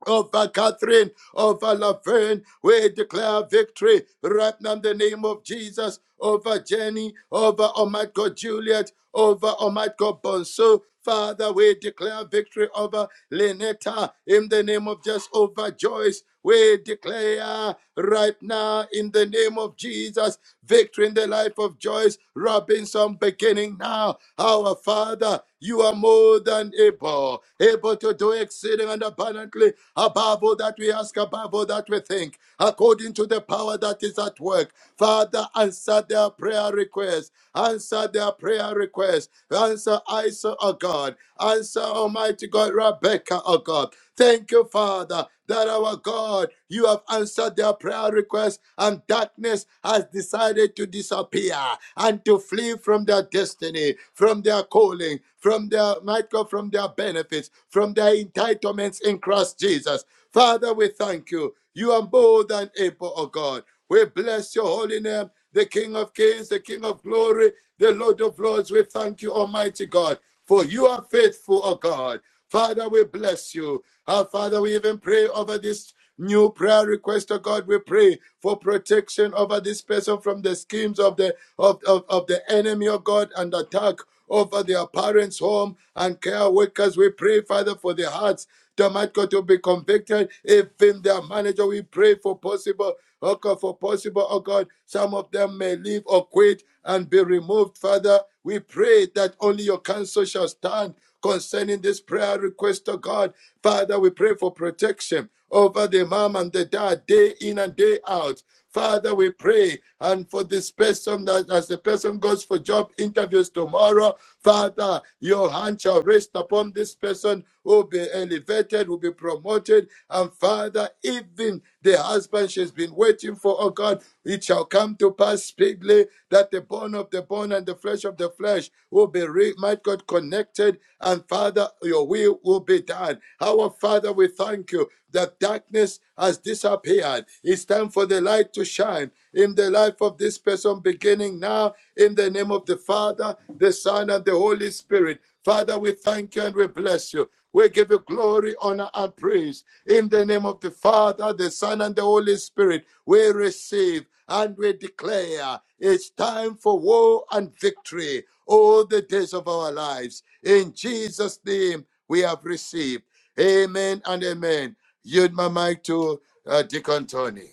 D: over Catherine, over Laverne. We declare victory right now in the name of Jesus over Jenny, over Almighty God Juliet, over Almighty God Bonso. Father, we declare victory over Lenetta in the name of just over Joyce. We declare right now in the name of Jesus victory in the life of Joyce Robinson beginning now. Our Father, you are more than able, able to do exceeding and abundantly above all that we ask, above all that we think, according to the power that is at work. Father, answer their prayer requests. Answer their prayer requests. Answer Isa, O God. Answer Almighty God, Rebecca, O God. Thank you, Father, that our God you have answered their prayer requests, and darkness has decided to disappear and to flee from their destiny, from their calling, from their might God, from their benefits, from their entitlements in Christ Jesus. Father, we thank you. You are more than able, O God. We bless your holy name, the King of Kings, the King of Glory, the Lord of Lords. We thank you, Almighty God, for you are faithful, O God. Father, we bless you. Our Father, we even pray over this. New prayer request, oh God, we pray for protection over this person from the schemes of the of, of, of the enemy, oh God, and attack over their parents' home and care workers. We pray, Father, for their hearts. Almighty God to be convicted if in their manager we pray for possible oh God for possible oh God some of them may leave or quit and be removed father we pray that only your counsel shall stand concerning this prayer request, oh God. Father, we pray for protection over the mom and the dad day in and day out. Father, we pray and for this person that as the person goes for job interviews tomorrow, Father, your hand shall rest upon this person who will be elevated, will be promoted. And Father, even the husband she's been waiting for, oh God, it shall come to pass speedily that the bone of the bone and the flesh of the flesh will be, re- my God, connected. And Father, your will will be done. Our Father, we thank you that darkness has disappeared. It's time for the light to shine in the life of this person beginning now in the name of the Father, the Son, and the Holy Spirit. Father, we thank you and we bless you. We give you glory, honor, and praise. In the name of the Father, the Son, and the Holy Spirit, we receive and we declare it's time for war and victory all the days of our lives. In Jesus' name, we have received. Amen and amen. Yield my mic to uh, Deacon Tony.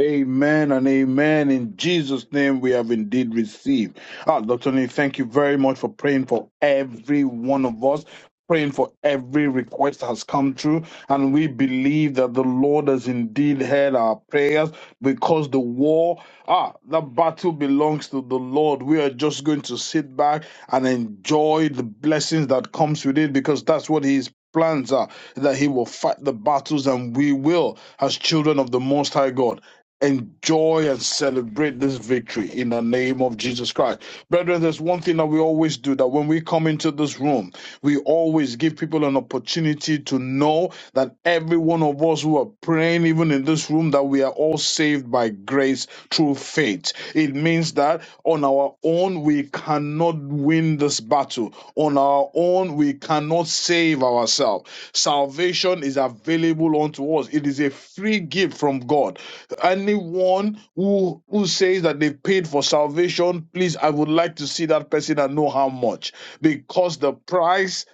E: Amen and amen. In Jesus' name, we have indeed received. Ah, Dr. Nee, thank you very much for praying for every one of us. Praying for every request that has come through, and we believe that the Lord has indeed heard our prayers because the war, ah, the battle belongs to the Lord. We are just going to sit back and enjoy the blessings that comes with it because that's what He is plans are that he will fight the battles and we will as children of the most high god enjoy and celebrate this victory in the name of jesus christ brethren there's one thing that we always do that when we come into this room we always give people an opportunity to know that every one of us who are praying even in this room that we are all saved by grace through through faith. It means that on our own, we cannot win this battle. On our own, we cannot save ourselves. Salvation is available unto us, it is a free gift from God. Anyone who, who says that they paid for salvation, please, I would like to see that person and know how much. Because the price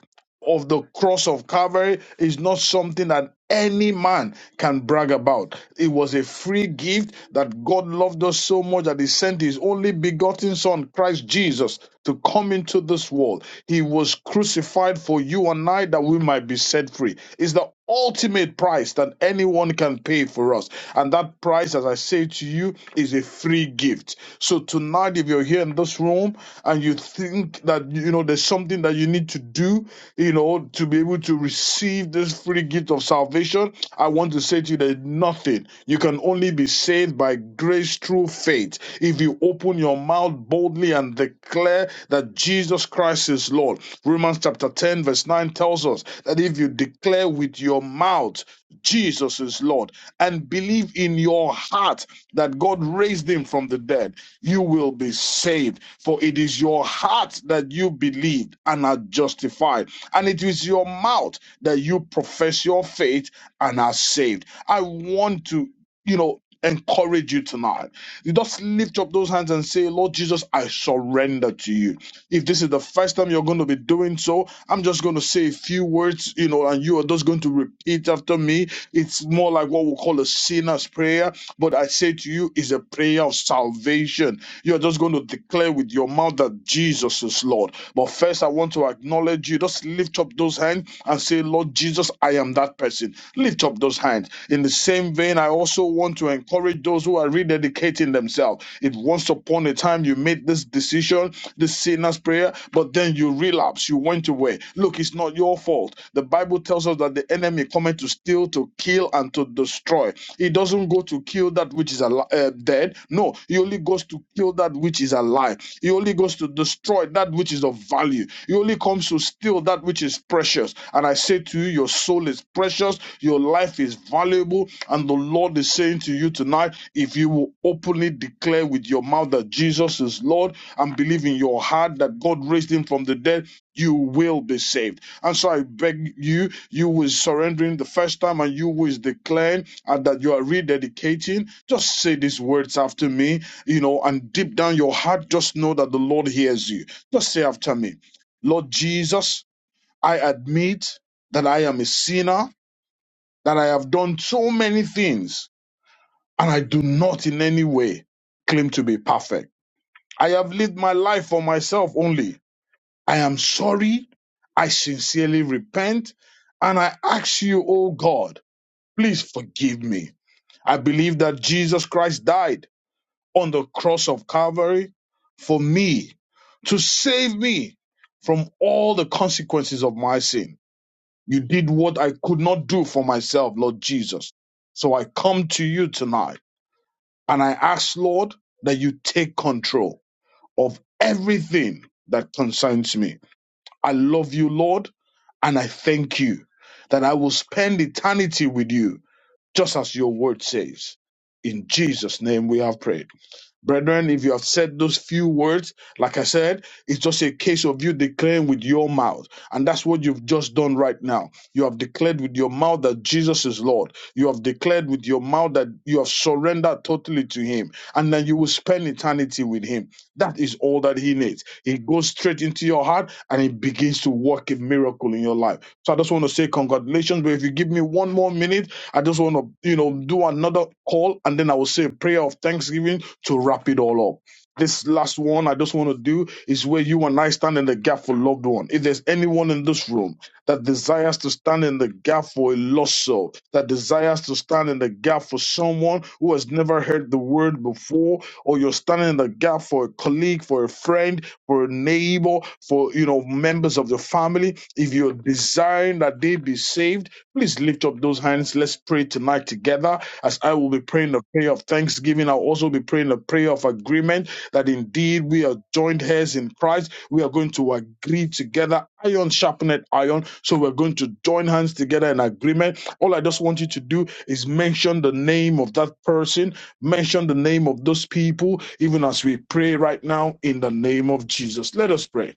E: of the cross of Calvary is not something that any man can brag about. It was a free gift that God loved us so much that He sent His only begotten Son, Christ Jesus, to come into this world. He was crucified for you and I that we might be set free. It's the ultimate price that anyone can pay for us. And that price, as I say to you, is a free gift. So tonight, if you're here in this room and you think that, you know, there's something that you need to do, you know, to be able to receive this free gift of salvation, I want to say to you that nothing. You can only be saved by grace through faith. If you open your mouth boldly and declare that Jesus Christ is Lord. Romans chapter 10, verse 9 tells us that if you you declare with your mouth Jesus is Lord and believe in your heart that God raised him from the dead, you will be saved. For it is your heart that you believed and are justified, and it is your mouth that you profess your faith and are saved. I want to you know, encourage you tonight. You just lift up those hands and say, Lord Jesus, I surrender to you. If this is the first time you're going to be doing so, I'm just going to say a few words, you know, and you are just going to repeat after me. It's more like what we call a sinner's prayer, but I say to you, is a prayer of salvation. You're just going to declare with your mouth that Jesus is Lord. But first Yes, I want to acknowledge you. Just lift up those hands and say, Lord Jesus, I am that person. Lift up those hands. In the same vein, I also want to encourage those who are rededicating themselves. If once upon a time you made this decision, this sinner's prayer, but then you relapse, you went away. Look, it's not your fault. The Bible tells us that the enemy cometh to steal, to kill, and to destroy. He doesn't go didn't go to kill that which is alive, uh, dead. No, he only goes to kill that which is alive. He only goes to destroy that which is of value. He only comes to steal that which is precious. And I say to you, your soul is precious, your life is valuable. And the Lord is saying to you tonight, if you will openly declare with your mouth that Jesus is Lord and believe in your heart that God raised him from the dead, you will be saved. And so I beg you, you who is surrendering the first time and you who is declaring and that you are rededicating, just say these words after me, you know, and deep down your heart, just know that the Lord hears you. Just say after me, Lord Jesus, I admit that I am a sinner, that I have done so many things, and I do not in any way claim to be perfect. I have lived my life for myself only I am sorry. I sincerely repent. And I ask you, oh God, please forgive me. I believe that Jesus Christ died on the cross of Calvary for me to save me from all the consequences of my sin. You did what I could not do for myself, Lord Jesus. So I come to you tonight and I ask, Lord, that you take control of everything that concerns me. I love you, Lord, and I thank you that I will spend eternity with you, just as your word says. In Jesus' name we have prayed. Brethren, if you have said those few words, like I said, it's just a case of you declaring with your mouth. And that's what you've just done right now. You have declared with your mouth that Jesus is Lord. You have declared with your mouth that you have surrendered totally to Him. And then you will spend eternity with Him. That is all that He needs. He goes straight into your heart and He begins to work a miracle in your life. So I just want to say congratulations. But if you give me one more minute, I just want to, you know, do another call and then I will say a prayer of thanksgiving to wrap it all up. This last one I just want to do is where you and I stand in the gap for loved one. If there's anyone in this room that desires to stand in the gap for a lost soul, that desires to stand in the gap for someone who has never heard the word before, or you're standing in the gap for a colleague, for a friend, for a neighbor, for you know members of the family, if you're desiring that they be saved Please lift up those hands. Let's pray tonight together. As I will be praying the prayer of thanksgiving, I'll also be praying the prayer of agreement that indeed we are joined heirs in Christ. We are going to agree together, iron sharpened iron. So we're going to join hands together in agreement. All I just want you to do is mention the name of that person, mention the name of those people, even as we pray right now in the name of Jesus. Let us pray.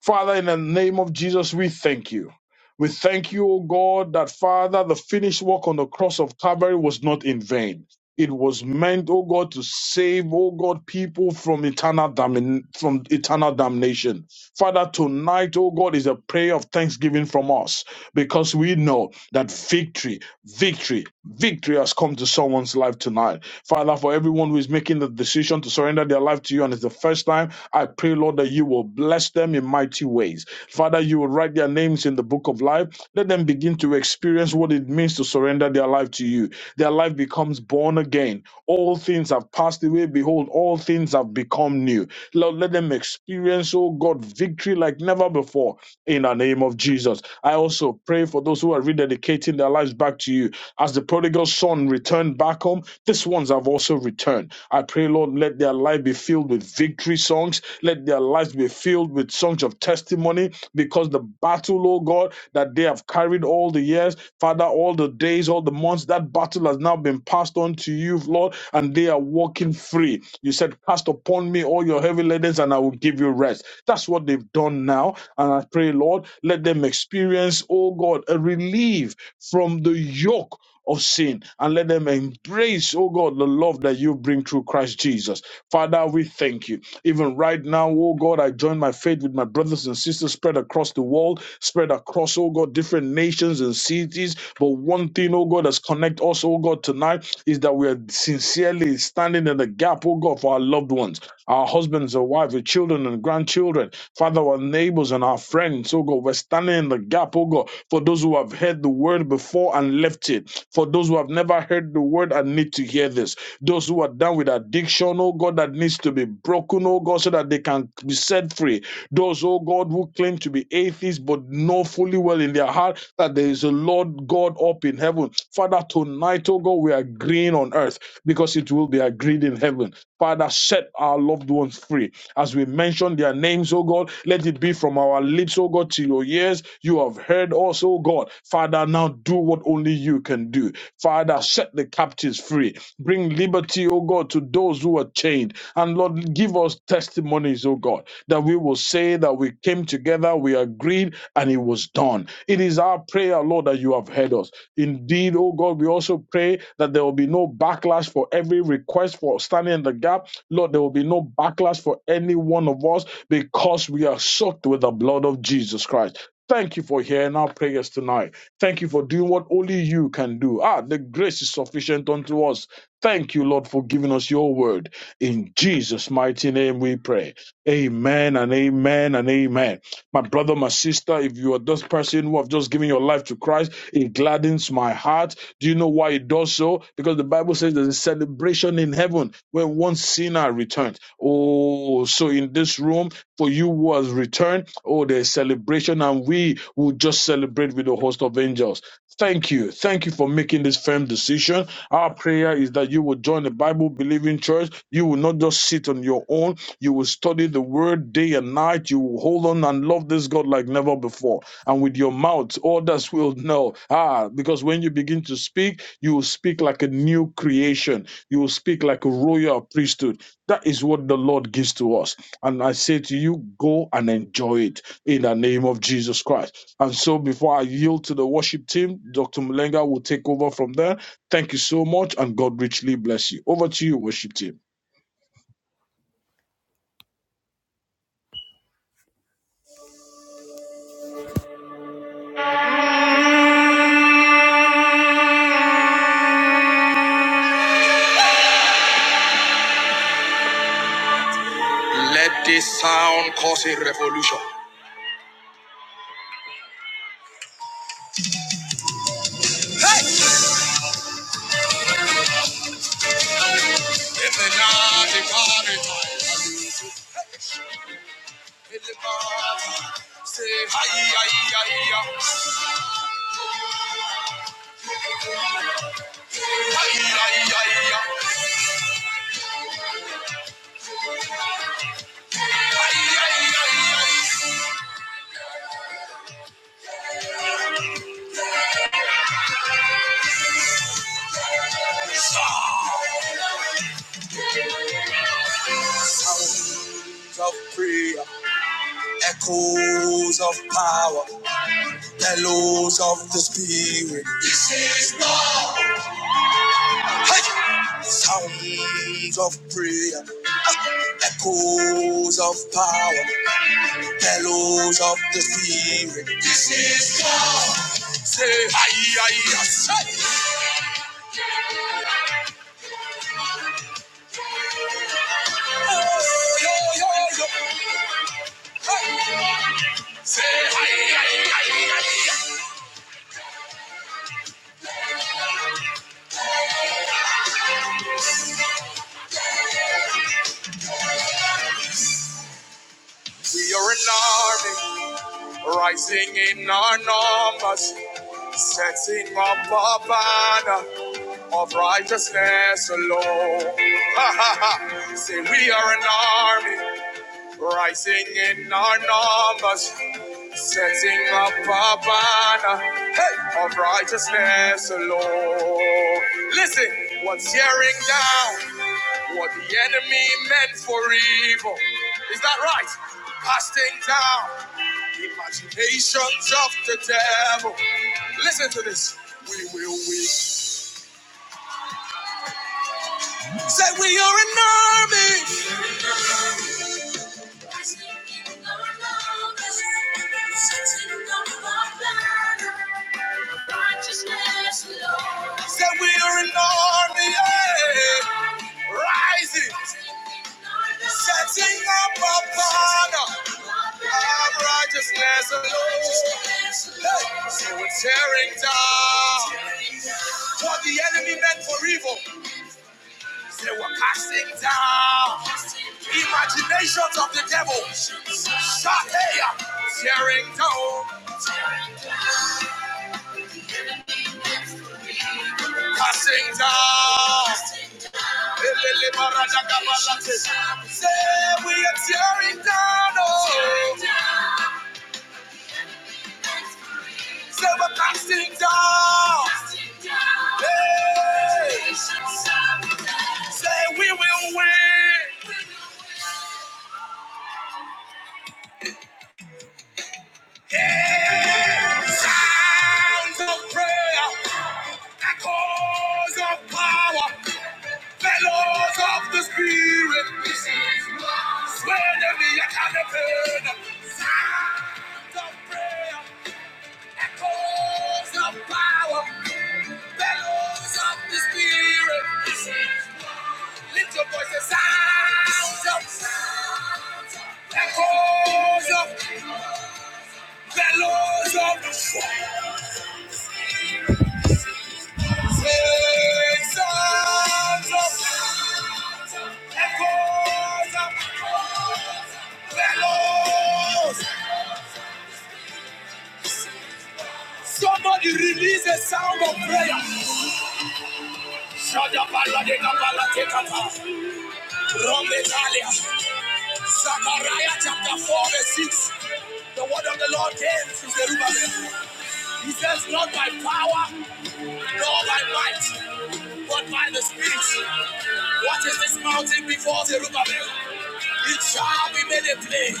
E: Father, in the name of Jesus, we thank you. We thank you, O God, that Father, the finished work on the cross of Calvary was not in vain. It was meant, O God, to save, O God, people from eternal damn- from eternal damnation. Father, tonight, O God, is a prayer of thanksgiving from us because we know that victory, victory, victory has come to someone's life tonight. Father, for everyone who is making the decision to surrender their life to you and it's the first time, I pray, Lord, that you will bless them in mighty ways. Father, you will write their names in the book of life. Let them begin to experience what it means to surrender their life to you. Their life becomes born again. All things have passed away. Behold, all things have become new. Lord, let them experience, oh God, victory like never before in the name of Jesus. I also pray for those who are rededicating their lives back to you. As the prodigal son returned back home, these ones have also returned. I pray, Lord, let their life be filled with victory songs. Let their lives be filled with songs of testimony because the battle, oh God, that they have carried all the years, Father, all the days, all the months, that battle has now been passed on to you, Lord, and they are walking free. You said, Cast upon me all your heavy burdens, and I will give you rest. That's what they've done now. And I pray, Lord, let them experience, oh oh God, a relief from the yoke of sin and let them embrace, oh God, the love that you bring through Christ Jesus. Father, we thank you. Even right now, oh God, I join my faith with my brothers and sisters spread across the world, spread across, oh God, different nations and cities. But one thing, oh God, that's connect us, oh God, tonight is that we are sincerely standing in the gap, oh God, for our loved ones, our husbands and wives, our children and grandchildren, Father, our neighbors neighbors and our friends, oh God. We're standing in the gap, oh God, for those who have heard the word before and left it, for those who have never heard the word and need to hear this, those who are down with addiction, oh God, that needs to be broken, oh God, so that they can be set free, those, oh God, who claim to be atheists but know fully well in their heart that there is a Lord God up in heaven. Father, tonight, oh God, we are agreeing on earth because it will be agreed in heaven. Father, set our loved ones free. As we mention their names, oh God, let it be from our lips, oh God, to your ears. You have heard us, oh God. Father, now do what only you can do. Father, set the captives free. Bring liberty, oh God, to those who are chained. And Lord, give us testimonies, oh God, that we will say that we came together, we agreed, and it was done. It is our prayer, Lord, that you have heard us. Indeed, oh God, we also pray that there will be no backlash for every request for standing in the gap. Lord, there will be no backlash for any one of us because we are soaked with the blood of Jesus Christ. Thank you for hearing our prayers tonight. Thank you for doing what only you can do. Ah, the grace is sufficient unto us. Thank you, Lord, for giving us your word. In Jesus' mighty name we pray. Amen and amen and amen. My brother, my sister, if you are this person who have just given your life to Christ, it gladdens my heart. Do you know why it does so? Because the Bible says there's a celebration in heaven when one sinner returns. Oh, so in this room, for you who has returned, oh, there's celebration, and we will just celebrate with a host of angels. Thank you. Thank you for making this firm decision. Our prayer is that you will join the Bible believing church. You will not just sit on your own you will study the word day and night. You will hold on and love this God like never before. And with your mouth, others will know. Ah, because when you begin to speak, you will speak like a new creation. You will speak like a royal priesthood. That is what the Lord gives to us. And I say to you, go and enjoy it in the name of Jesus Christ. And so before I yield to the worship team, Dr. Mulenga will take over from there. Thank you so much, and God richly bless you. Over to you, worship team.
A: Let this sound cause a revolution. Sounds of prayer, echoes of power, bellows of the spirit. This is love. Hey! Sounds of prayer, echoes of power. bellows of the spirit. This is God. Say, hi, hi, say. Oh, yo, yo, yo. Say, hi, hi. We are an army, rising in our numbers, setting up a banner of righteousness alone. Ha, ha, ha. Say, we are an army, rising in our numbers. Setting up a banner hey, of righteousness alone. Listen, what's tearing down what the enemy meant for evil? Is that right? Casting down the imaginations of the devil. Listen to this. We will win. Say we are an army. Setting up a banner. Righteousness, Lord. Said we are an army, yeah. Rising. Setting up a banner of righteousness, Lord. Hey. Say we're tearing down what the enemy meant for evil. They were casting down imaginations of the devil. Shahaya, tearing down, casting down. Say we are tearing down, oh. Say we're casting down. Hey. Say we will win. Sounds of prayer, echoes of power, fellows of the spirit. Swear to me, I can't Sounds of prayer. Echoes of power, bellows of the spirit. Lift your voices, sounds of sound. echoes of bellows of the spirit. Say, sounds of echoes of bellows. Somebody release a sound of prayer. Shada baladeka balateka pa. Zechariah chapter 4 verse 6. The word of the Lord came to Zerubbabel. He says, Not by power, nor by might, but by the Spirit. What is this mountain before Zerubbabel? It shall be made a plain.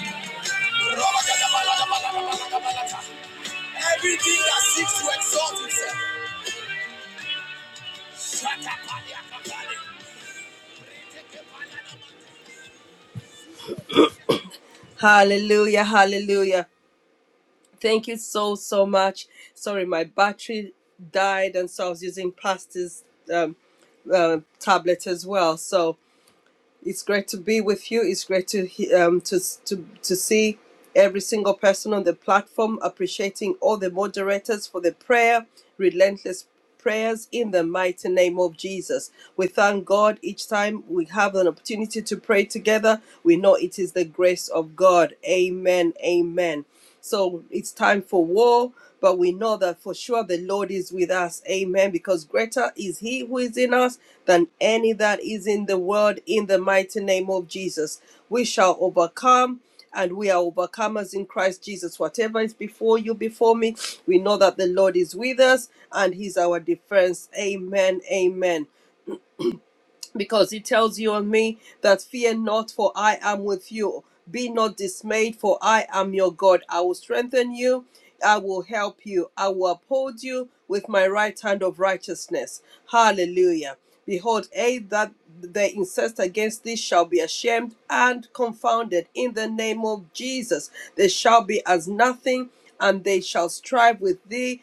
A: Everything that seeks to exalt itself shut up, Reteke Palana Mate. See the obedience of Christ.
B: Hallelujah, hallelujah. Thank you so, so much. Sorry, my battery died, and so I was using Pastor's um, uh, tablet as well. So It's great to be with you. It's great to um to to to see every single person on the platform. Appreciating all the moderators for the prayer, relentless prayers in the mighty name of Jesus. We thank God each time we have an opportunity to pray together. We know it is the grace of God. Amen. Amen. So it's time for war, but we know that for sure the Lord is with us. Amen. Because greater is He who is in us than any that is in the world, in the mighty name of Jesus. We shall overcome. And we are overcomers in Christ Jesus. Whatever is before you, before me, we know that the Lord is with us and He's our defense. Amen. Amen because he tells you and me that fear not, for I am with you. Be not dismayed, for I am your God. I will strengthen you. I will help you. I will uphold you with my right hand of righteousness. Hallelujah. Behold, they that they incest against thee shall be ashamed and confounded in the name of Jesus. They shall be as nothing, and they shall strive with thee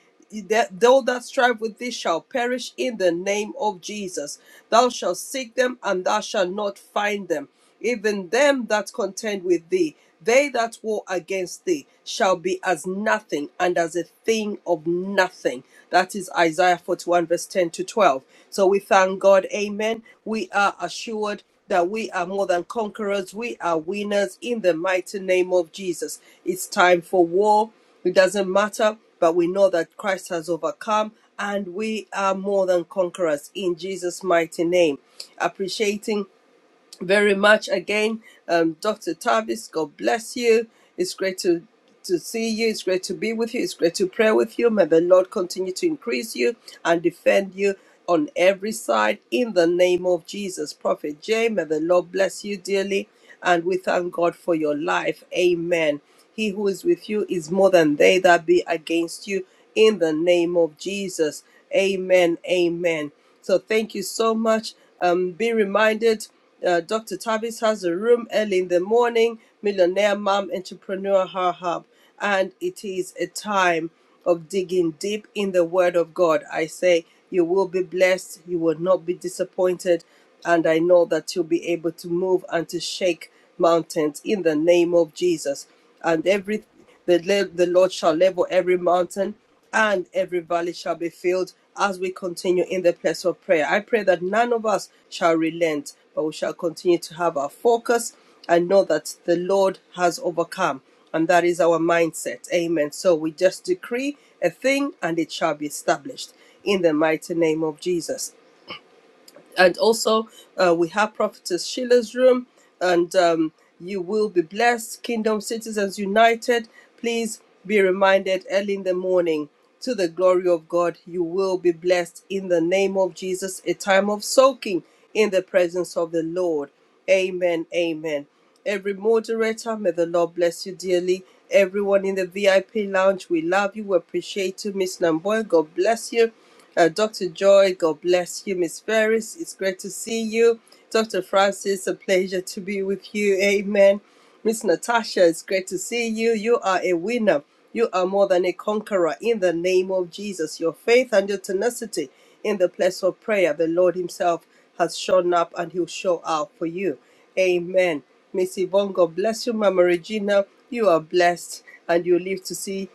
B: that though that strive with thee shall perish in the name of Jesus. Thou shalt seek them, and thou shalt not find them. Even them that contend with thee, they that war against thee, shall be as nothing and as a thing of nothing. That is Isaiah 41, verse 10 to 12. So we thank God. Amen. We are assured that we are more than conquerors. We are winners in the mighty name of Jesus. It's time for war. It doesn't matter, but we know that Christ has overcome and we are more than conquerors in Jesus' mighty name. Appreciating very much again. Um, Dr. Tavis, God bless you. It's great to, to see you. It's great to be with you. It's great to pray with you. May the Lord continue to increase you and defend you on every side in the name of Jesus. Prophet Jay, may the Lord bless you dearly. And we thank God for your life. Amen. He who is with you is more than they that be against you in the name of Jesus. Amen. Amen. So thank you so much. Um, be reminded uh, Dr. Tavis has a room early in the morning, Millionaire Mom Entrepreneur Her Hub. And it is a time of digging deep in the Word of God. I say, you will be blessed, you will not be disappointed. And I know that you'll be able to move and to shake mountains in the name of Jesus. And every. The, the Lord shall level every mountain and every valley shall be filled as we continue in the place of prayer. I pray that none of us shall relent, but we shall continue to have our focus and know that the Lord has overcome. And that is our mindset. Amen. So we just decree a thing and it shall be established in the mighty name of Jesus and also uh, we have prophetess sheila's room and um, you will be blessed kingdom citizens united please be reminded early in the morning to the glory of god you will be blessed in the name of jesus a time of soaking in the presence of the lord Amen. Amen. Every moderator, may the Lord bless you dearly. Everyone in the VIP lounge, we love you. We appreciate you. Miss Namboy, God bless you. Uh, Dr. Joy, God bless you. Miss Ferris, it's great to see you. Dr. Francis, a pleasure to be with you. Amen. Miss Natasha, it's great to see you. You are a winner. You are more than a conqueror in the name of Jesus. Your faith and your tenacity in the place of prayer, the Lord Himself has shown up and he'll show out for you. Amen. Miss Yvonne, God bless you. Mama Regina, you are blessed and you live to see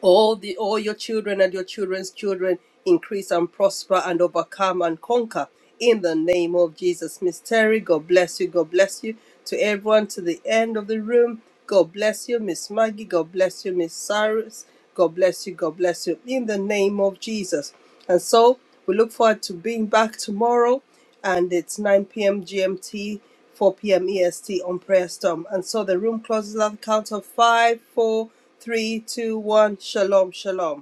B: all the all your children and your children's children increase and prosper and overcome and conquer in the name of Jesus. Miss Terry, God bless you. God bless you to everyone to the end of the room. God bless you, Miss Maggie. God bless you, Miss Cyrus. God bless you. God bless you in the name of Jesus. And so we look forward to being back tomorrow and it's 9 p.m. GMT, 4 p.m. EST on Prayer Storm. And so the room closes at the count of five, four, three, two, one. Shalom, shalom.